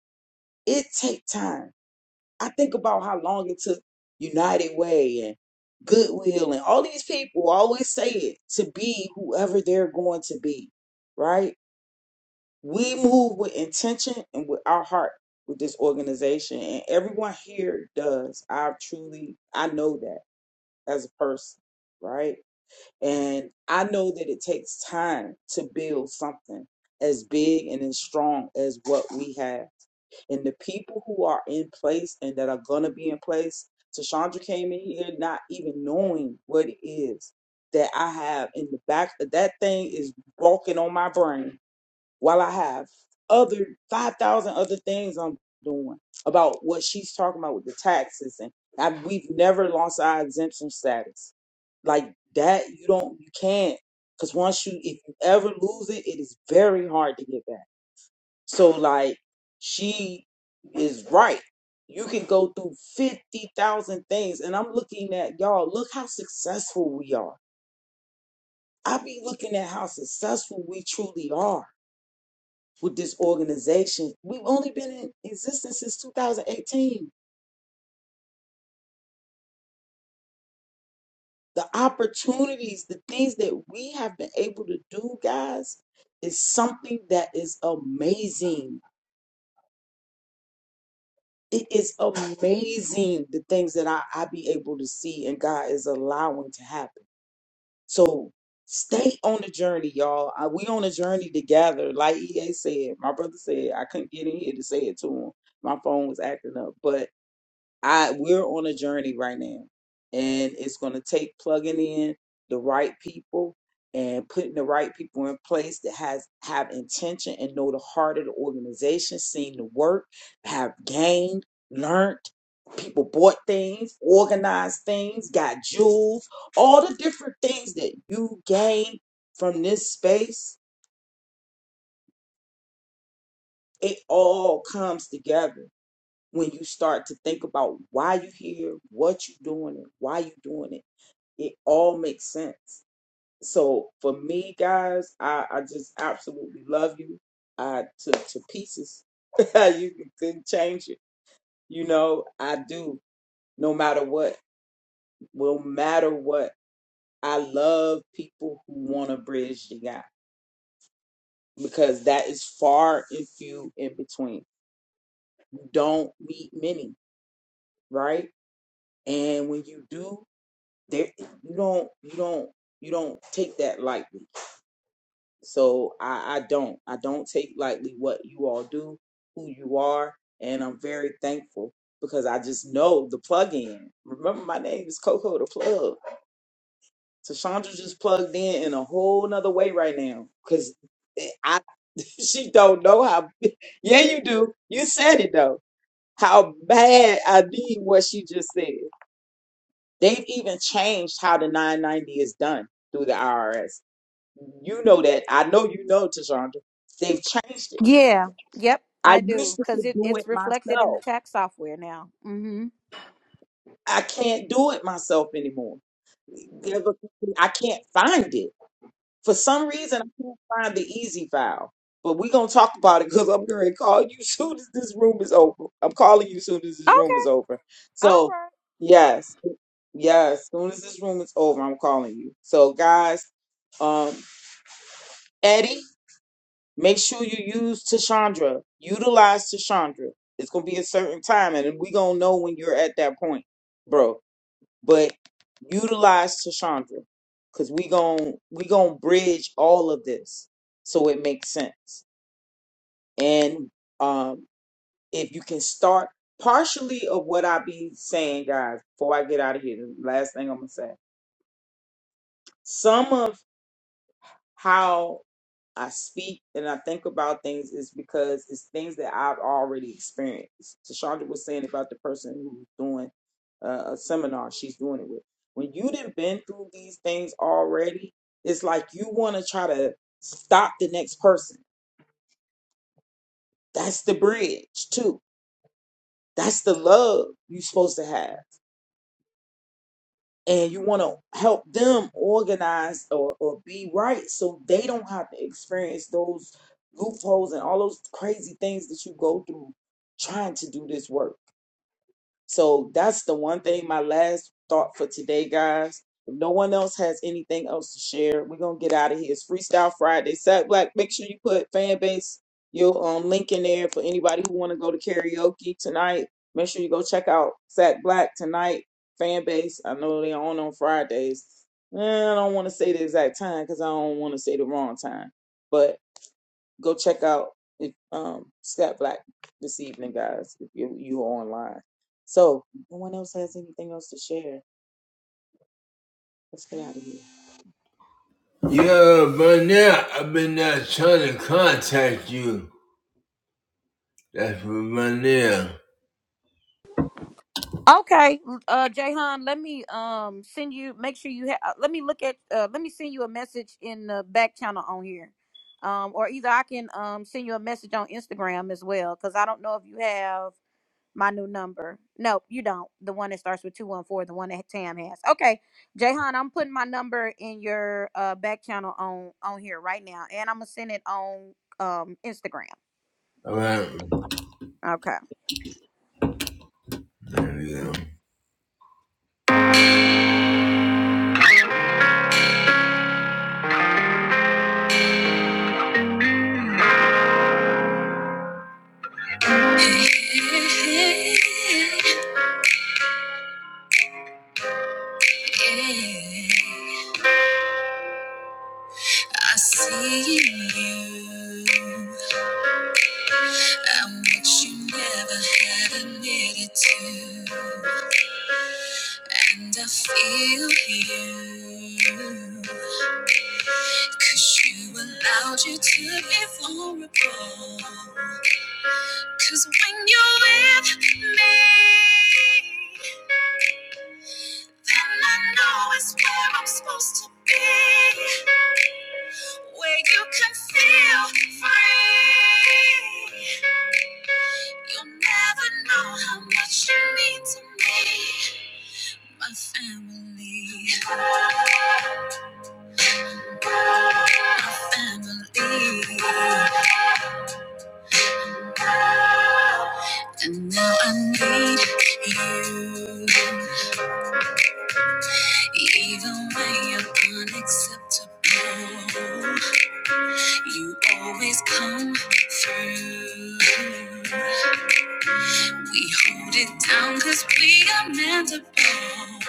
S4: It take time. I think about how long it took United Way and Goodwill and all these people always say it to be whoever they're going to be, right? We move with intention and with our heart with this organization, and everyone here does. I truly, I know that as a person, right? And I know that it takes time to build something as big and as strong as what we have. And the people who are in place and that are going to be in place, Tashandra came in here not even knowing what it is that I have in the back. That thing is walking on my brain while I have other 5,000 other things I'm doing about what she's talking about with the taxes. And I, we've never lost our exemption status. Like that, you don't, you can't. Because once you, if you ever lose it, it is very hard to get back. So, like, she is right. You can go through 50,000 things. And I'm looking at y'all, look how successful we are. I be looking at how successful we truly are with this organization. We've only been in existence since 2018. The opportunities, the things that we have been able to do, guys, is something that is amazing. It is amazing the things that I, I be able to see and God is allowing to happen. So stay on the journey, y'all. I, we on a journey together. Like EA said, my brother said, I couldn't get in here to say it to him. My phone was acting up, but I we're on a journey right now, and it's going to take plugging in the right people and putting the right people in place that has have intention and know the heart of the organization, seen the work, have gained, learned. People bought things, organized things, got jewels, all the different things that you gain from this space. It all comes together when you start to think about why you're here, what you're doing, and why you're doing it it all makes sense. So for me, guys, I, I just absolutely love you. I to to pieces. you couldn't change it. You know, I do. No matter what, no matter what, I love people who want to bridge the gap because that is far and few in between. You don't meet many, right? And when you do, there you don't you don't you don't take that lightly So I, I don't. I don't take lightly what you all do, who you are, and I'm very thankful because I just know the plug in. Remember my name is Coco the plug. So Chandra just plugged in in a whole nother way right now. Cause I she don't know how yeah you do. You said it though. How bad I need what she just said. They've even changed how the 990 is done through the IRS. You know that. I know you know, Tashandra. They've changed it.
S8: Yeah. Yep,
S4: I
S8: I
S4: used
S8: do.
S4: to
S8: Cause
S4: could
S8: it,
S4: do it
S8: it's reflected in the
S4: myself.
S8: tax software now. Mm-hmm.
S4: I can't do it myself anymore. There's a- I can't find it. For some reason, I can't find the easy file. But we're going to talk about it because I'm going to call you soon as this room is over. I'm calling you soon as this room is
S8: Okay.
S4: over.
S8: All
S4: So,
S8: right.
S4: yes, yes, soon as this room is over, I'm calling you. So, guys, um, Eddie. Make sure you use Tashandra. Utilize Tashandra. It's gonna be a certain time, and we gonna know when you're at that point, bro. But utilize Tashandra, cause we gonna we gonna bridge all of this so it makes sense. And um, if you can start partially of what I be saying, guys, before I get out of here, the last thing I'm gonna say, some of how I speak and I think about things is because it's things that I've already experienced. Tashandra was saying about the person who's doing uh, a seminar she's doing it with. When you done been through these things already, it's like you want to try to stop the next person. That's the bridge too. That's the love you're supposed to have. and you want to help them organize or, or be right so they don't have to experience those loopholes and all those crazy things that you go through trying to do this work so that's the one thing, my last thought for today, guys. If no one else has anything else to share, we're gonna get out of here. It's Freestyle Friday. Sat Black, make sure you put fan base your um link in there for anybody who wanna go to karaoke tonight. Make sure you go check out Sat Black tonight, fan base. I know they're on on Fridays. Eh, I don't want to say the exact time because I don't want to say the wrong time. But go check out if, um, Scott Black this evening, guys, if you, you are online. So, no one else has anything else to share. Let's get out of here.
S3: Yeah, by now, I've been uh, trying to contact you. That's for by now.
S8: Okay, uh, Jayhan, let me um send you. Make sure you have. Uh, Let me look at. Uh, let me send you a message in the back channel on here, um, or either I can um send you a message on Instagram as well, because I don't know if you have my new number. No, you don't. The one that starts with 214, the one that Tam has. Okay. Jayhan, I'm putting my number in your uh back channel on on here right now. And I'm gonna send it on um Instagram.
S3: All right.
S8: Okay.
S3: There we go. i feel you. 'cause you allowed you to be vulnerable. Cause when you're with me, then I know it's where I'm supposed to be. Where you can feel free. You'll never know how much you mean to me. My family, my family. And now I need you. Even when you're unacceptable. You always come through. We hold it down cause we are meant to bond.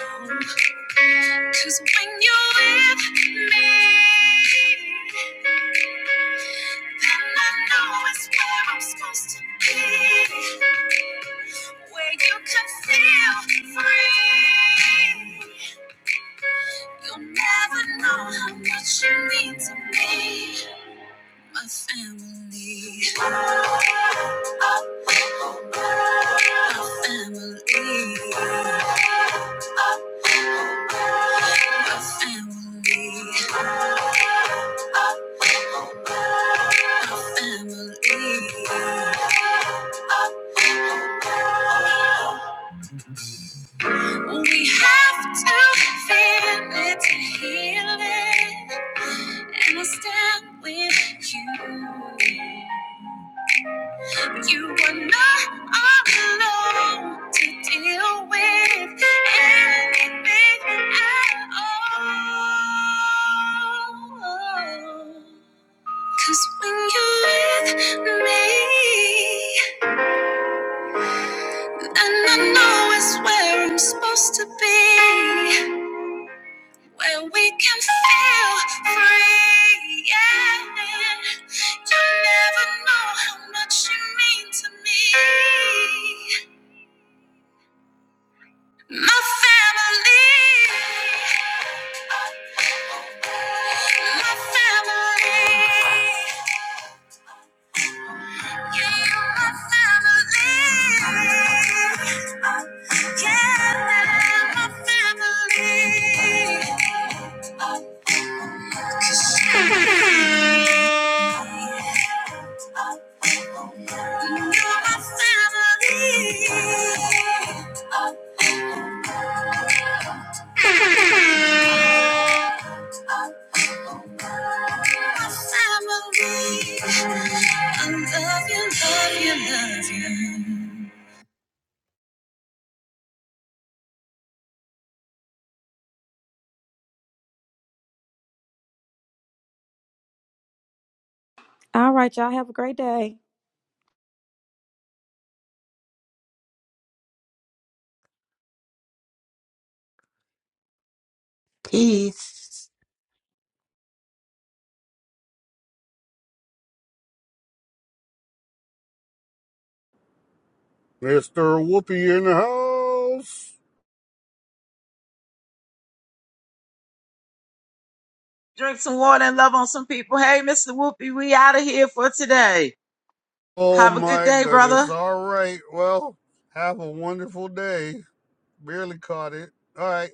S3: Cause when you're with me, then I know it's where I'm supposed to be. Where you can feel free. You'll never know how much you mean to me, my family. We have to feel it to heal it, and I stand with you. You were not alone to deal with anything at all. Cause when you're with me, then I know it's where I'm supposed to be, where we can feel free. Yeah. You never know how much you mean to me. My family, my family, you are my family. Yeah, my family. You're my family.
S8: All right, y'all have a great day.
S7: Peace.
S9: Mr. Whoopi in the house. Oh my goodness. All right. Well, have a wonderful day. Barely caught it. All right.